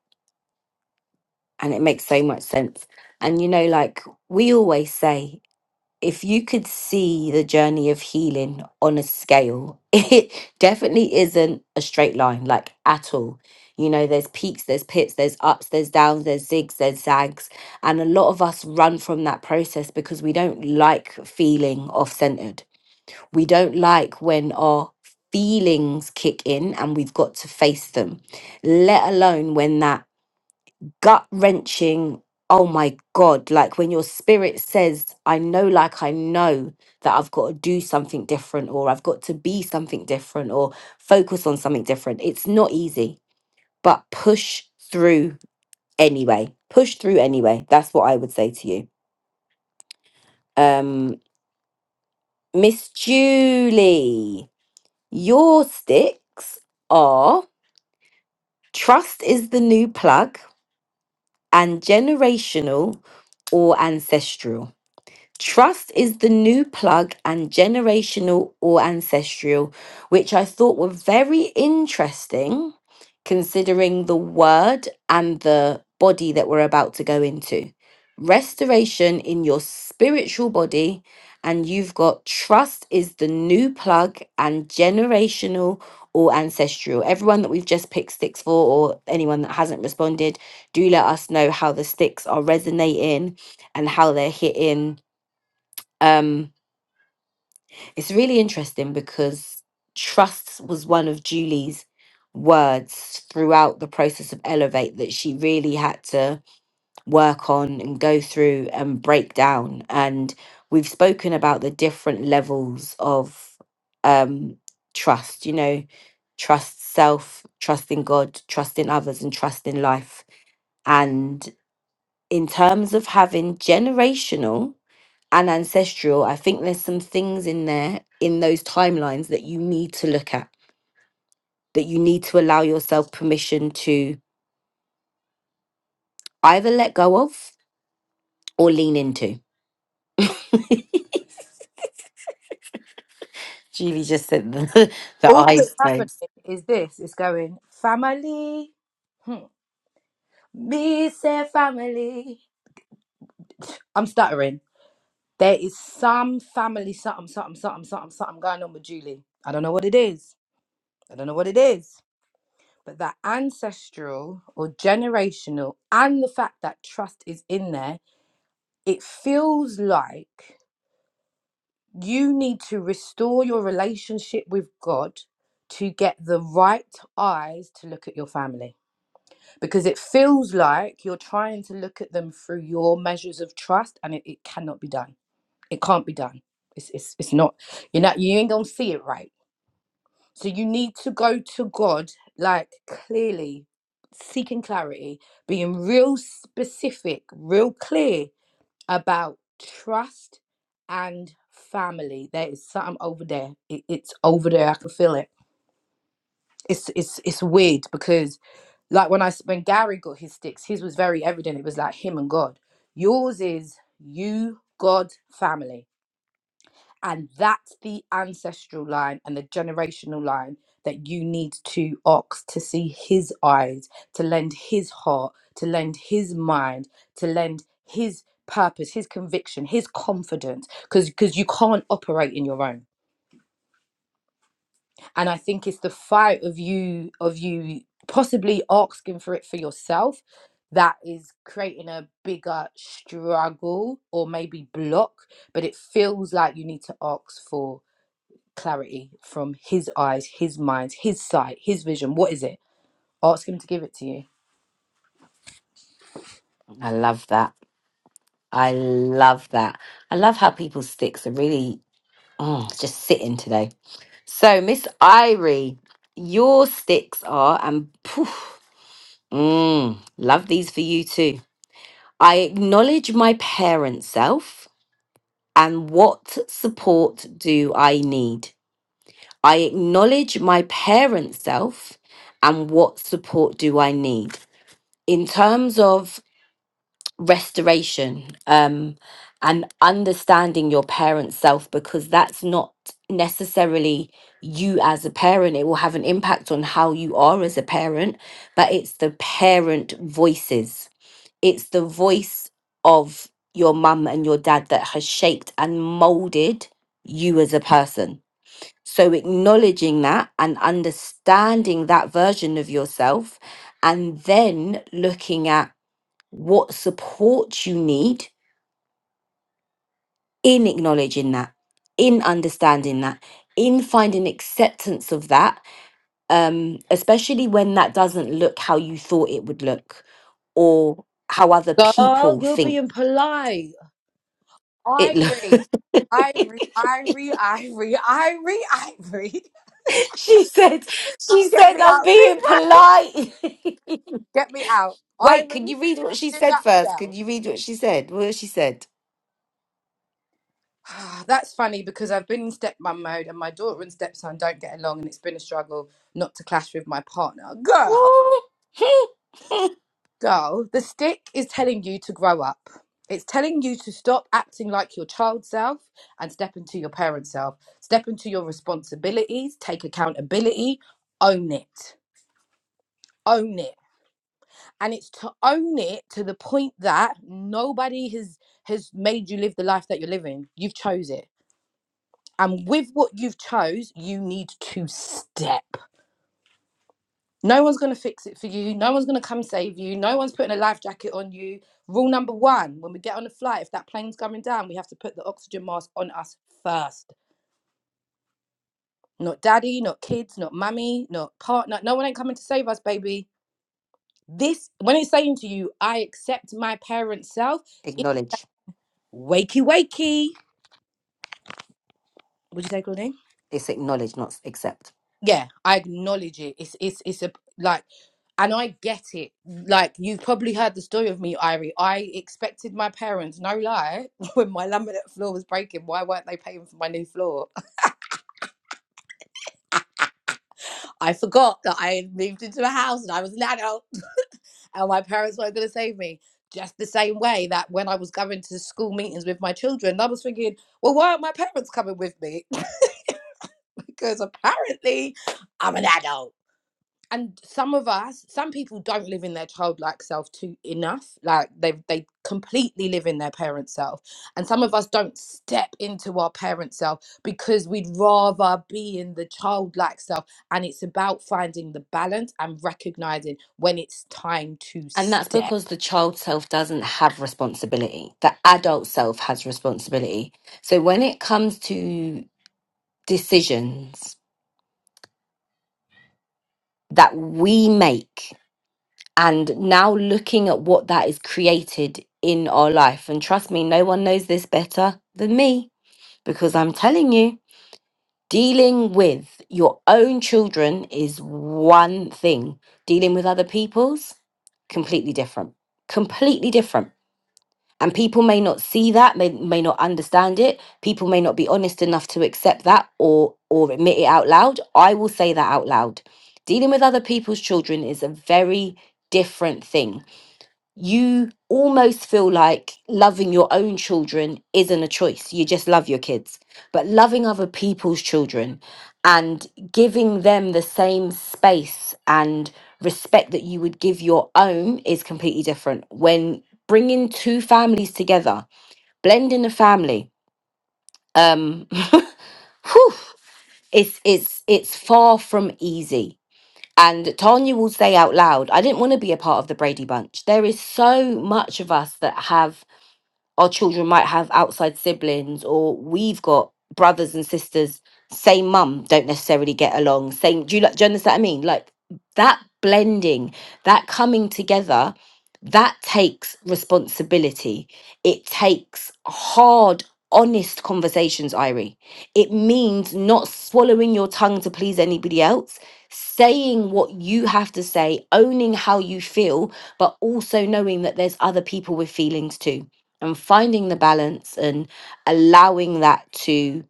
Speaker 1: and it makes so much sense. And you know, like we always say, if you could see the journey of healing on a scale, [laughs] it definitely isn't a straight line, like at all. You know, there's peaks, there's pits, there's ups, there's downs, there's zigs, there's zags. And a lot of us run from that process because we don't like feeling off centered We don't like when our feelings kick in and we've got to face them, let alone when that gut wrenching, oh my God, like when your spirit says, I know, like I know that I've got to do something different or I've got to be something different or focus on something different. It's not easy, but push through anyway. Push through anyway. That's what I would say to you. Um, Miss Julie, your sticks are Trust is the new plug and generational or ancestral. Trust is the new plug and generational or ancestral, which I thought were very interesting considering the word and the body that we're about to go into. Restoration in your spiritual body, and you've got trust is the new plug and generational or ancestral. Everyone that we've just picked sticks for, or anyone that hasn't responded, do let us know how the sticks are resonating and how they're hitting um, it's really interesting because trust was one of Julie's words throughout the process of Elevate that she really had to work on and go through and break down. And we've spoken about the different levels of um, trust, you know, trust self, trust in God, trust in others, and trust in life. And in terms of having generational and ancestral, I think there's some things in there in those timelines that you need to look at, that you need to allow yourself permission to either let go of or lean into. [laughs] Julie just said the, [laughs] the
Speaker 2: All
Speaker 1: eyes
Speaker 2: that's happening
Speaker 1: closed.
Speaker 2: is this it's going family. Hmm. Me say family. I'm stuttering. There is some family something, something, something, something, something going on with Julie. I don't know what it is. I don't know what it is. But that ancestral or generational and the fact that trust is in there, it feels like you need to restore your relationship with God to get the right eyes to look at your family because it feels like you're trying to look at them through your measures of trust and it, it cannot be done it can't be done. It's it's it's not. You're not. You ain't gonna see it right. So you need to go to God like clearly, seeking clarity, being real specific, real clear about trust and family. There is something over there. It, it's over there. I can feel it. It's it's it's weird because, like when I s- when Gary got his sticks, his was very evident. It was like him and God. Yours is you, God, family And that's the ancestral line and the generational line that you need to ox to see his eyes, to lend his heart, to lend his mind, to lend his purpose, his conviction, his confidence, because because you can't operate in your own. And I think it's the fight of you of you possibly asking for it for yourself that is creating a bigger struggle or maybe block, but it feels like you need to ask for clarity from his eyes, his mind, his sight, his vision. What is it? Ask him to give it to you.
Speaker 1: I love that. I love that. I love how people's sticks are really oh, just sitting today. So, Miss Irie, your sticks are, and poof, mm, love these for you too. I acknowledge my parent self and what support do I need? I acknowledge my parent self and what support do I need? In terms of restoration um, and understanding your parent self, because that's not necessarily you as a parent, it will have an impact on how you are as a parent, but it's the parent voices it's the voice of your mum and your dad that has shaped and molded you as a person. So acknowledging that and understanding that version of yourself, and then looking at what support you need in acknowledging that, in understanding that, in finding acceptance of that, um, especially when that doesn't look how you thought it would look or how other
Speaker 2: Girl,
Speaker 1: people
Speaker 2: you're
Speaker 1: think
Speaker 2: being polite.
Speaker 1: it looks. [laughs]
Speaker 2: Irie. Irie, Irie, Irie, Irie, Irie.
Speaker 1: [laughs] She said, she
Speaker 2: Get
Speaker 1: said,
Speaker 2: me
Speaker 1: I'm
Speaker 2: out of this
Speaker 1: being
Speaker 2: room.
Speaker 1: polite.
Speaker 2: Get me out.
Speaker 1: [laughs]
Speaker 2: Irie,
Speaker 1: Wait, can you read what she
Speaker 2: in a
Speaker 1: said first? Can
Speaker 2: nutshell.
Speaker 1: you read what she said? What she said?
Speaker 2: [sighs] That's funny because I've been in stepmom mode and my daughter and stepson don't get along and it's been a struggle not to clash with my partner. Girl.
Speaker 1: [laughs]
Speaker 2: Girl, the stick is telling you to grow up. It's telling you to stop acting like your child self and step into your parent self. Step into your responsibilities, take accountability, own it. Own it. And it's to own it to the point that nobody has has made you live the life that you're living. You've chose it. And with what you've chose, you need to step. No one's going to fix it for you. No one's going to come save you. No one's putting a life jacket on you. Rule number one when we get on a flight, if that plane's coming down, we have to put the oxygen mask on us first. Not daddy, not kids, not mummy, not partner. No one ain't coming to save us, baby. This, when it's saying to you, I accept my parent self, it,
Speaker 1: acknowledge.
Speaker 2: wakey, wakey. Would you say, Claudine?
Speaker 1: It's acknowledge, not accept.
Speaker 2: Yeah, I acknowledge it. It's, it's, it's a, like, and I get it. Like you've probably heard the story of me, Irie. I expected my parents, no lie, [laughs] when my laminate floor was breaking, why weren't they paying for my new floor? [laughs] I forgot that I had moved into a house and I was an adult, [laughs] and my parents weren't going to save me. Just the same way that when I was going to school meetings with my children, I was thinking, well, why aren't my parents coming with me? [laughs] because apparently I'm an adult. and some of us some people don't live in their childlike self too enough like they they completely live in their parent self and some of us don't step into our parent self because we'd rather be in the childlike self and it's about finding the balance and recognizing when it's time to
Speaker 1: And that's
Speaker 2: step
Speaker 1: because the child self doesn't have responsibility. The adult self has responsibility. So when it comes to decisions that we make and now looking at what that is created in our life, and trust me, no one knows this better than me because I'm telling you, dealing with your own children is one thing, dealing with other people's, completely different. Completely different And people may not see that, may, may not understand it. People may not be honest enough to accept that or or admit it out loud. I will say that out loud. Dealing with other people's children is a very different thing you almost feel like loving your own children isn't a choice. You just love your kids. But loving other people's children and giving them the same space and respect that you would give your own is completely different. When bringing two families together, blending a family, um, [laughs] whew, it's it's it's far from easy and Tanya will say out loud, I didn't want to be a part of the Brady Bunch. There is so much of us that have our children might have outside siblings or we've got brothers and sisters same mum don't necessarily get along same do you like do you understand what i mean like that blending that coming together that takes responsibility it takes hard honest conversations irie it means not swallowing your tongue to please anybody else saying what you have to say owning how you feel but also knowing that there's other people with feelings too and finding the balance and allowing that to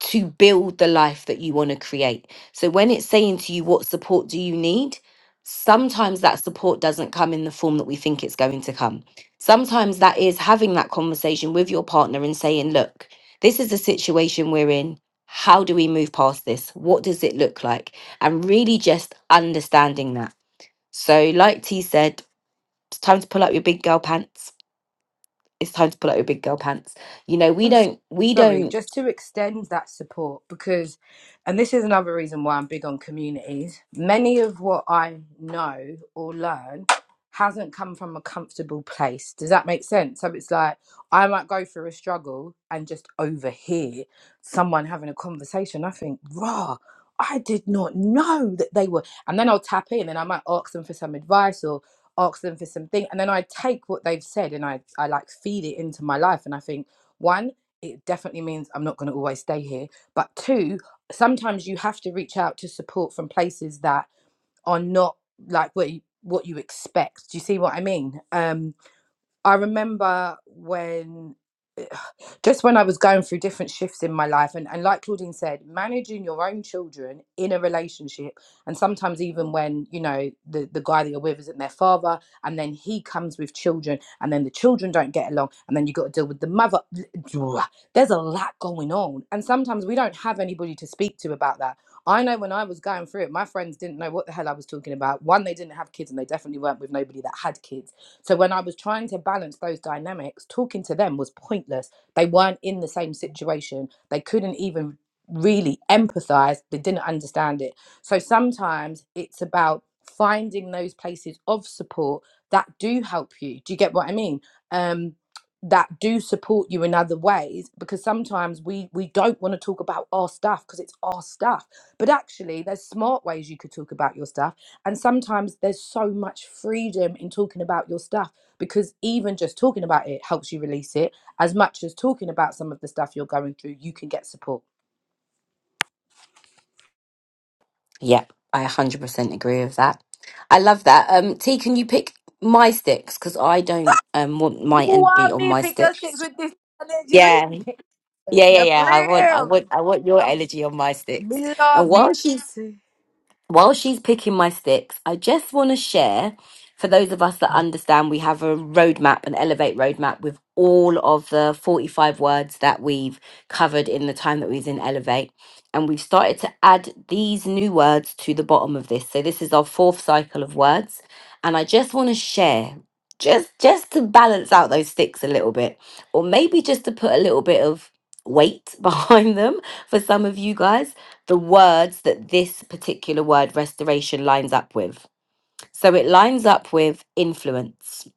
Speaker 1: to build the life that you want to create so when it's saying to you what support do you need sometimes that support doesn't come in the form that we think it's going to come sometimes that is having that conversation with your partner and saying look this is the situation we're in how do we move past this what does it look like and really just understanding that so like t said it's time to pull up your big girl pants it's time to pull out your big girl pants. You know, we
Speaker 2: also,
Speaker 1: don't, we
Speaker 2: sorry,
Speaker 1: don't.
Speaker 2: just to extend that support because, and this is another reason why I'm big on communities, many of what I know or learn hasn't come from a comfortable place. Does that make sense? So it's like I might go through a struggle and just overhear someone having a conversation. I think, rah. I did not know that they were, and then I'll tap in and I might ask them for some advice or ask them for something, and then I take what they've said and I I like feed it into my life, and I think, one it definitely means I'm not going to always stay here. But two, sometimes you have to reach out to support from places that are not like what you, what you expect. Do you see what I mean? Um, I remember when just when I was going through different shifts in my life, and, and like Claudine said, managing your own children in a relationship, and sometimes even when you know the the guy that you're with isn't their father, and then he comes with children, and then the children don't get along, and then you got to deal with the mother. [sniffs] There's a lot going on, and sometimes we don't have anybody to speak to about that. I know when I was going through it, my friends didn't know what the hell I was talking about. One, they didn't have kids, and they definitely weren't with nobody that had kids. So when I was trying to balance those dynamics, talking to them was pointless they weren't in the same situation. They couldn't even really empathize. They didn't understand it. So sometimes it's about finding those places of support that do help you. Do you get what I mean? Um, that do support you in other ways because sometimes we we don't want to talk about our stuff because it's our stuff but actually there's smart ways you could talk about your stuff and sometimes there's so much freedom in talking about your stuff because even just talking about it helps you release it as much as talking about some of the stuff you're going through, you can get support.
Speaker 1: Yep, I 100% agree with that. I love that. Um, T, can you pick my sticks? Because I don't um want
Speaker 2: You
Speaker 1: my energy
Speaker 2: want
Speaker 1: on
Speaker 2: me
Speaker 1: my
Speaker 2: pick your
Speaker 1: sticks.
Speaker 2: sticks with this energy?
Speaker 1: Yeah, yeah, yeah,
Speaker 2: You're
Speaker 1: yeah. I want, I want,
Speaker 2: brave.
Speaker 1: I want your energy on my sticks.
Speaker 2: Me
Speaker 1: And
Speaker 2: love
Speaker 1: while she's
Speaker 2: it.
Speaker 1: while she's picking my sticks, I just want to share for those of us that understand we have a roadmap, an Elevate roadmap with all of the 45 words that we've covered in the time that we was in Elevate. And we've started to add these new words to the bottom of this. So this is our fourth cycle of words. And I just want to share, just just to balance out those sticks a little bit, or maybe just to put a little bit of weight [laughs] behind them for some of you guys the words that this particular word restoration lines up with. So it lines up with influence,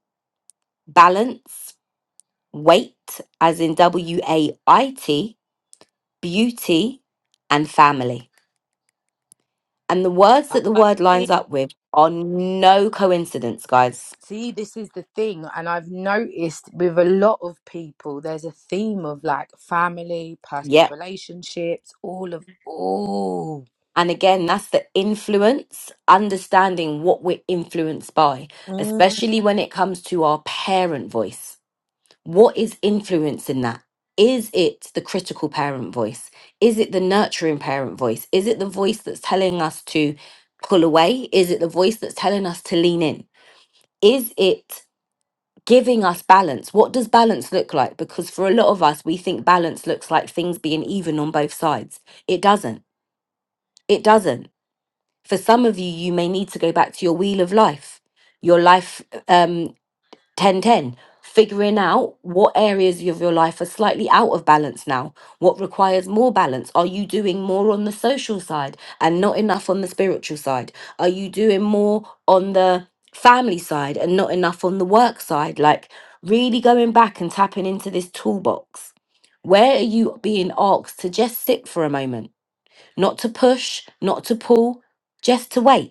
Speaker 1: balance, weight, as in W A I T, beauty, and family. And the words that the word
Speaker 2: Abadi.
Speaker 1: lines up with are no coincidence, guys.
Speaker 2: See, this is the thing, and I've noticed with a lot of people, there's a theme of like family, personal
Speaker 1: Yep.
Speaker 2: relationships, all of all.
Speaker 1: And again, that's the influence, understanding what we're influenced by,
Speaker 2: Mm.
Speaker 1: especially when it comes to our parent voice. what is influencing that? Is it the critical parent voice? Is it the nurturing parent voice? Is it the voice that's telling us to pull away? Is it the voice that's telling us to lean in? Is it giving us balance? What does balance look like? Because for a lot of us, we think balance looks like things being even on both sides. It doesn't. It doesn't. For some of you, you may need to go back to your wheel of life, your life. um, 10, 10. figuring out what areas of your life are slightly out of balance now what requires more balance are you doing more on the social side and not enough on the spiritual side are you doing more on the family side and not enough on the work side like really going back and tapping into this toolbox where are you being asked to just sit for a moment not to push not to pull just to wait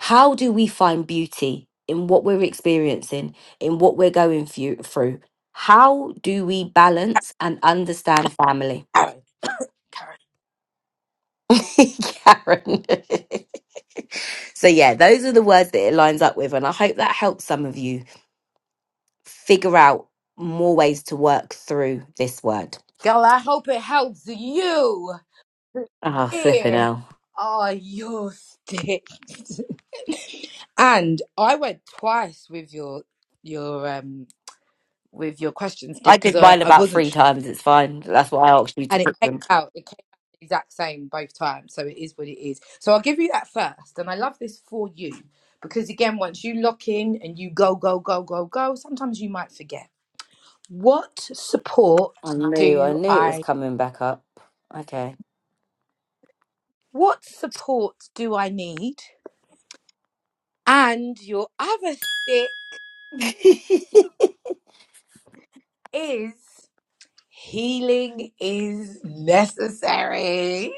Speaker 1: how do we find beauty in what we're experiencing, in what we're going fu- through? How do we balance and understand family?
Speaker 2: [coughs]
Speaker 1: [laughs] Karen. [laughs] so, yeah, those are the words that it lines up with. And I hope that helps some of you figure out more ways to work through this word.
Speaker 2: Girl, I hope it helps you.
Speaker 1: Oh, flipping
Speaker 2: Here
Speaker 1: hell.
Speaker 2: are your sticks. [laughs] And I went twice with your your um with your question
Speaker 1: I
Speaker 2: stick because
Speaker 1: did
Speaker 2: I,
Speaker 1: mine
Speaker 2: I
Speaker 1: about
Speaker 2: wasn't
Speaker 1: three
Speaker 2: sure,
Speaker 1: times. It's fine. That's why I asked you to
Speaker 2: and it
Speaker 1: pick
Speaker 2: came
Speaker 1: them.
Speaker 2: out it came out the exact same both times. So it is what it is. So I'll give you that first, and I love this for you because again, once you lock in and you go go go go go, sometimes you might forget. What support
Speaker 1: I knew, I
Speaker 2: do
Speaker 1: knew it was
Speaker 2: I?
Speaker 1: coming back up. Okay.
Speaker 2: What support do I need? And your other stick
Speaker 1: [laughs]
Speaker 2: is healing is necessary.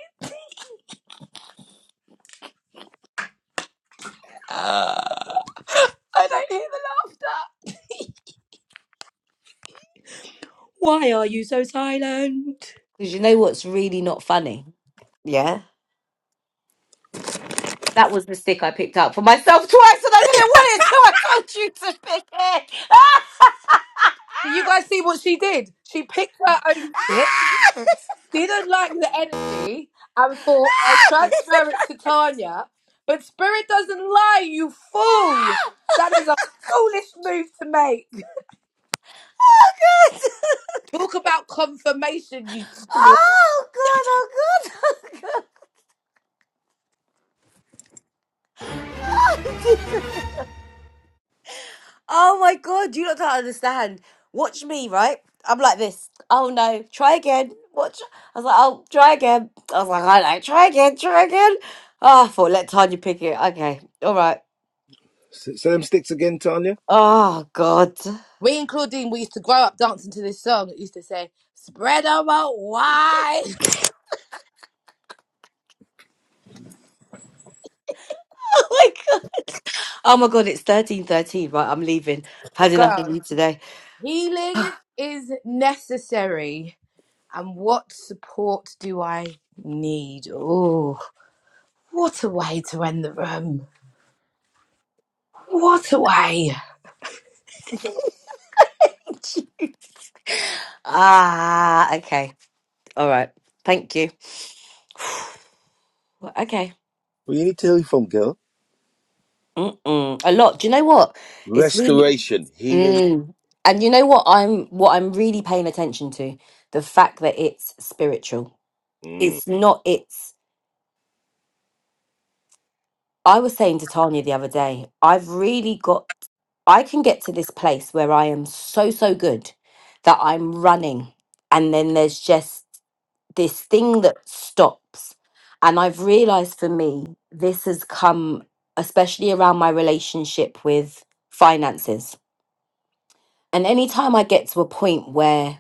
Speaker 2: Ah, I don't hear the laughter. Why are you so silent?
Speaker 1: Because you know what's really not funny? Yeah. That was the stick I picked up for myself [laughs] twice and I didn't want it, so I told you to pick it. [laughs]
Speaker 2: Do you guys see what she did? She picked her own bit, didn't like the energy, and thought, I'll transfer it to Tanya. But spirit doesn't lie, you fool! That is a foolish move to make.
Speaker 1: oh, God.
Speaker 2: Talk about confirmation, you twat.
Speaker 1: Oh, God. Oh, God. [laughs] Oh, God. I didn't. Oh my god, you lot don't understand. Watch me, right? I'm like this. Oh no, try again. Watch. I was like, oh, try again. I was like, I like, try again, try again. Oh, I thought, let Tanya pick it. Okay, all right.
Speaker 3: Anya,
Speaker 1: Oh god. [laughs]
Speaker 2: We including we used to grow up dancing to this song. It used to say, "Spread 'em out wide,
Speaker 1: Oh my god. Oh my god, it's 13.13, right? I'm leaving. I've had enough of
Speaker 2: girl."
Speaker 1: you today.
Speaker 2: [laughs] Healing is necessary, and what support do I need? Oh, what a way to end the room! What a way!
Speaker 1: [laughs] ah, okay. All right. Thank you. Well, Okay.
Speaker 3: where you need to heal from, girl?
Speaker 1: Mm-mm. A lot. Do you know what? It's really
Speaker 3: Restoration, healing,
Speaker 1: Mm. And you know what I'm what I'm really paying attention to? The fact that it's spiritual.
Speaker 3: Mm.
Speaker 1: It's not it's I was saying to Tanya the other day, I've really got I can get to this place where I am so so good that I'm running and then there's just this thing that stops. And I've realized for me this has come especially around my relationship with finances. And anytime I get to a point where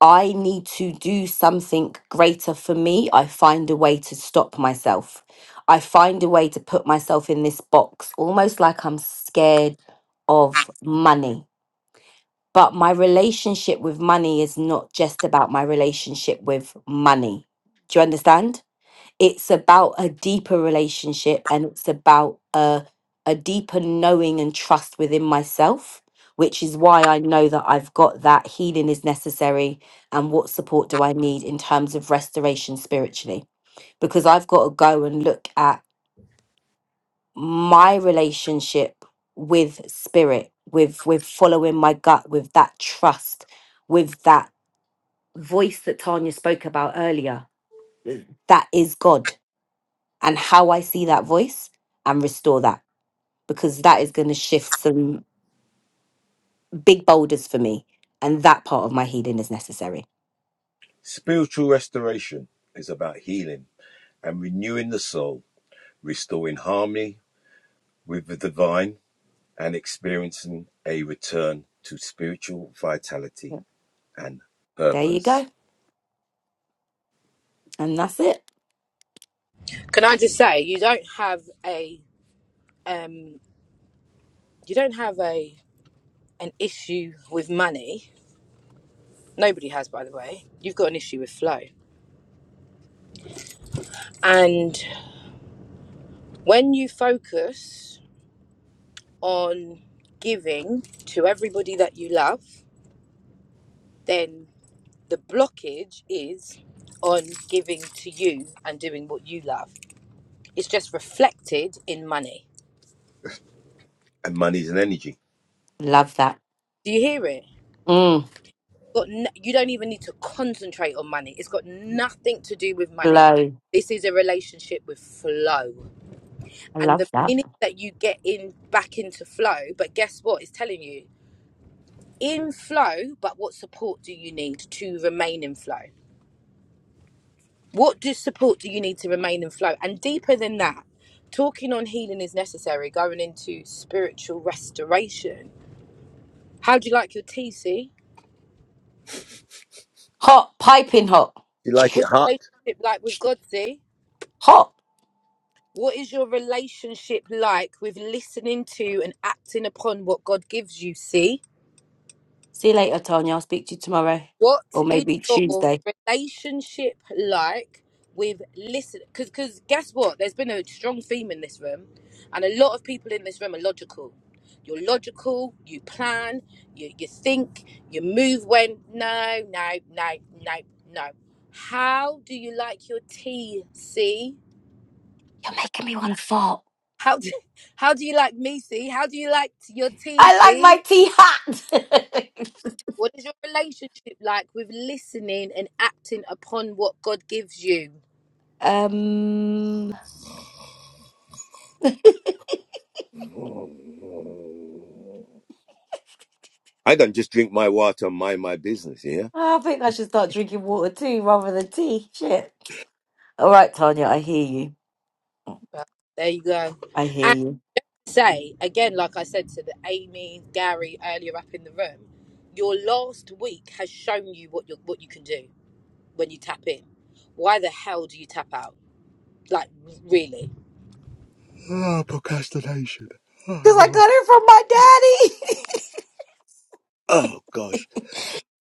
Speaker 1: I need to do something greater for me, I find a way to stop myself. I find a way to put myself in this box, almost like I'm scared of money. But my relationship with money is not just about my relationship with money. Do you understand? it's about a deeper relationship and it's about a a deeper knowing and trust within myself which is why I know that I've got that healing is necessary and what support do I need in terms of restoration spiritually because I've got to go and look at my relationship with spirit with with following my gut with that trust with that voice that Tanya spoke about earlier that is God and how I see that voice and restore that because that is going to shift some big boulders for me. And that part of my healing is necessary.
Speaker 3: spiritual restoration is about healing and renewing the soul, restoring harmony with the divine, and experiencing a return to spiritual vitality and
Speaker 1: There you go.
Speaker 3: purpose.
Speaker 1: And that's it.
Speaker 2: Can I just say, you don't have a um, you don't have a an issue with money. Nobody has, by the way. You've got an issue with flow, and when you focus on giving to everybody that you love, then the blockage is on giving to you and doing what you love. It's just reflected in money.
Speaker 3: And money's an energy.
Speaker 1: Love that.
Speaker 2: Do you hear it?
Speaker 1: Mm,
Speaker 2: Got n- you don't even need to concentrate on money. It's got nothing to do with money.
Speaker 1: blow.
Speaker 2: This is a relationship with flow.
Speaker 1: I
Speaker 2: And the
Speaker 1: love that.
Speaker 2: minute that you get in back into flow, but guess what? It's telling you in flow, but what support do you need to remain in flow? What do support do you need to remain in flow? And deeper than that, talking on healing is necessary, going into spiritual restoration. How do you like your tea, C?
Speaker 1: Hot, piping hot.
Speaker 3: You like it
Speaker 1: [sniffs]
Speaker 2: What's your
Speaker 3: hot?
Speaker 2: relationship like with God, C?
Speaker 1: Hot.
Speaker 2: What is your relationship like with listening to and acting upon what God gives you, C?
Speaker 1: See you later, Tanya. I'll speak to you tomorrow.
Speaker 2: What
Speaker 1: Or
Speaker 2: is
Speaker 1: maybe
Speaker 2: your
Speaker 1: Tuesday.
Speaker 2: relationship like with listen? Because because guess what? There's been a strong theme in this room, and a lot of people in this room are logical. You're logical. You plan. You you think. You move when no no no no no. How do you like your tea? See
Speaker 1: You're making me want to fart.
Speaker 2: how do, [laughs] how do you like me? See how do you like your tea?
Speaker 1: I like my
Speaker 2: See
Speaker 1: tea hot.
Speaker 2: what is your relationship like with listening and acting upon what God gives you?
Speaker 1: [laughs] um,
Speaker 3: I don't just drink my water and mind my business, yeah?
Speaker 1: I think I should start drinking water too rather than tea. Shit. All right, Tanya, I hear you.
Speaker 2: But there you go.
Speaker 1: I hear
Speaker 2: And
Speaker 1: you.
Speaker 2: say again, like I said to the Amy, Gary earlier up in the room, your last week has shown you what you what you can do when you tap in. Why the hell do you tap out? Like really?
Speaker 3: Ah, procrastination. Oh,
Speaker 1: Because I
Speaker 3: Lord.
Speaker 1: got it from my daddy. [laughs]
Speaker 3: Oh, gosh.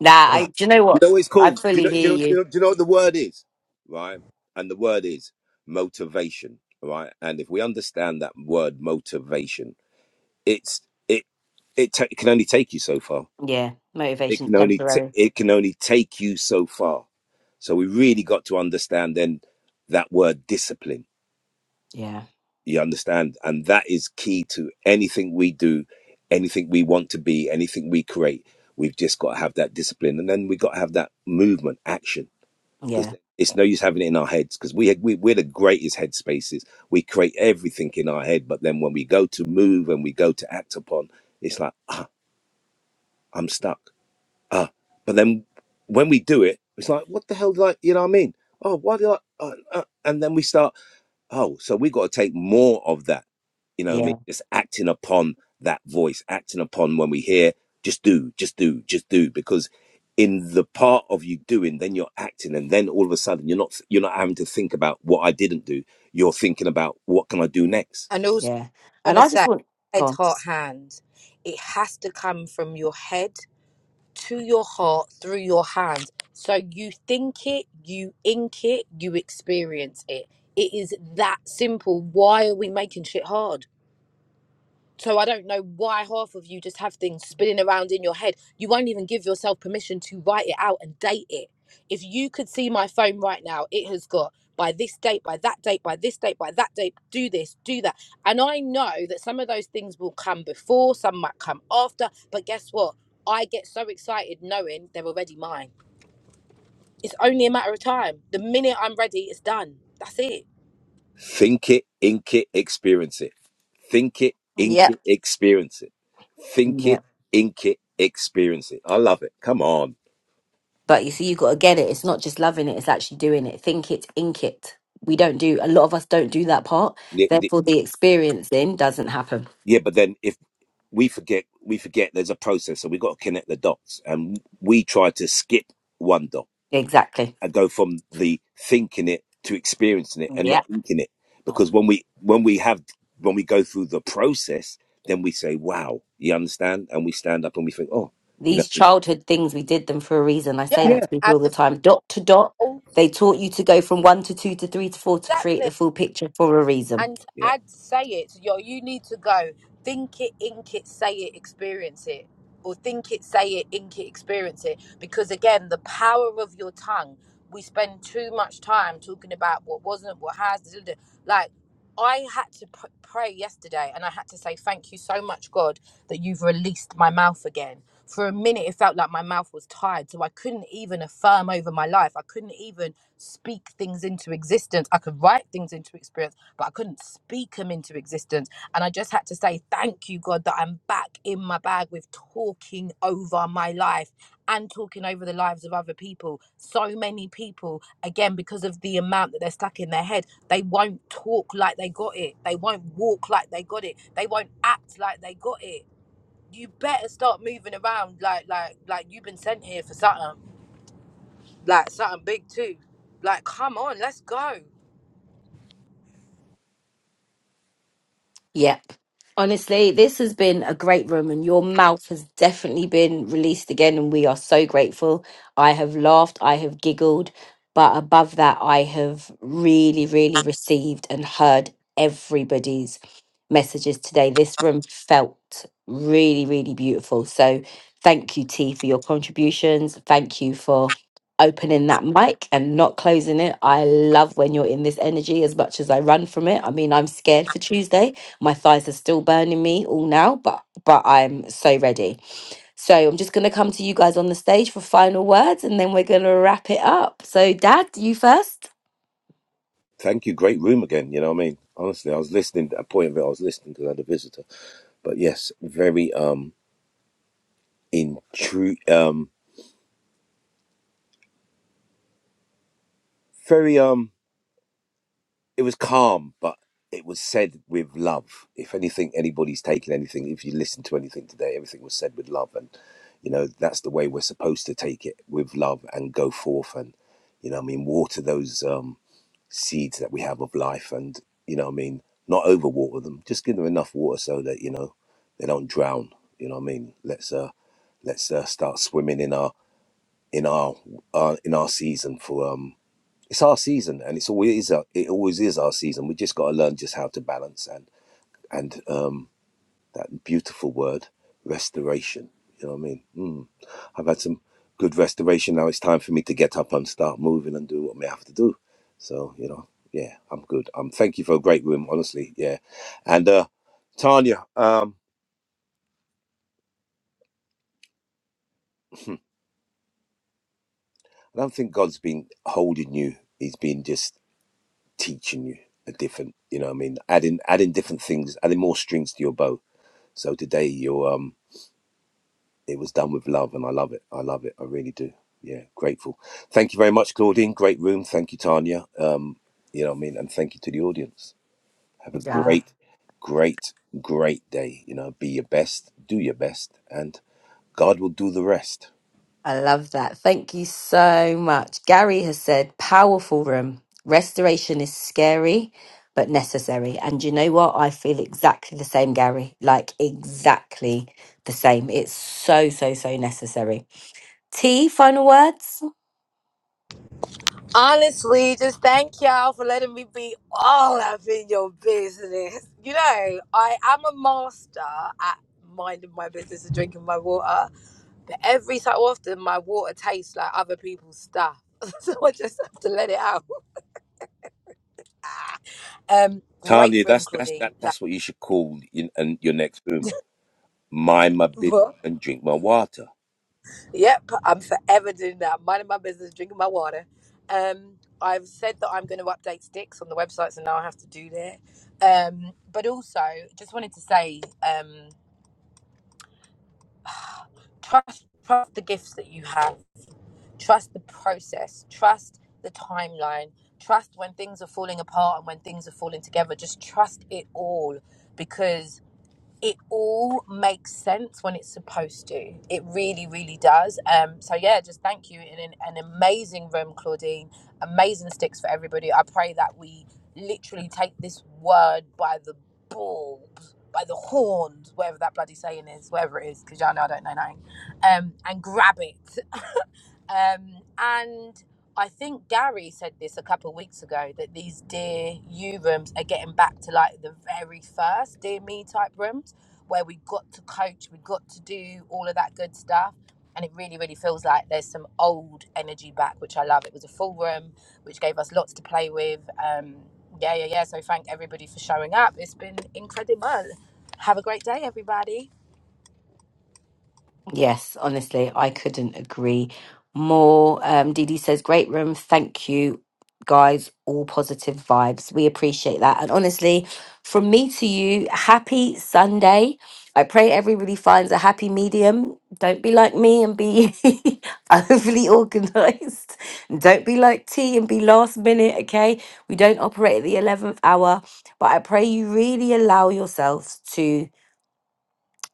Speaker 1: Nah,
Speaker 3: [sighs]
Speaker 1: I.
Speaker 3: Ugh.
Speaker 1: Do you know
Speaker 3: You
Speaker 1: what?
Speaker 3: know what it's
Speaker 1: I
Speaker 3: called? Do you
Speaker 1: fully
Speaker 3: know, do
Speaker 1: hear
Speaker 3: you know, do you
Speaker 1: you.
Speaker 3: know, do you know what the word is? Right? And the word is motivation, right? And if we understand that word motivation, it's it it, ta it can only take you so far.
Speaker 1: Yeah,
Speaker 3: It
Speaker 1: motivation's
Speaker 3: can only t-
Speaker 1: temporary.
Speaker 3: it can only take you so far. So we really got to understand then that word discipline.
Speaker 1: Yeah,
Speaker 3: You understand? And that is key to anything we do, anything we want to be, anything we create. We've just got to have that discipline and then we got to have that movement action
Speaker 1: yeah,
Speaker 3: because it's no use having it in our heads because we, we we're the greatest headspaces. We create everything in our head, but then when we go to move and we go to act upon, it's like I'm stuck. Ah, but then when we do it, it's like what the hell did I? You know what I mean? Oh, why did I? Uh, uh, and then we start. Oh, so we got to take more of that. You know what I mean?
Speaker 1: yeah,
Speaker 3: Just acting upon that voice, acting upon when we hear, just do, just do, just do. Because in the part of you doing, then you're acting, and then all of a sudden you're not you're not having to think about what I didn't do. You're thinking about what can I do next.
Speaker 2: And also,
Speaker 1: yeah.
Speaker 2: I want
Speaker 1: And
Speaker 2: to
Speaker 1: I just
Speaker 2: say,
Speaker 1: want go
Speaker 2: head,
Speaker 1: on.
Speaker 2: heart, hands. It has to come from your head to your heart through your hands. So you think it, you ink it, you experience it. It is that simple. Why are we making shit hard? So I don't know why half of you just have things spinning around in your head. You won't even give yourself permission to write it out and date it. If you could see my phone right now, it has got by this date, by that date, by this date, by that date, do this, do that. And I know that some of those things will come before, some might come after, but guess what? I get so excited knowing they're already mine. It's only a matter of time. The minute I'm ready, it's done. That's it.
Speaker 3: Think it, ink it, experience it. Think it, ink
Speaker 1: Yep,
Speaker 3: it, experience it. Think it,
Speaker 1: yep.
Speaker 3: ink it, experience it. I love it. Come on.
Speaker 1: But you see, you got to get it. It's not just loving it; it's actually doing it. Think it, ink it. We don't do. A lot of us don't do that part.
Speaker 3: Yeah, the-
Speaker 1: Therefore, the experiencing doesn't happen.
Speaker 3: yeah, but then if we forget we forget there's a process so we've got to connect the dots and we try to skip one dot
Speaker 1: Exactly.
Speaker 3: and go from the thinking it to experiencing it and not
Speaker 1: Yeah.
Speaker 3: thinking it because when we when we have when we go through the process then we say wow you understand and we stand up and we think oh you know
Speaker 1: These
Speaker 3: it's,
Speaker 1: childhood things, we did them for a reason. I say
Speaker 2: Yeah.
Speaker 1: that
Speaker 3: yeah
Speaker 1: to people
Speaker 2: And
Speaker 1: all the
Speaker 2: the,
Speaker 1: time. Dot to dot,
Speaker 2: oh,
Speaker 1: they taught you to go from one to two to three to four to create
Speaker 2: exactly.
Speaker 1: the full picture for a reason.
Speaker 2: and
Speaker 3: yeah
Speaker 2: add say it yo you need to go think it ink it say it experience it or think it say it ink it experience it because again the power of your tongue we spend too much time talking about what wasn't what has da, da, da. like i had to pr- pray yesterday and i had to say thank you so much god that you've released my mouth again for a minute it felt like my mouth was tied so i couldn't even affirm over my life i couldn't even speak things into existence. I could write things into experience but I couldn't speak them into existence. And I just had to say, thank you, God, that I'm back in my bag with talking over my life and talking over the lives of other people. So many people, again, because of the amount that they're stuck in their head, they won't talk like they got it. They won't walk like they got it. They won't act like they got it. You better start moving around like like like you've been sent here for something. Like something big too. Like come on, let's go.
Speaker 1: Yep. Honestly, this has been a great room, and your mouth has definitely been released again, and we are so grateful. I have laughed, I have giggled, but above that, I have really, really received and heard everybody's messages today. This room felt really, really beautiful. So, thank you, T, for your contributions. Thank you for opening that mic and not closing it. I love when you're in this energy as much as I run from it. I mean, I'm scared for Tuesday my thighs are still burning me all now, but but I'm so ready. So I'm just gonna come to you guys on the stage for final words, and then we're gonna wrap it up. So, Dad, you first.
Speaker 3: thank you great room again you know what i mean honestly i was listening at a point of it i was listening because i had a visitor but yes very um intru- um very um it was calm, but it was said with love. If anything, anybody's taken anything, if you listen to anything today, everything was said with love. And, you know, that's the way we're supposed to take it with love and go forth and, you know, what I mean, water those um, seeds that we have of life and, you know, what I mean, not overwater them, just give them enough water so that, you know, they don't drown. You know what I mean? Let's, uh, let's uh, start swimming in our, in our, uh, in our season for, um, it's our season and it's always is our, it always is our season we just got to learn just how to balance and and um that beautiful word restoration you know what i mean mm. i've had some good restoration now it's time for me to get up and start moving and do what i have to do so you know yeah i'm good um thank you for a great room honestly yeah and uh tanya um [laughs] [clears throat] I don't think God's been holding you. He's been just teaching you a different, you know what I mean? Adding adding different things, adding more strings to your bow So today you um it was done with love and I love it. I love it. I really do. Yeah, grateful. Thank you very much, Claudine. Great room. Thank you, Tanya. Um, you know what I mean? And thank you to the audience. Have a
Speaker 1: Yeah,
Speaker 3: great, great, great day. You know, be your best, do your best, and God will do the rest.
Speaker 1: I love that. Thank you so much. Gary has said, powerful room. Restoration is scary, but necessary. And you know what? I feel exactly the same, Gary. Like, exactly the same. It's so, so, so necessary. T, final words?
Speaker 2: Honestly, just thank y'all for letting me be all up in your business. You know, I am a master at minding my business and drinking my water, but every so often my water tastes like other people's stuff. [laughs] so I just have to let it out. Um, great
Speaker 3: Tanya,
Speaker 2: room,
Speaker 3: that's that's that
Speaker 2: Claudine. Like,
Speaker 3: that's what you should call in, in your next room. Mind my business
Speaker 2: what?
Speaker 3: and drink my water.
Speaker 2: Yep, I'm forever doing that. Minding my business, drinking my water. Um, I've said that I'm going to update sticks on the website, so now I have to do that. Um, but also, just wanted to say. Um, trust trust the gifts that you have trust the process trust the timeline trust when things are falling apart and when things are falling together just trust it all because it all makes sense when it's supposed to. It really, really does. Um, so yeah, just thank you. In an, an amazing room, Claudine. Amazing sticks for everybody. I pray that we literally take this word by the balls, by the horns, whatever that bloody saying is, whatever it is, because y'all know I don't know nothing, um, and grab it [laughs] Um, and I think Gary said this a couple of weeks ago that these Dear You rooms are getting back to like the very first Dear Me type rooms where we got to coach, we got to do all of that good stuff. And it really, really feels like there's some old energy back, which I love. It was a full room, which gave us lots to play with. Um, yeah, yeah, yeah. So thank everybody for showing up. It's been incredible. Have a great day, everybody.
Speaker 1: Yes, honestly, I couldn't agree more. Um, Dee Dee says, Great room. Thank you, guys. All positive vibes. We appreciate that. And honestly, from me to you, happy Sunday. I pray everybody finds a happy medium. Don't be like me and be [laughs] overly organized. Don't be like T and be last minute, okay? We don't operate at the 11th hour, but I pray you really allow yourselves to.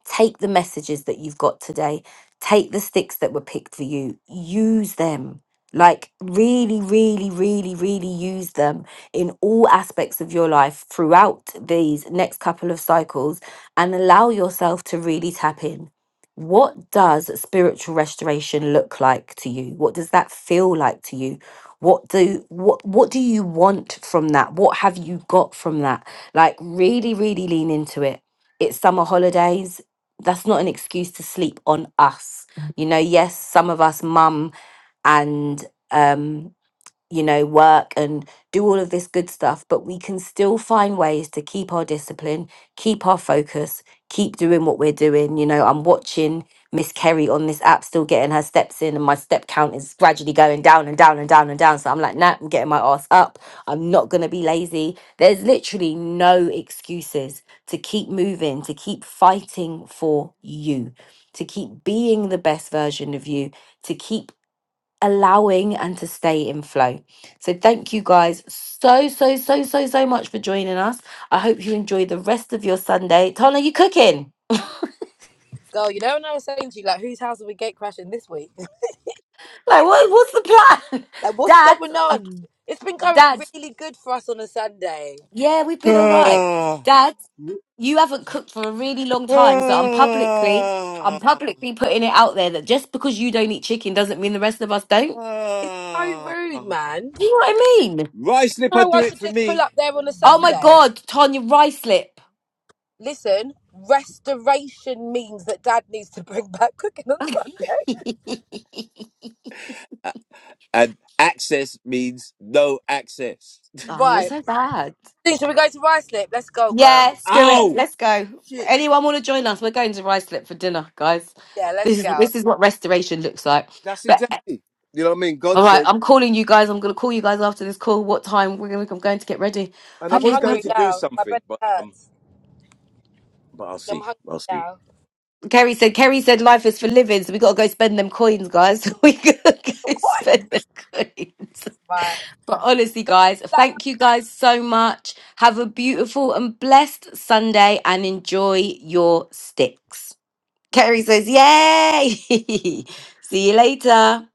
Speaker 1: Take the messages that you've got today, take the sticks that were picked for you, use them. Like, really, really, really, really use them in all aspects of your life throughout these next couple of cycles and allow yourself to really tap in. What does spiritual restoration look like to you? What does that feel like to you? What do what what do you want from that? What have you got from that? Like really really lean into it. It's summer holidays that's not an excuse to sleep on us. You know, yes, some of us mum and um you know, work and do all of this good stuff, but we can still find ways to keep our discipline, keep our focus, keep doing what we're doing. You know, I'm watching Miss Kerry on this app still getting her steps in, and my step count is gradually going down and down and down and down. So I'm like, nah, I'm getting my ass up. I'm not going to be lazy. There's literally no excuses to keep moving, to keep fighting for you, to keep being the best version of you, to keep allowing and to stay in flow. So thank you guys so so so so so much for joining us. I hope you enjoy the rest of your Sunday. Tana, you cooking?
Speaker 2: Girl, you know when I was saying to you, like, whose house are we gate crashing this week?
Speaker 1: Like what what's the plan?
Speaker 2: Like,
Speaker 1: [laughs]
Speaker 2: what's
Speaker 1: Dad,
Speaker 2: going
Speaker 1: uh,
Speaker 2: on? It's been going
Speaker 1: Dad,
Speaker 2: really good for us on a Sunday.
Speaker 1: yeah, we've been all right.
Speaker 3: Ah,
Speaker 1: Dad, you haven't cooked for a really long time, so I'm publicly I'm
Speaker 3: ah,
Speaker 1: publicly putting it out there that just because you don't eat chicken doesn't mean the rest of us don't.
Speaker 2: It's so rude,
Speaker 3: ah.
Speaker 2: man.
Speaker 1: Do you know what I mean?
Speaker 3: Rice slipper,
Speaker 2: How
Speaker 3: do
Speaker 2: I
Speaker 3: it
Speaker 2: should
Speaker 3: for
Speaker 2: just pull
Speaker 3: me.
Speaker 2: up there on a
Speaker 1: Oh my
Speaker 2: Sunday.
Speaker 1: god, Tanya rice lip.
Speaker 2: Listen, restoration means that Dad needs to [laughs] bring back cooking on Sunday.
Speaker 1: [laughs] oh,
Speaker 3: A- And access means no access.
Speaker 1: you're
Speaker 2: Right.
Speaker 1: so bad.
Speaker 2: Think, Should we go to Rice Lip? Let's go, girl.
Speaker 1: Yeah, screw it.
Speaker 3: Ow!
Speaker 1: Let's go.
Speaker 3: Shit.
Speaker 1: Anyone want to join us? We're going to Ruislip for dinner, guys.
Speaker 2: Yeah, let's
Speaker 1: This is
Speaker 2: go.
Speaker 1: this is what restoration looks like.
Speaker 3: That's
Speaker 1: But
Speaker 3: exactly. You know what I mean?
Speaker 1: all
Speaker 3: God
Speaker 1: right,
Speaker 3: said,
Speaker 1: I'm calling you guys. I'm going to call you guys after this call. What time? We're going. I'm going to get ready.
Speaker 3: and I
Speaker 2: I'm
Speaker 1: Okay,
Speaker 3: was going
Speaker 2: hungry
Speaker 3: to
Speaker 1: perfect.
Speaker 3: do
Speaker 2: now. My
Speaker 3: something,
Speaker 2: belly
Speaker 3: but um,
Speaker 2: hurts.
Speaker 3: but I'll
Speaker 2: I'm
Speaker 3: see.
Speaker 2: hungry
Speaker 3: I'll see.
Speaker 2: now.
Speaker 1: Kerry said. Kerry said life is for living, so we got to go spend them coins, guys. [laughs] we got to go spend
Speaker 2: Coin.
Speaker 1: them coins.
Speaker 2: Right.
Speaker 1: But honestly, guys, thank you guys so much. Have a beautiful and blessed Sunday, and enjoy your sticks. Terry says, Yay! [laughs] See you later.